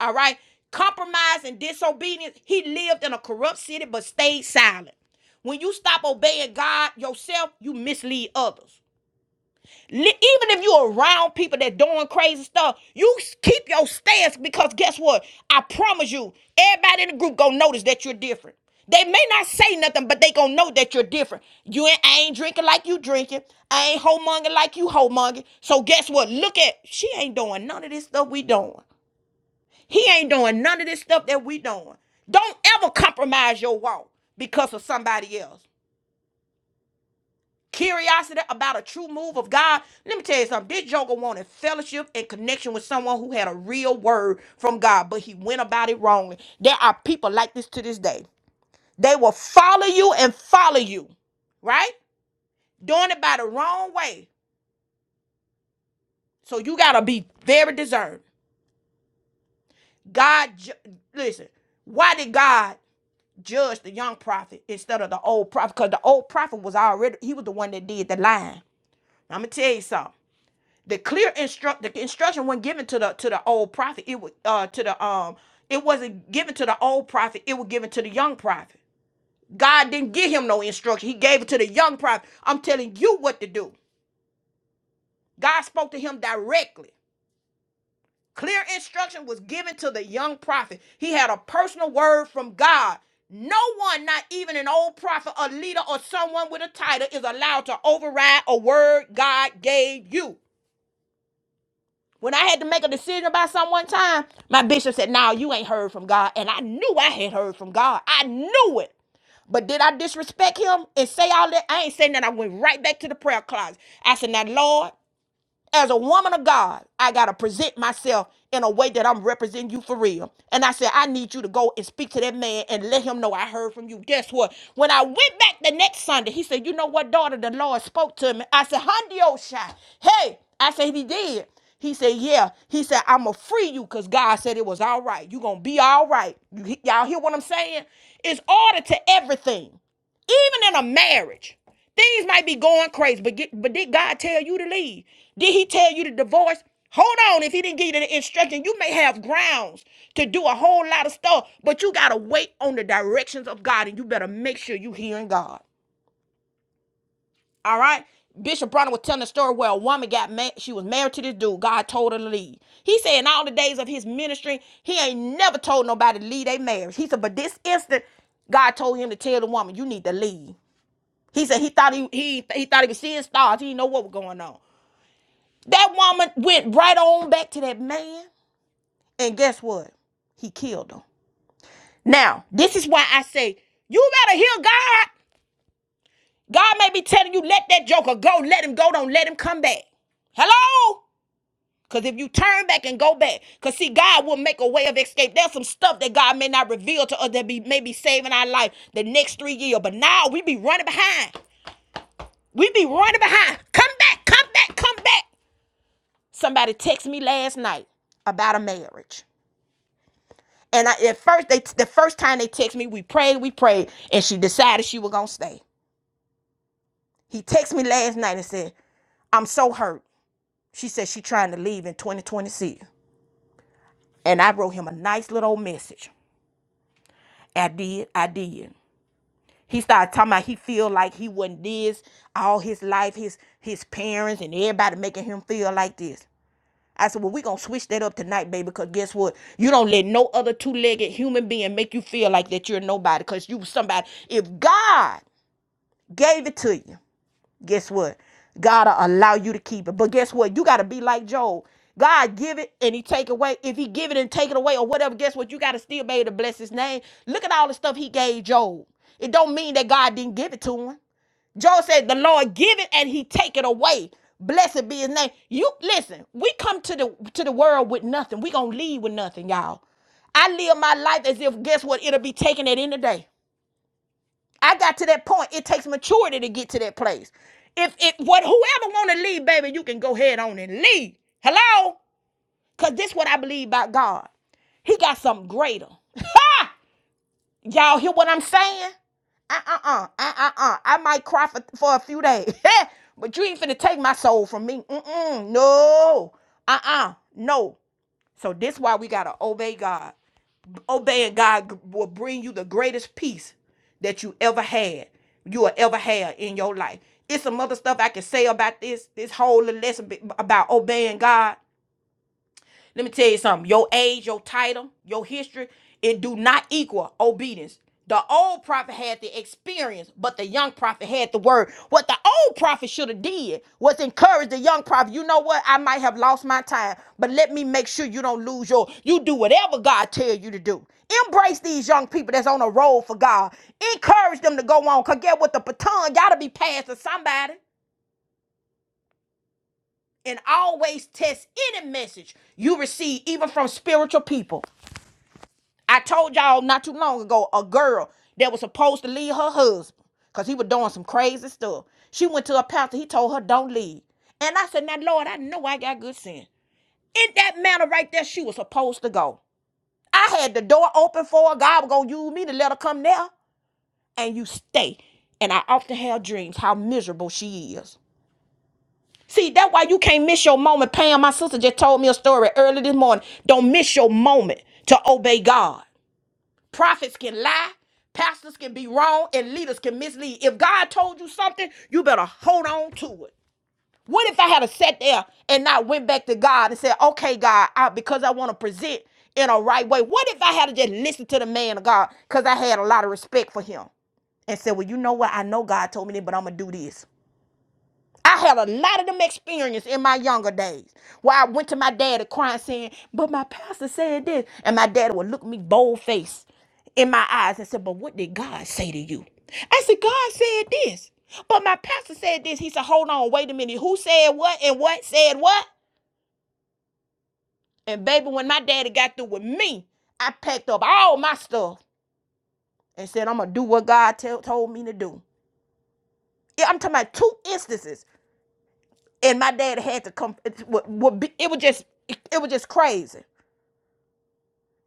S1: All right. Compromise and disobedience. He lived in a corrupt city but stayed silent. When you stop obeying God yourself, you mislead others. Li- Even if you're around people that doing crazy stuff, you s- keep your stance because guess what? I promise you, everybody in the group gonna notice that you're different. They may not say nothing, but they gonna know that you're different. You ain't, I ain't drinking like you drinking. I ain't homemonger like you homemonger. So guess what? Look at she ain't doing none of this stuff we doing. He ain't doing none of this stuff that we doing. Don't ever compromise your walk because of somebody else curiosity about a true move of God. Let me tell you something. This Joker wanted fellowship and connection with someone who had a real word from God, but he went about it wrongly. There are people like this to this day. They will follow you and follow you, right? Doing it by the wrong way. So you got to be very discerned. God, ju- listen, why did God judge the young prophet instead of the old prophet? Because the old prophet was already, he was the one that did the lying. I'm going to tell you something. the clear instruct the instruction wasn't given to the to the old prophet it was uh to the um it wasn't given to the old prophet it was given to the young prophet god didn't give him no instruction he gave it to the young prophet i'm telling you what to do god spoke to him directly clear instruction was given to the young prophet he had a personal word from god no one not even an old prophet a leader or someone with a title is allowed to override a word god gave you When I had to make a decision about something one time, my bishop said, "Now you ain't heard from God," and I knew I had heard from God. I knew it. But did I disrespect him and say all that? I ain't saying that. I went right back to the prayer closet. I said, "Now, Lord." as a woman of God, I got to present myself in a way that I'm representing you for real. And I said, I need you to go and speak to that man and let him know I heard from you. Guess what? When I went back the next Sunday, he said, You know what, daughter? The Lord spoke to me. I said, Hundi Oshai. Hey, I said, He did. He said, Yeah. He said, I'm going to free you because God said it was all right. You going to be all right. You, y'all hear what I'm saying? It's order to everything. Even in a marriage, things might be going crazy, but get, but did God tell you to leave? Did He tell you to divorce? Hold on, if He didn't give you the instruction, you may have grounds to do a whole lot of stuff, but you gotta wait on the directions of God, and you better make sure you are hearing God. All right. Bishop Bronner was telling a story where a woman got mad. She was married to this dude. God told her to leave. He said in all the days of his ministry, he ain't never told nobody to leave their marriage. He said, but this instant, God told him to tell the woman, you need to leave. He said he thought he he he thought he was seeing stars. He didn't know what was going on. That woman went right on back to that man, and guess what? He killed him. Now, this is why I say you better hear God. God may be telling you, let that joker go, let him go, don't let him come back. Hello? Because if you turn back and go back, because see, God will make a way of escape. There's some stuff that God may not reveal to us that be may be saving our life the next three years. But now we be running behind. We be running behind. Come back, come back, come back. Somebody texted me last night about a marriage. And I, at first, they the first time they texted me, we prayed, we prayed, and she decided she was gonna stay. He texted me last night and said, "I'm so hurt." She said she's trying to leave in 2026, and I wrote him a nice little message. I did, I did. He started talking about he feel like he wasn't this all his life, his his parents and everybody making him feel like this. I said, well, we're going to switch that up tonight, baby, because guess what? You don't let no other two legged human being make you feel like that you're nobody because you somebody. If God gave it to you, guess what? God will allow you to keep it. But guess what? You got to be like Job. God give it and he take away. If he give it and take it away or whatever, guess what? You got to still be able to bless his name. Look at all the stuff he gave Job. It don't mean that God didn't give it to him. Job said, "The Lord give it and He take it away. Blessed be His name." You listen. We come to the to the world with nothing. We gonna leave with nothing, y'all. I live my life as if guess what? It'll be taken at any day. I got to that point. It takes maturity to get to that place. If it what whoever want to leave, baby, you can go ahead on and leave. Hello? Cause this is what I believe about God. He got something greater. Y'all hear what I'm saying? Uh-uh-uh. Uh-uh-uh. I might cry for, for a few days. but you ain't finna take my soul from me. Mm-mm. No. Uh-uh. No. So this is why we gotta obey God obeying God will bring you the greatest peace that you ever had, you will ever have in your life. It's some other stuff I can say about this, this whole lesson about obeying God. Let me tell you something. Your age, your title, your history, it do not equal obedience. The old prophet had the experience, but the young prophet had the word. What the old prophet should have did was encourage the young prophet. You know what? I might have lost my time, but let me make sure you don't lose your. You do whatever God tell you to do. Embrace these young people that's on a roll for God. Encourage them to go on. Cause get what the baton gotta be passed to somebody and always test any message you receive, even from spiritual people. I told y'all not too long ago a girl that was supposed to leave her husband because he was doing some crazy stuff. She went to a pastor, he told her, Don't leave. And I said, Now, Lord, I know I got good sin. In that manner right there, she was supposed to go. I had the door open for her. God was going to use me to let her come there, and you stay. And I often have dreams how miserable she is. See, that's why you can't miss your moment. Pam, my sister, just told me a story early this morning. Don't miss your moment to obey God. Prophets can lie, pastors can be wrong, and leaders can mislead. If God told you something, you better hold on to it. What if I had to sat there and not went back to God and said, okay, God, I, because I want to present in a right way? What if I had to just listen to the man of God because I had a lot of respect for him and said, well, you know what? I know God told me this, but I'm going to do this. I had a lot of them experience in my younger days where I went to my daddy crying saying, but my pastor said this. And my daddy would look me bold faced in my eyes and said, but what did God say to you? I said, God said this. But my pastor said this. He said, hold on, wait a minute. Who said what and what said what? And baby, when my daddy got through with me, I packed up all my stuff and said, I'm going to do what God tell told me to do. Yeah, I'm talking about two instances and my dad had to come. It was just it, was just crazy.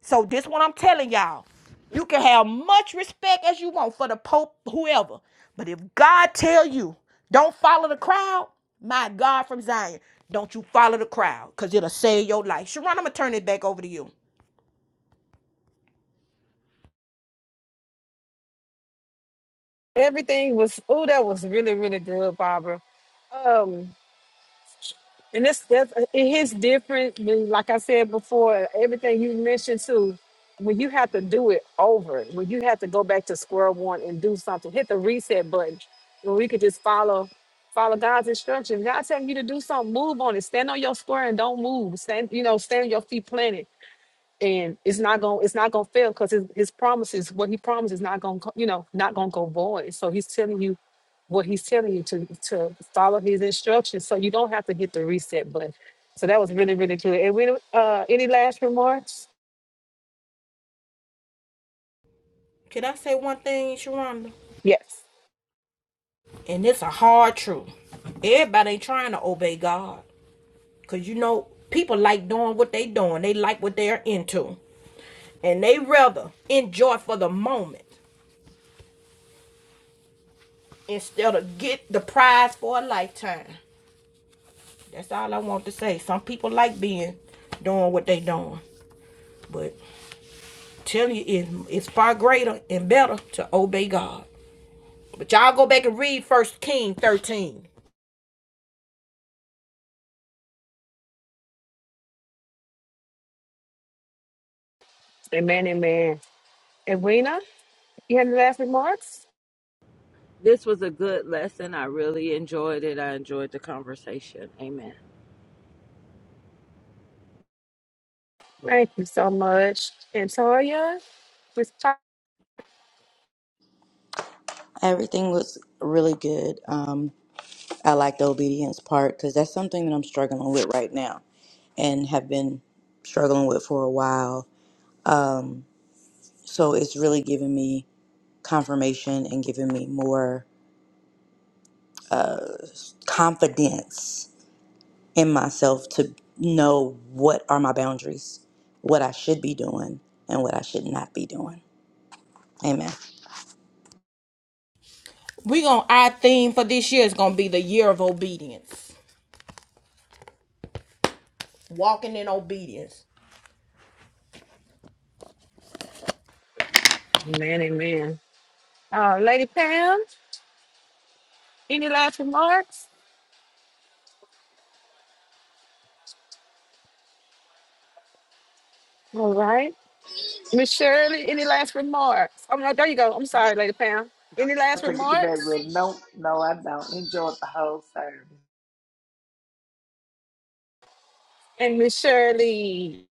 S1: So this one I'm telling y'all, you can have much respect as you want for the Pope, whoever, but if God tell you don't follow the crowd, my God from Zion, don't you follow the crowd, cause it'll save your life. Sharonda, I'm gonna turn it back over to you.
S2: Everything was oh, that was really really good, Barbara. And this that's it hits different than like I said before, everything you mentioned too. When you have to do it over, when you have to go back to square one and do something, hit the reset button. When we could just follow follow God's instructions. God telling you to do something, move on it. Stand on your square and don't move. Stand, you know, stand on your feet planted. And it's not gonna it's not gonna fail because his, his promises, what he promises, not gonna co- you know, not gonna go void. So he's telling you what he's telling you to to follow his instructions so you don't have to hit the reset button. So that was really, really good. And we uh any last remarks?
S1: Can I say one thing, Sharonda?
S2: Yes.
S1: And it's a hard truth. Everybody ain't trying to obey God. Cause you know, people like doing what they doing. They like what they're into. and they rather enjoy for the moment instead of get the prize for a lifetime. That's all I want to say. Some people like being doing what they doing, but tell you it, it's far greater and better to obey God. But y'all go back and read First King thirteen.
S2: Amen, amen. And Rena, you have any last remarks?
S4: This was a good lesson. I really enjoyed it. I enjoyed the conversation. Amen.
S2: Thank you so much. And Toya, Miss Ta-
S5: Everything was really good. Um, I like the obedience part because that's something that I'm struggling with right now and have been struggling with for a while. So it's really giving me confirmation and giving me more confidence in myself to know what are my boundaries, what I should be doing, and what I should not be doing. Amen.
S1: We gonna our theme for this year is gonna be the year of obedience, walking in obedience.
S2: Amen, amen. Uh Lady Pam, any last remarks? All right. Miss Shirley, any last remarks? Oh no, there you go. I'm
S8: Yeah,
S2: sorry, Lady Pam.
S8: go
S2: Any
S8: ahead.
S6: I
S2: last
S6: try to get the bed
S2: remarks?
S6: ready. No, no, I don't. Enjoy the whole service.
S2: And Miss Shirley.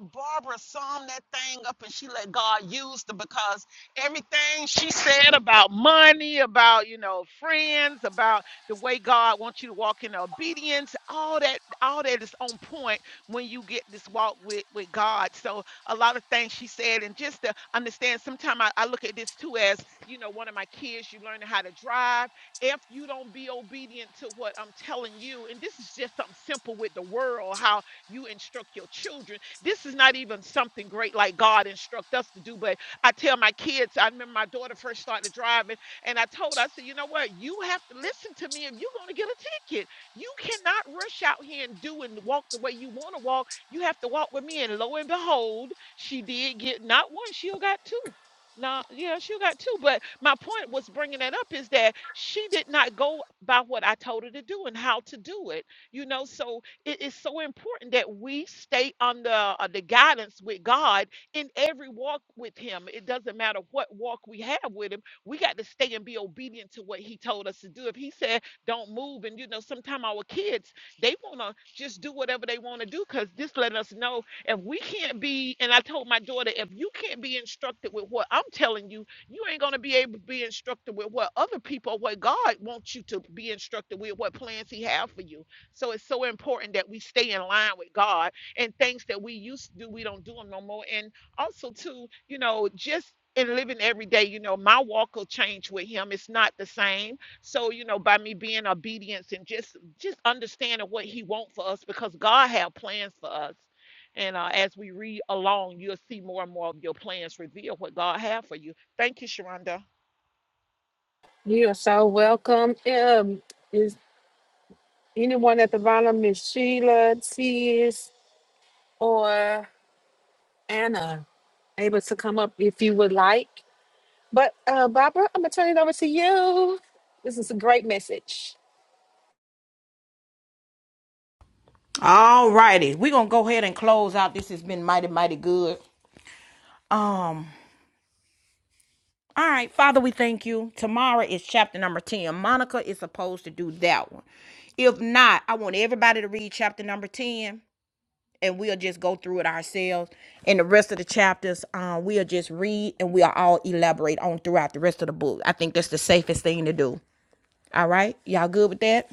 S8: Barbara summed that thing up and she let God use them because everything she said about money, about, you know, friends, about the way God wants you to walk in obedience, all that, all that is on point when you get this walk with, with God. So a lot of things she said, and just to understand, sometimes I, I look at this too as, you know, one of my kids, you learning how to drive. If you don't be obedient to what I'm telling you, and this is just something simple with the world, how you instruct your children this is not even something great like God instruct us to do. But I tell my kids, I remember my daughter first started driving, and I told her, I said, you know what? You have to listen to me if you're going to get a ticket. You cannot rush out here and do and walk the way you want to walk. You have to walk with me. And lo and behold, she did get not one, she got two. Nah, yeah, she got two. But my point was bringing that up is that she did not go by what I told her to do and how to do it. You know, so it is so important that we stay under uh, the guidance with God in every walk with Him. It doesn't matter what walk we have with Him. We got to stay and be obedient to what He told us to do. If He said, don't move, and you know, sometimes our kids, they want to just do whatever they want to do because this let us know if we can't be, and I told my daughter, if you can't be instructed with what I'm telling you, you ain't going to be able to be instructed with what other people, what God wants you to be instructed with, what plans He have for you. So it's so important that we stay in line with God and things that we used to do, we don't do them no more. And also, too, you know, just in living every day, you know, my walk will change with Him. It's not the same. So, you know, by me being obedience and just just understanding what He wants for us, because God have plans for us. And uh, as we read along, you'll see more and more of your plans reveal what God have for you. Thank you, Sharonda.
S2: You are so welcome. Um, is anyone at the bottom, is Sheila, Tis, or Anna able to come up if you would like? But uh, Barbara, I'm gonna turn it over to you. This is a great message.
S1: All righty, we gonna go ahead and close out. This has been mighty mighty good. Um, All right, Father, we thank you. Tomorrow is chapter number 10. Monica is supposed to do that one. If not, I want everybody to read chapter number 10 and we'll just go through it ourselves. And the rest of the chapters, uh, we'll just read and we'll all elaborate on throughout the rest of the book. I think that's the safest thing to do. All right? Y'all good with that?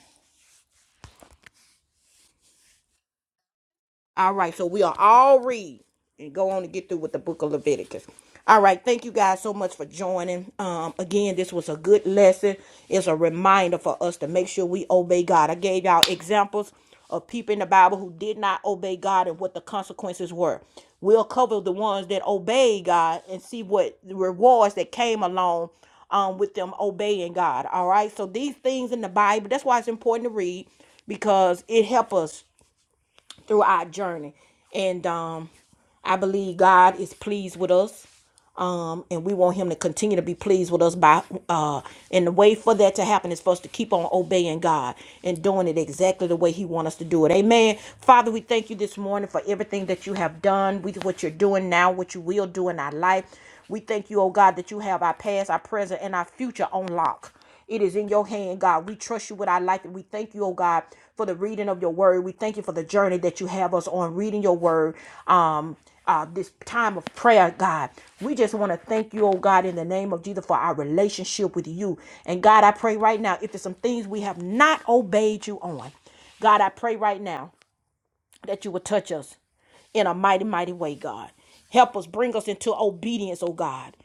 S1: All right, so we are all read and go on and get through with the book of Leviticus. All right, thank you guys so much for joining. Um, again, this was a good lesson. It's a reminder for us to make sure we obey God. I gave y'all examples of people in the Bible who did not obey God and what the consequences were. We'll cover the ones that obey God and see what the rewards that came along um, with them obeying God. All right, so these things in the Bible, that's why it's important to read because it helps us through our journey. And um, I believe God is pleased with us. Um, and we want him to continue to be pleased with us by uh and the way for that to happen is for us to keep on obeying God and doing it exactly the way he wants us to do it. Amen. Father, we thank you this morning for everything that you have done, with what you're doing now, what you will do in our life. We thank you, oh God, that you have our past, our present, and our future on lock. It is in your hand, God. We trust you with our life and we thank you, oh God, for the reading of your word. We thank you for the journey that you have us on reading your word. Um uh, this time of prayer, God. We just want to thank you, oh God, in the name of Jesus for our relationship with you. And God, I pray right now, if there's some things we have not obeyed you on, God, I pray right now that you will touch us in a mighty, mighty way, God. Help us, bring us into obedience, oh God.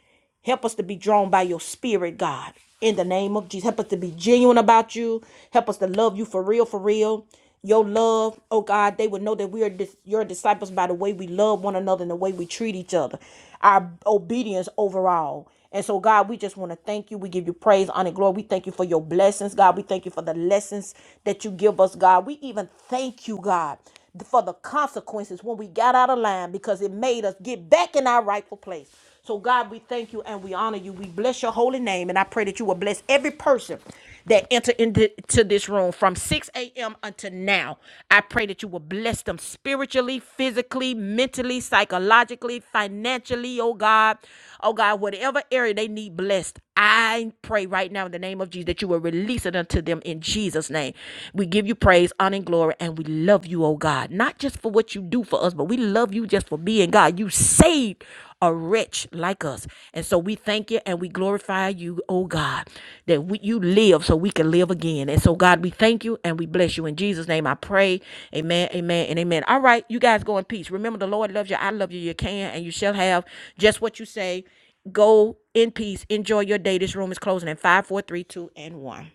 S1: Help us to be drawn by your spirit, God. In the name of Jesus, help us to be genuine about you. Help us to love you for real, for real. Your love, oh God, they would know that we are dis- your disciples by the way we love one another and the way we treat each other, our obedience overall. And so, God, we just want to thank you. We give you praise, honor, glory. We thank you for your blessings, God. We thank you for the lessons that you give us, God. We even thank you, God, for the consequences when we got out of line because it made us get back in our rightful place. So, God, we thank you and we honor you. We bless your holy name. And I pray that you will bless every person that enter into to this room from 6 a.m. until now. I pray that you will bless them spiritually, physically, mentally, psychologically, financially, oh God. Oh God, whatever area they need blessed, I pray right now in the name of Jesus that you will release it unto them in Jesus' name. We give you praise, honor, and glory, and we love you, oh God. Not just for what you do for us, but we love you just for being God. You saved a wretch like us. And so we thank you and we glorify you, oh God, that we, you live so we can live again. And so, God, we thank you and we bless you. In Jesus' name, I pray. Amen, amen, and amen. All right, you guys go in peace. Remember, the Lord loves you. I love you. You can and you shall have just what you say Go in peace. Enjoy your day. This room is closing in five, four, three, two, and one.